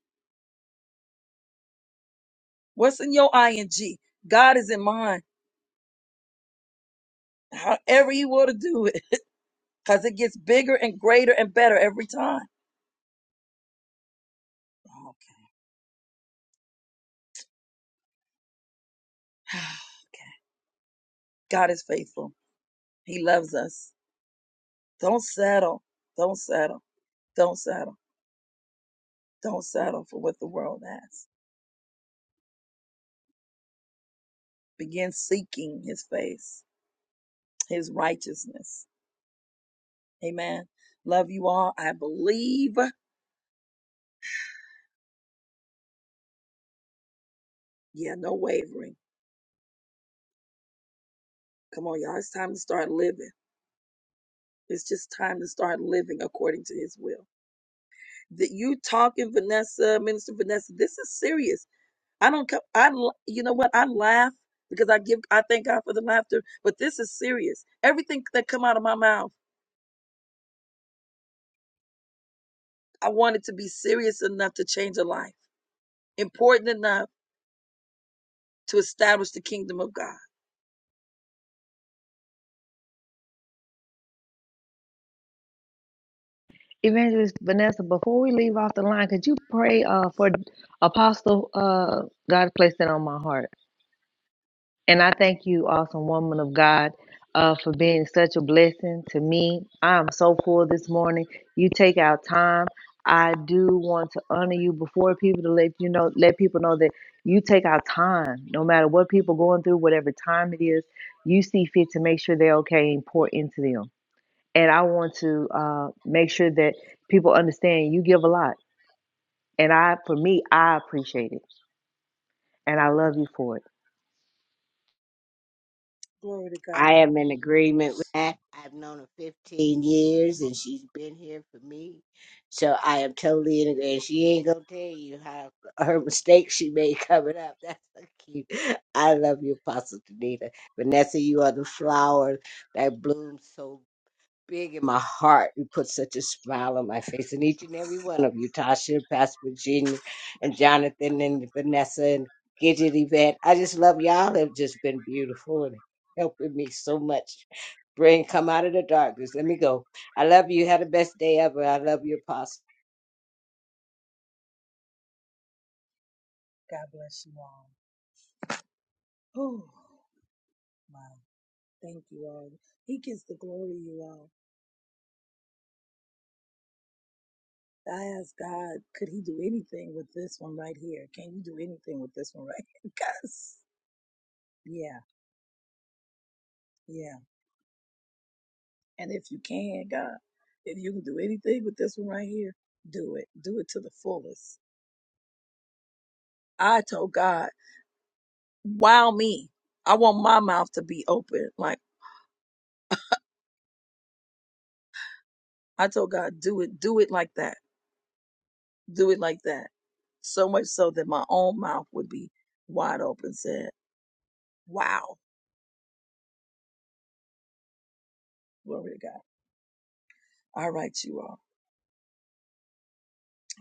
What's in your ING? God is in mine. However you want to do it. Cause it gets bigger and greater and better every time. Okay. Okay. God is faithful. He loves us. Don't settle. Don't settle. Don't settle. Don't settle for what the world has. Begin seeking his face, his righteousness. Amen. Love you all. I believe. Yeah, no wavering. Come on, y'all. It's time to start living. It's just time to start living according to his will. That you talking, Vanessa, Minister Vanessa, this is serious. I don't come, I, l- you know what? I laugh because I give, I thank God for the laughter, but this is serious. Everything that come out of my mouth I wanted to be serious enough to change a life, important enough to establish the kingdom of God. Evangelist Vanessa, before we leave off the line, could you pray uh, for Apostle? Uh, God placed it on my heart. And I thank you, awesome woman of God, uh, for being such a blessing to me. I am so full this morning. You take out time. I do want to honor you before people to let you know, let people know that you take out time, no matter what people going through, whatever time it is, you see fit to make sure they're okay and pour into them. And I want to uh, make sure that people understand you give a lot. And I, for me, I appreciate it, and I love you for it. Glory to I God. am in agreement with that. I've known her 15 years and she's been here for me. So I am totally in agreement. She ain't going to tell you how her mistakes she made coming up. That's so cute. I love you, Apostle Danita. Vanessa, you are the flower that blooms so big in my heart. You put such a smile on my face, and each and every one of you, Tasha, Pastor Virginia, and Jonathan, and Vanessa, and Gidget, Yvette. I just love y'all. Have just been beautiful and helping me so much. Bring come out of the darkness. Let me go. I love you. Had the best day ever. I love you, Apostle. God bless you all. Oh, Wow. Thank you all. He gets the glory, you all. I asked God, could he do anything with this one right here? Can you do anything with this one right here? Because, yeah, yeah. And if you can, God, if you can do anything with this one right here, do it. Do it to the fullest. I told God. wow me. I want my mouth to be open. Like I told God, do it, do it like that. Do it like that. So much so that my own mouth would be wide open, said, Wow. Glory to God. All right, you all.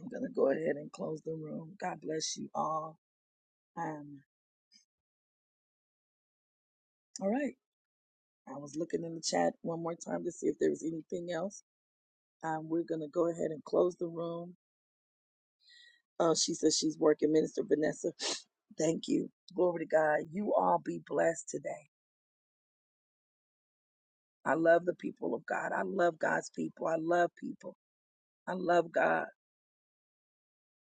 I'm gonna go ahead and close the room. God bless you all. Um, all right. I was looking in the chat one more time to see if there was anything else. Um, we're gonna go ahead and close the room. Uh, she says she's working, Minister Vanessa. Thank you. Glory to God. You all be blessed today. I love the people of God. I love God's people. I love people. I love God.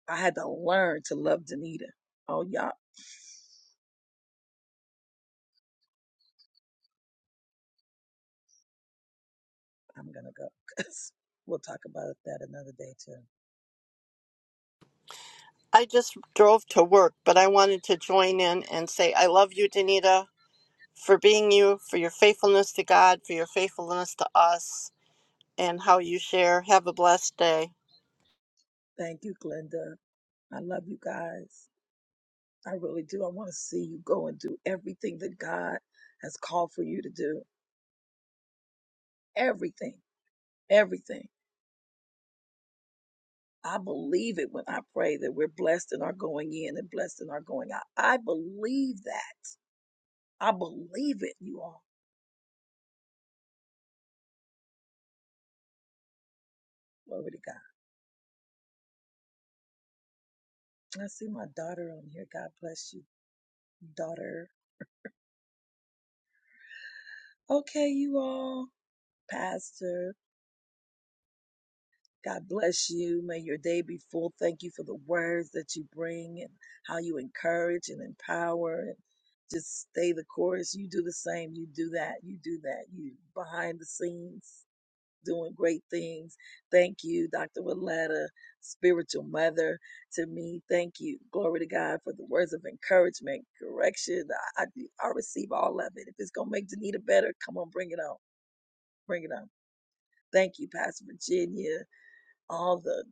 I had to learn to love Danita. Oh, y'all, I'm going to go because 'cause we'll talk about that another day, too. I just drove to work, but I wanted to join in and say, I love you, Danita, for being you, for your faithfulness to God, for your faithfulness to us, and how you share. Have a blessed day. Thank you, Glenda. I love you guys. I really do. I want to see you go and do everything that God has called for you to do. Everything. Everything. I believe it when I pray that we're blessed in our going in and blessed in our going out. I believe that. I believe it, you all. Glory to God. I see my daughter on here. God bless you, daughter. Okay, you all. Pastor, God bless you. May your day be full. Thank you for the words that you bring and how you encourage and empower and just stay the course. You do the same. You do that. You do that. You behind the scenes. doing great things. Thank you, Dr. Willetta, spiritual mother to me. Thank you. Glory to God for the words of encouragement, correction. I, I, I receive all of it. If it's going to make Danita better, come on, bring it on. Bring it on. Thank you, Pastor Virginia. All the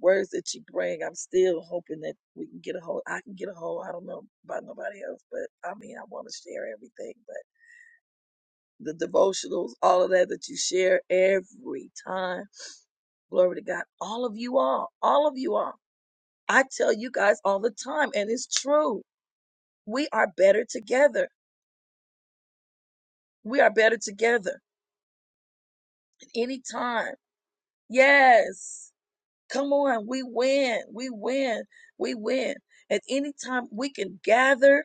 words that you bring, I'm still hoping that we can get a hold. I can get a hold. I don't know about nobody else, but I mean, I want to share everything. But the devotionals, all of that that you share every time Glory to God. All of you all, all of you all. I tell you guys all the time, and it's true. We are better together. We are better together at any time. Yes. Come on. We win. We win. We win. At any time we can gather.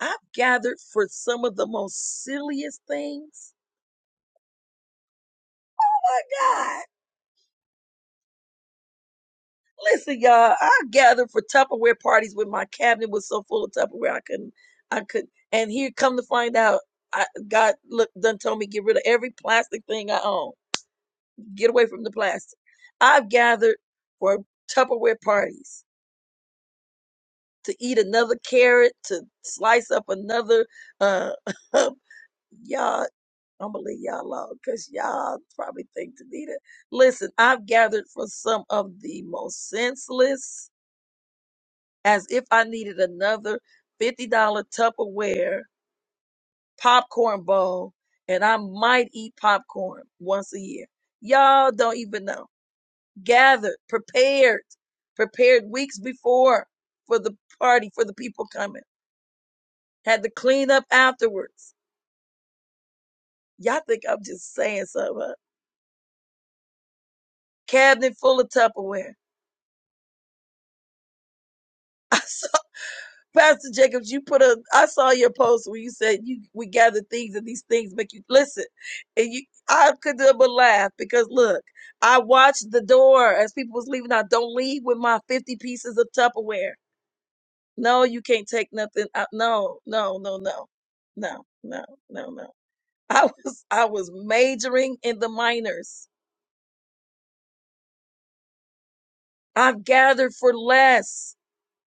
I've gathered for some of the most silliest things. Oh my God. Listen, y'all, I gathered for Tupperware parties when my cabinet was so full of Tupperware I couldn't I couldn't and here come to find out I God look done told me get rid of every plastic thing I own. Get away from the plastic. I've gathered for Tupperware parties to eat another carrot, to slice up another uh y'all I'm gonna leave y'all alone because y'all probably think Danita. Listen, I've gathered for some of the most senseless as if I needed another $50 Tupperware popcorn bowl, and I might eat popcorn once a year. Y'all don't even know. Gathered, prepared, prepared weeks before for the party, for the people coming. Had to clean up afterwards. Y'all think I'm just saying something. huh? Cabinet full of Tupperware. I Pastor Jacobs, you put a. I saw your post where you said you we gather things and these things make you listen, and you. I could do but laugh because look, I watched the door as people was leaving out. Don't leave with my fifty pieces of Tupperware. No, you can't take nothing out. No, no, no, no, no, no, no, no. I was I was majoring in the minors. I've gathered for less.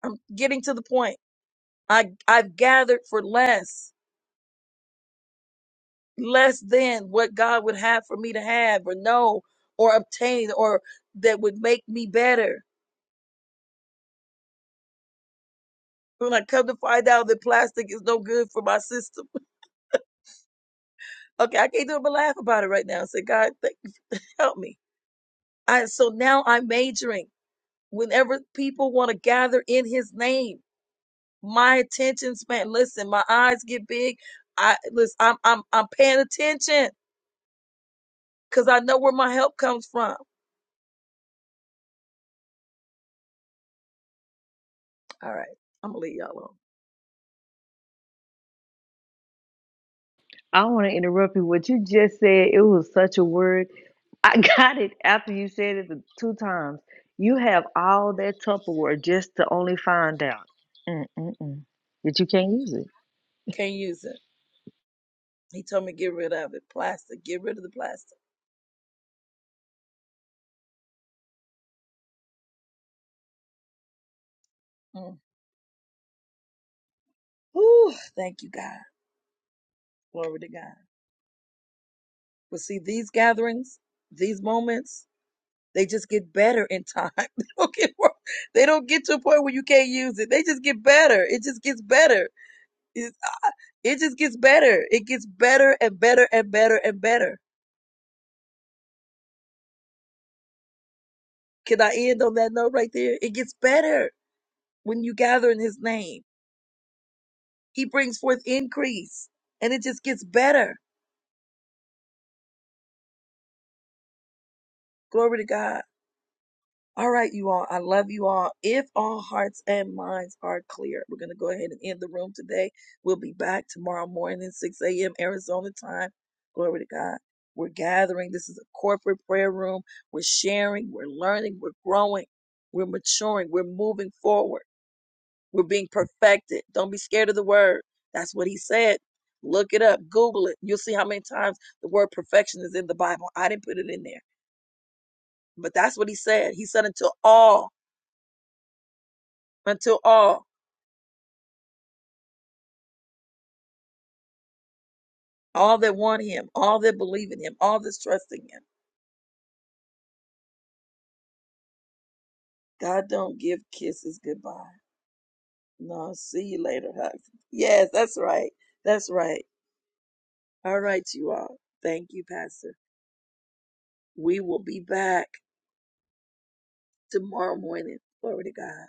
I'm getting to the point. I I've gathered for less. less than what God would have for me to have or know or obtain or that would make me better. When I come to find out that plastic is no good for my system. Okay, I can't do it but laugh about it right now. Say, God, thank, help me. I, so now I'm majoring. Whenever people want to gather in his name, my attention span, listen, my eyes get big. I listen, I'm I'm I'm paying attention because I know where my help comes from. All right, I'm gonna leave y'all alone. I want to interrupt you. What you just said, it was such a word. I got it after you said it the two times. You have all that Tupperware just to only find out Mm-mm-mm. that you can't use it. Can't use it. He told me get rid of it. Plastic. Get rid of the plastic. Mm. Whew, thank you, God. Glory to God. But see, these gatherings, these moments, they just get better in time. they don't get worse. They don't get to a point where you can't use it. They just get better. It just gets better. It's, it just gets better. It gets better and better and better and better. Can I end on that note right there? It gets better when you gather in His name. He brings forth increase, and it just gets better. Glory to God. All right, you all. I love you all. If all hearts and minds are clear, we're going to go ahead and end the room today. We'll be back tomorrow morning, 6 a.m. Arizona time. Glory to God. We're gathering. This is a corporate prayer room. We're sharing. We're learning. We're growing. We're maturing. We're moving forward. We're being perfected. Don't be scared of the word. That's what he said. Look it up. Google it. You'll see how many times the word perfection is in the Bible. I didn't put it in there. But that's what he said. He said, until all until all, all that want him, all that believe in him, all that's trusting him. God don't give kisses goodbye. No, see you later, hugs. Yes, that's right. That's right. All right, you all. Thank you, Pastor. We will be back tomorrow morning. Glory to God.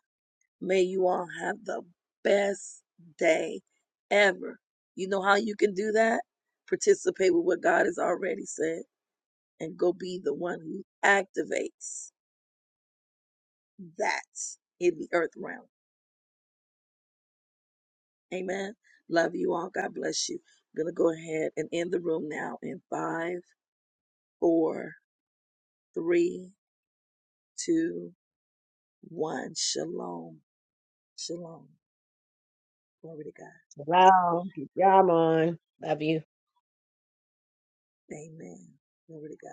May you all have the best day ever. You know how you can do that? Participate with what God has already said and go be the one who activates that in the earth realm. Amen. Love you all. God bless you. I'm going to go ahead and end the room now in five, four, three, two, one. Shalom. Shalom. Glory to God. Love. Y'all on. Love you. Amen. Glory to God.